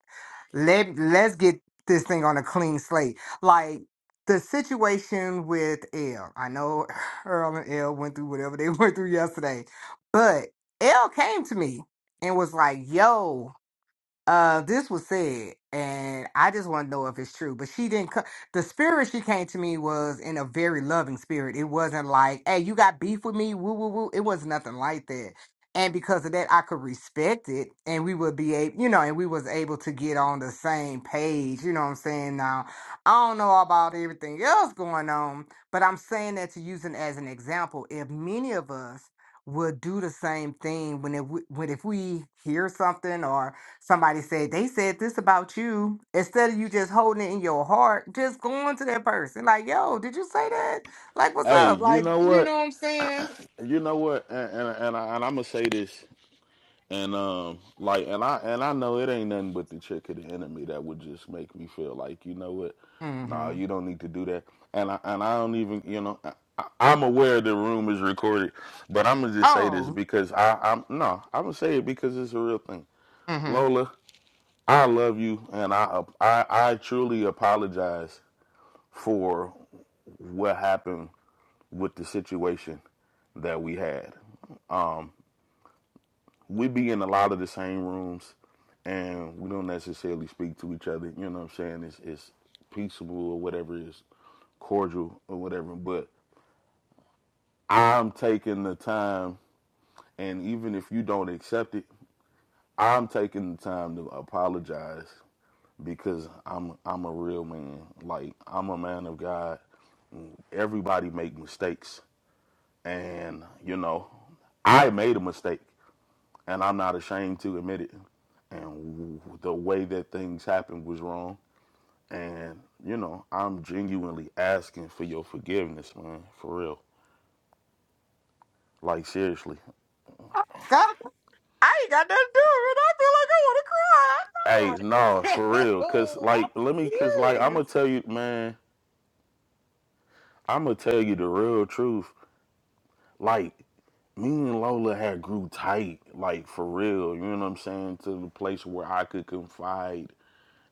Speaker 1: let let's get this thing on a clean slate. Like the situation with Elle. I know Earl and Elle went through whatever they *laughs* went through yesterday, but Elle came to me and was like, yo uh this was said and i just want to know if it's true but she didn't co- the spirit she came to me was in a very loving spirit it wasn't like hey you got beef with me woo woo woo it was nothing like that and because of that i could respect it and we would be able you know and we was able to get on the same page you know what i'm saying now i don't know about everything else going on but i'm saying that to use it as an example if many of us would do the same thing when it, when if we hear something or Somebody said they said this about you. Instead of you just holding it in your heart, just going to that person like, "Yo, did you say that? Like, what's
Speaker 2: hey,
Speaker 1: up?
Speaker 2: you
Speaker 1: Like,
Speaker 2: know
Speaker 1: you know
Speaker 2: what?
Speaker 1: what I'm saying?"
Speaker 2: You know what? And and and, I, and I'm gonna say this, and um, like, and I and I know it ain't nothing but the trick of the enemy that would just make me feel like, you know what? Nah,
Speaker 1: Mm-hmm.
Speaker 2: you don't need to do that. And I and I don't even, you know, I, I, I'm aware the room is recorded, but I'm gonna just say this
Speaker 1: Oh.
Speaker 2: because I, I'm no, I'm gonna say it because it's a real thing.
Speaker 1: Mm-hmm.
Speaker 2: Lola, I love you, and I I, I truly apologize for what happened with the situation that we had. Um, we be in a lot of the same rooms, and we don't necessarily speak to each other. You know what I'm saying? It's it's peaceable or whatever it is, cordial or whatever. But I'm taking the time, and even if you don't accept it, I'm taking the time to apologize because I'm I'm a real man. Like I'm a man of God everybody make mistakes and you know i made a mistake and i'm not ashamed to admit it and the way that things happened was wrong and you know i'm genuinely asking for your forgiveness man for real like seriously
Speaker 1: Oh, God, I ain't got nothing to do with it. I feel like I want
Speaker 2: hey
Speaker 1: to
Speaker 2: no for
Speaker 1: cry.
Speaker 2: real because
Speaker 1: No. *laughs* I'm
Speaker 2: like let me because like i'm
Speaker 1: serious.
Speaker 2: gonna tell you man i'm gonna tell you the real truth like me and Lola had grew tight, like for real. You know what I'm saying? To the place where I could confide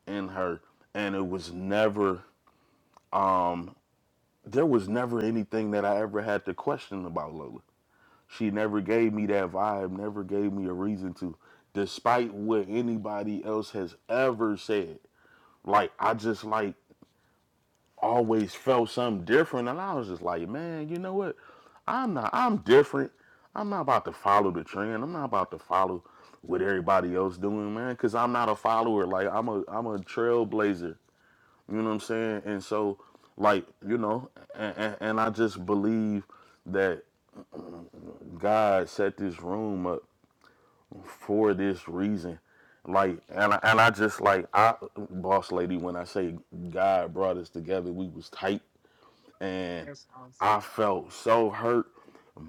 Speaker 2: in her and it was never um there was never anything that I ever had to question about Lola. She never gave me that vibe, never gave me a reason to, despite what anybody else has ever said. Like I just like always felt something different and I was just like, man, you know what? I'm not I'm different. I'm not about to follow the trend. I'm not about to follow what everybody else doing, man, cuz I'm not a follower. Like I'm a I'm a trailblazer. You know what I'm saying? And so, like, you know, and, and, and I just believe that God set this room up for this reason. Like, and I, and I just like I, boss lady, when I say God brought us together, we was tight, and I felt so hurt,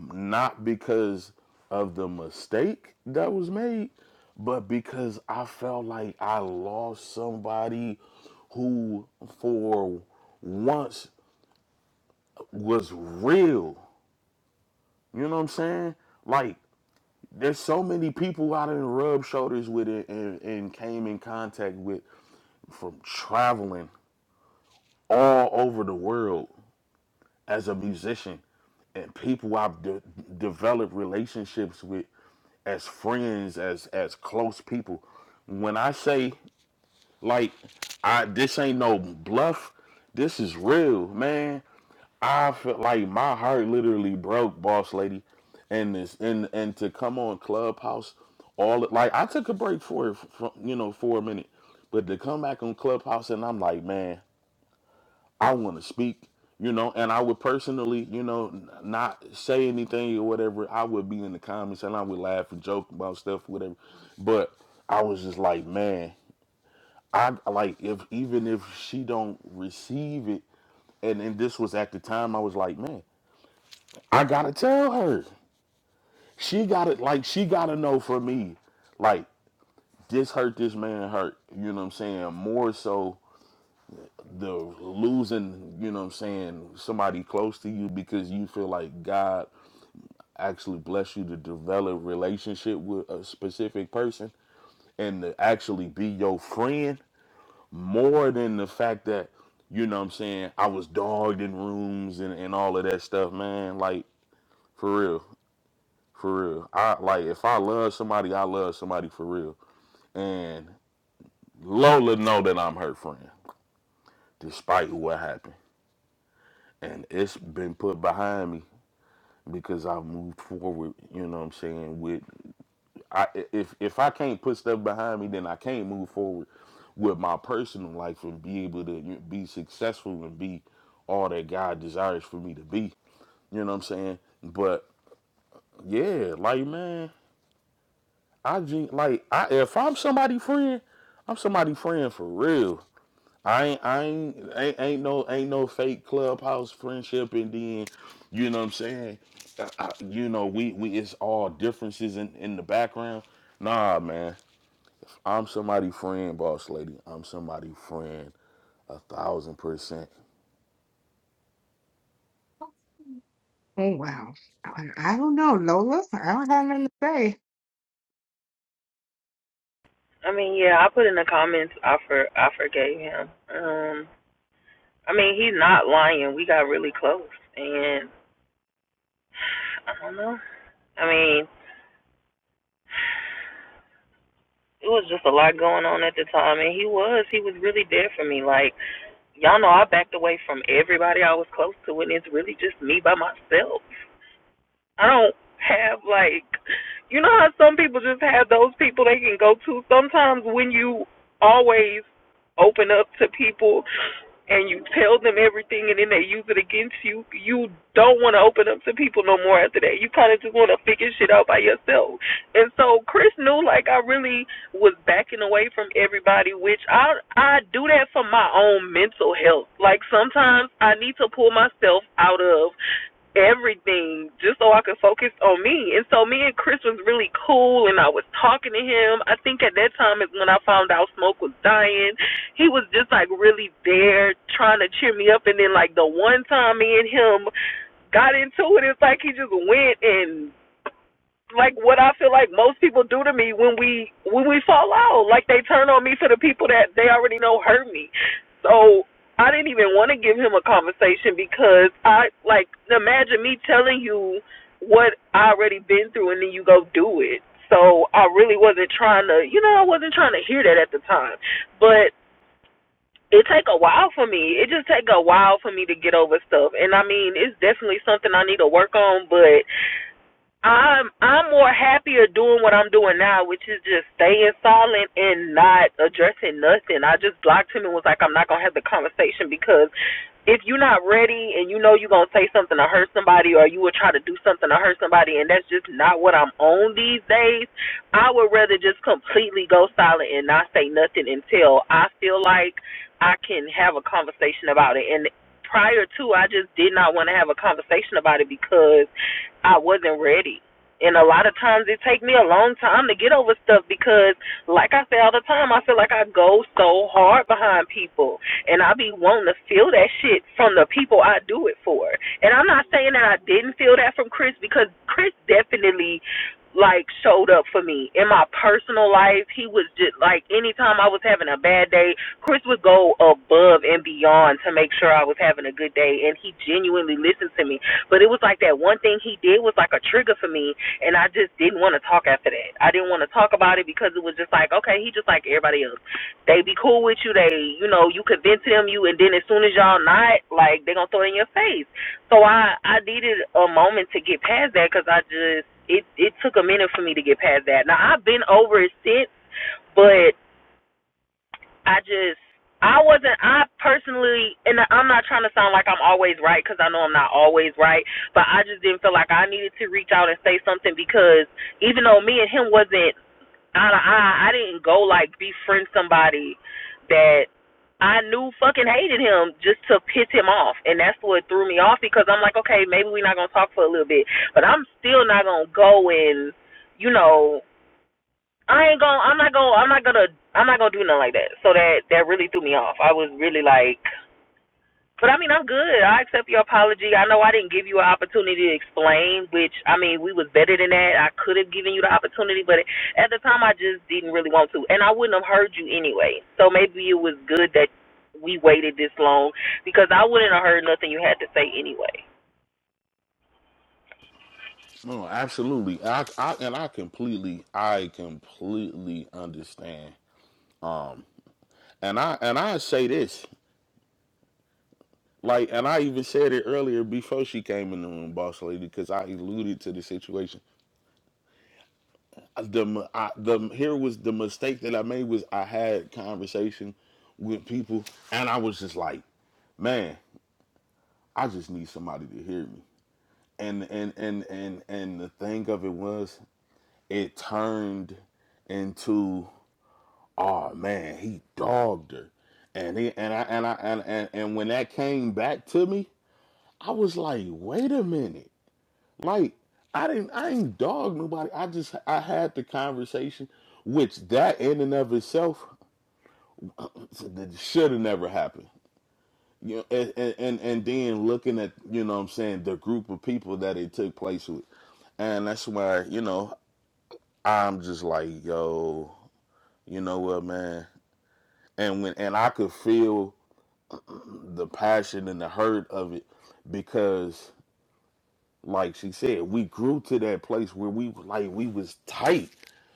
Speaker 2: not because of the mistake that was made, but because I felt like I lost somebody who, for once, was real. You know what I'm saying? Like, there's so many people I did rubbed shoulders with it and, and came in contact with from traveling all over the world as a musician and people I've de- developed relationships with as friends, as as close people. When I say like I this ain't no bluff, this is real, man. I felt like my heart literally broke, boss lady, and this and and to come on Clubhouse, all like I took a break for it, from, you know, for a minute, but to come back on Clubhouse and I'm like, man, I want to speak, you know, and I would personally, you know, n- not say anything or whatever. I would be in the comments and I would laugh and joke about stuff, whatever, but I was just like, man, I like if even if she don't receive it, and and this was at the time I was like, man. I gotta tell her. She gotta like she gotta know for me. Like this hurt this man hurt. You know what I'm saying? More so the losing, you know what I'm saying, somebody close to you because you feel like God actually bless you to develop relationship with a specific person and to actually be your friend more than the fact that you know what I'm saying? I was dogged in rooms and, and all of that stuff, man. Like, for real. For real. I like if I love somebody, I love somebody for real. And Lola know that I'm her friend, despite what happened. And it's been put behind me because I've moved forward, you know what I'm saying? With I if if I can't put stuff behind me, then I can't move forward with my personal life and be able to be successful and be all that God desires for me to be. You know what I'm saying? But yeah, like man. I gen- like I if I'm somebody friend, I'm somebody friend for real. I ain't I ain't ain't, ain't no ain't no fake clubhouse friendship and then you know what I'm saying. I, I, you know we we it's all differences in in the background. Nah, man, I'm somebody friend, boss lady. I'm somebody friend. A thousand percent.
Speaker 1: Oh, wow. I, I don't know, Lola. I don't have nothing to say.
Speaker 13: I mean, yeah, I put in the comments. I for I forgave him. Um, I mean, he's not lying. We got really close, and I don't know. I mean, it was just a lot going on at the time, and he was he was really there for me. Like y'all know, I backed away from everybody I was close to, and it's really just me by myself. I don't have like you know how some people just have those people they can go to. Sometimes when you always open up to people and you tell them everything and then they use it against you, you don't want to open up to people no more after that. You kind of just want to figure shit out by yourself. And so Chris knew like I really was backing away from everybody, which I I do that for my own mental health. Like sometimes I need to pull myself out of everything just so I could focus on me. And so me and Chris was really cool and I was talking to him. I think at that time is when I found out Smoke was dying. He was just like really there trying to cheer me up and then like the one time me and him got into it, it's like he just went and like what I feel like most people do to me when we when we fall out. Like they turn on me to the people that they already know hurt me. So I didn't even want to give him a conversation because I like imagine me telling you what I already been through and then you go do it. So I really wasn't trying to, you know, I wasn't trying to hear that at the time. But it take a while for me. It just take a while for me to get over stuff. And I mean, it's definitely something I need to work on, but I'm I'm more happier doing what I'm doing now, which is just staying silent and not addressing nothing. I just blocked him and was like, I'm not gonna have the conversation because if you're not ready and you know you're gonna say something to hurt somebody or you will try to do something to hurt somebody and that's just not what I'm on these days, I would rather just completely go silent and not say nothing until I feel like I can have a conversation about it. And prior to I just did not want to have a conversation about it because I wasn't ready. And a lot of times it take me a long time to get over stuff because like I say all the time, I feel like I go so hard behind people and I be wanting to feel that shit from the people I do it for. And I'm not saying that I didn't feel that from Chris because Chris definitely like showed up for me in my personal life. He was just like anytime I was having a bad day, Chris would go above and beyond to make sure I was having a good day and he genuinely listened to me but it was like that one thing he did was like a trigger for me, and I just didn't want to talk after that. I didn't want to talk about it because it was just like, okay, he just like everybody else. They be cool with you. They, you know, you convince them. You, and then as soon as y'all not, like they gonna throw it in your face. So I, I needed a moment to get past that because I just, it, it took a minute for me to get past that. Now I've been over it since, but I just I wasn't I personally and I'm not trying to sound like I'm always right cuz I know I'm not always right, but I just didn't feel like I needed to reach out and say something because even though me and him wasn't eye to eye, I didn't go like befriend somebody that I knew fucking hated him just to piss him off. And that's what threw me off because I'm like, okay, maybe we're not going to talk for a little bit. But I'm still not going to go and, you know, I ain't gonna. I'm not gonna. I'm not gonna. I'm not gonna do nothing like that. So that that really threw me off. I was really like, but I mean, I'm good. I accept your apology. I know I didn't give you an opportunity to explain, which I mean, we was better than that. I could have given you the opportunity, but at the time, I just didn't really want to, and I wouldn't have heard you anyway. So maybe it was good that we waited this long because I wouldn't have heard nothing you had to say anyway.
Speaker 2: No, absolutely. I, I and I completely, I completely understand. And I and I say this. Like, and I even said it earlier before she came in the room, boss lady, because I alluded to the situation. I- The m- I, the here was the mistake that I made was I had conversation with people, and I was just like, man, I just need somebody to hear me. And and and and and the thing of it was, it turned into, oh man, he dogged her, and he, and I and I and, and and when that came back to me, I was like, wait a minute Like I didn't I ain't dog nobody. I just I had the conversation, which that in and of itself should have never happened. You know, and, and and then looking at you know what I'm saying the group of people that it took place with, and that's why you know I'm just like yo, you know what man, and when and I could feel the passion and the hurt of it because like she said, we grew to that place where we like we was tight.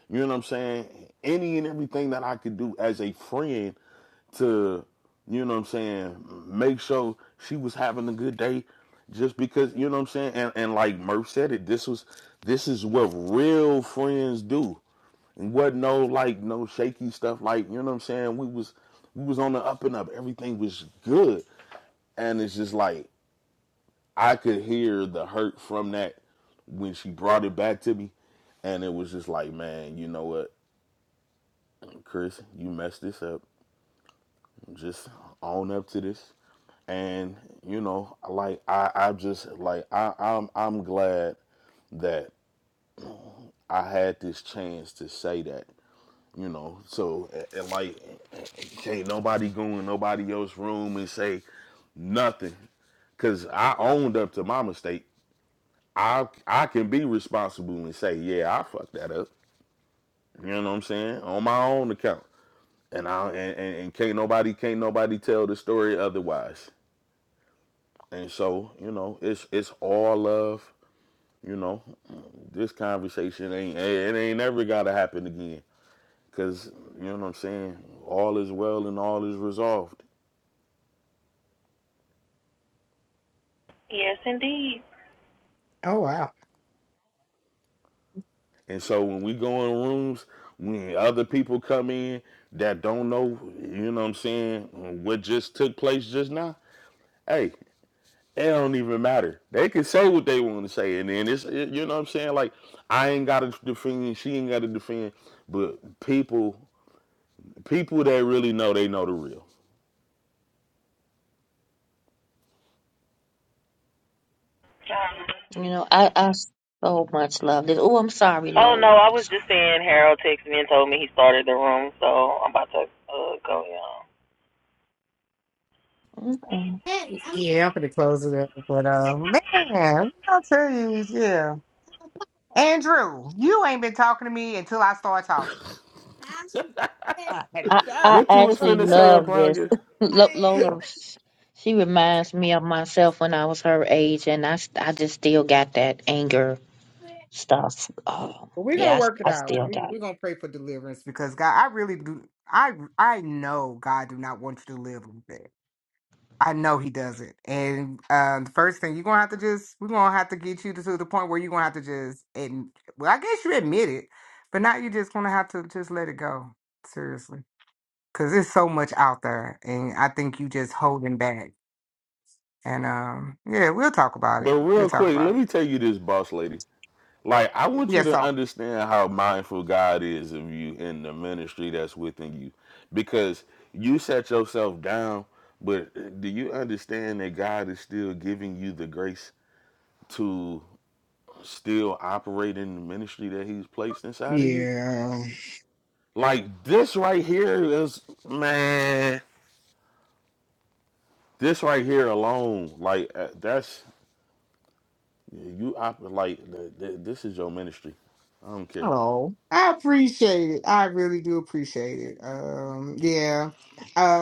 Speaker 2: You know what I'm saying? Any and everything that I could do as a friend to, you know what I'm saying, make sure she was having a good day just because, you know what I'm saying? And and like Murph said it, this was this is what real friends do. And what no like no shaky stuff like, you know what I'm saying? We was we was on the up and up. Everything was good. And it's just like I could hear the hurt from that when she brought it back to me, and it was just like, man, you know what, Chris, you messed this up. Just own up to this, and you know, like I, I just like I, I'm, I'm glad that I had this chance to say that. You know, so and, and like, can't nobody go in nobody else's room and say nothing, cause I owned up to my mistake. I I can be responsible and say, yeah, I fucked that up. You know what I'm saying? On my own account. And I and, and, and can't nobody can't nobody tell the story otherwise. And so, you know, it's it's all love, you know. This conversation ain't it ain't never gotta happen again. Cause you know what I'm saying? All is well and all is resolved.
Speaker 13: Yes, indeed.
Speaker 1: Oh,
Speaker 2: And so when we go in rooms, when other people come in that don't know, you know what I'm saying, what just took place just now, hey, it don't even matter. They can say what they want to say, and then it's it- you know what I'm saying. Like I ain't got to defend, she ain't got to defend, but people, people that really know, they know the real.
Speaker 9: You know, I, I so much love this. Oh, I'm sorry,
Speaker 13: Oh
Speaker 9: Lola.
Speaker 13: no, I
Speaker 9: I'm
Speaker 13: was just
Speaker 9: sorry.
Speaker 13: saying Harold texted me and told me he started the room, so I'm about to uh, go. Yeah.
Speaker 9: Okay.
Speaker 1: yeah, I'm going to close it up. But, uh, man, I'll tell you, yeah. Andrew, you ain't been talking to me until I start talking. *laughs* God
Speaker 9: I, I
Speaker 1: damn.
Speaker 2: What you was
Speaker 9: actually
Speaker 2: finna say,
Speaker 9: love this.
Speaker 2: Abranga?
Speaker 9: *laughs* Lo- Lola, she reminds me of myself when I was her age, and I, s- I just still got that anger stuff. Oh,
Speaker 1: But we're
Speaker 9: yeah,
Speaker 1: gonna
Speaker 9: I, s-
Speaker 1: work it
Speaker 9: I
Speaker 1: out.
Speaker 9: still
Speaker 1: We,
Speaker 9: got
Speaker 1: we're
Speaker 9: it.
Speaker 1: gonna pray for deliverance because God, I really do. I I know God do not want you to live like that. I know He doesn't. And um, the first thing you're gonna have to just we're gonna have to get you to, to the point where you're gonna have to just and well, I guess you admit it, but now you're just gonna have to just let it go seriously because there's so much out there, and I think you just holding back. And um, yeah, we'll talk about it.
Speaker 2: But
Speaker 1: We'll
Speaker 2: real
Speaker 1: talk
Speaker 2: quick,
Speaker 1: about
Speaker 2: let
Speaker 1: it.
Speaker 2: me tell you this, boss lady. Like I want you
Speaker 1: Yes,
Speaker 2: to
Speaker 1: so
Speaker 2: understand how mindful God is of you and the ministry that's within you, because you set yourself down. But do you understand that God is still giving you the grace to still operate in the ministry that he's placed inside of you.
Speaker 1: yeah.
Speaker 2: Like this right here is man, this right here alone, like uh, that's you operate. like th- th- this is your ministry. I don't care.
Speaker 1: Oh, I appreciate it. I really do appreciate it. Um, yeah.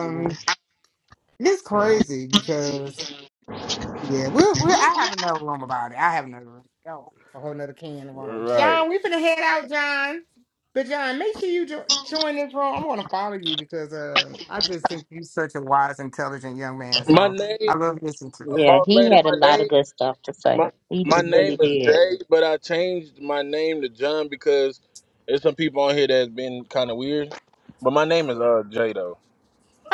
Speaker 9: you know?
Speaker 1: it's crazy because yeah, we'll, we'll I have another room about it. I have another room. Oh, a whole another can of worms.
Speaker 2: Right.
Speaker 1: John, we finna head out, John. But John, make sure you jo- join this room. I'm gonna follow you because uh, I just think you're such a wise, intelligent young man. So I love listening to. you.
Speaker 9: Yeah,
Speaker 4: About
Speaker 9: he
Speaker 4: my
Speaker 9: had a lot
Speaker 4: name,
Speaker 9: of good stuff to say.
Speaker 4: my
Speaker 9: He d-
Speaker 4: my name
Speaker 9: really
Speaker 4: is,
Speaker 9: did.
Speaker 4: but I changed my name to John because there's some people on here that's been kind of weird. But my name is uh J though.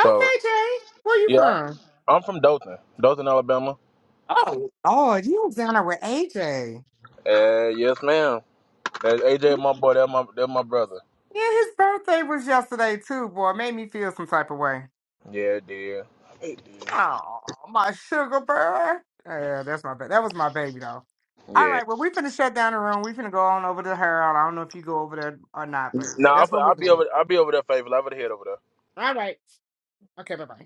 Speaker 4: So
Speaker 1: Jay, where you
Speaker 4: yeah,
Speaker 1: from?
Speaker 4: I'm from Dothan, Dothan, Alabama.
Speaker 1: Oh, Lord, you was down there with AJ.
Speaker 4: Uh, yes, ma'am. That's AJ, my boy. That's my that's my brother.
Speaker 1: Yeah, his birthday was yesterday too, boy. made me feel some type of way.
Speaker 4: Yeah, dear.
Speaker 1: Oh, my sugar bear. Yeah, that's my baby. That was my baby though. All
Speaker 4: Yeah.
Speaker 1: right, well, we finna shut down the room. We finna go on over to Harold. I don't know if you go over there or not, but yeah,
Speaker 4: Nah,
Speaker 1: that's
Speaker 4: I'll,
Speaker 1: where we
Speaker 4: I'll be
Speaker 1: going.
Speaker 4: over. I'll be over there, favor. I'll be the head over there.
Speaker 1: All right. Okay, bye bye.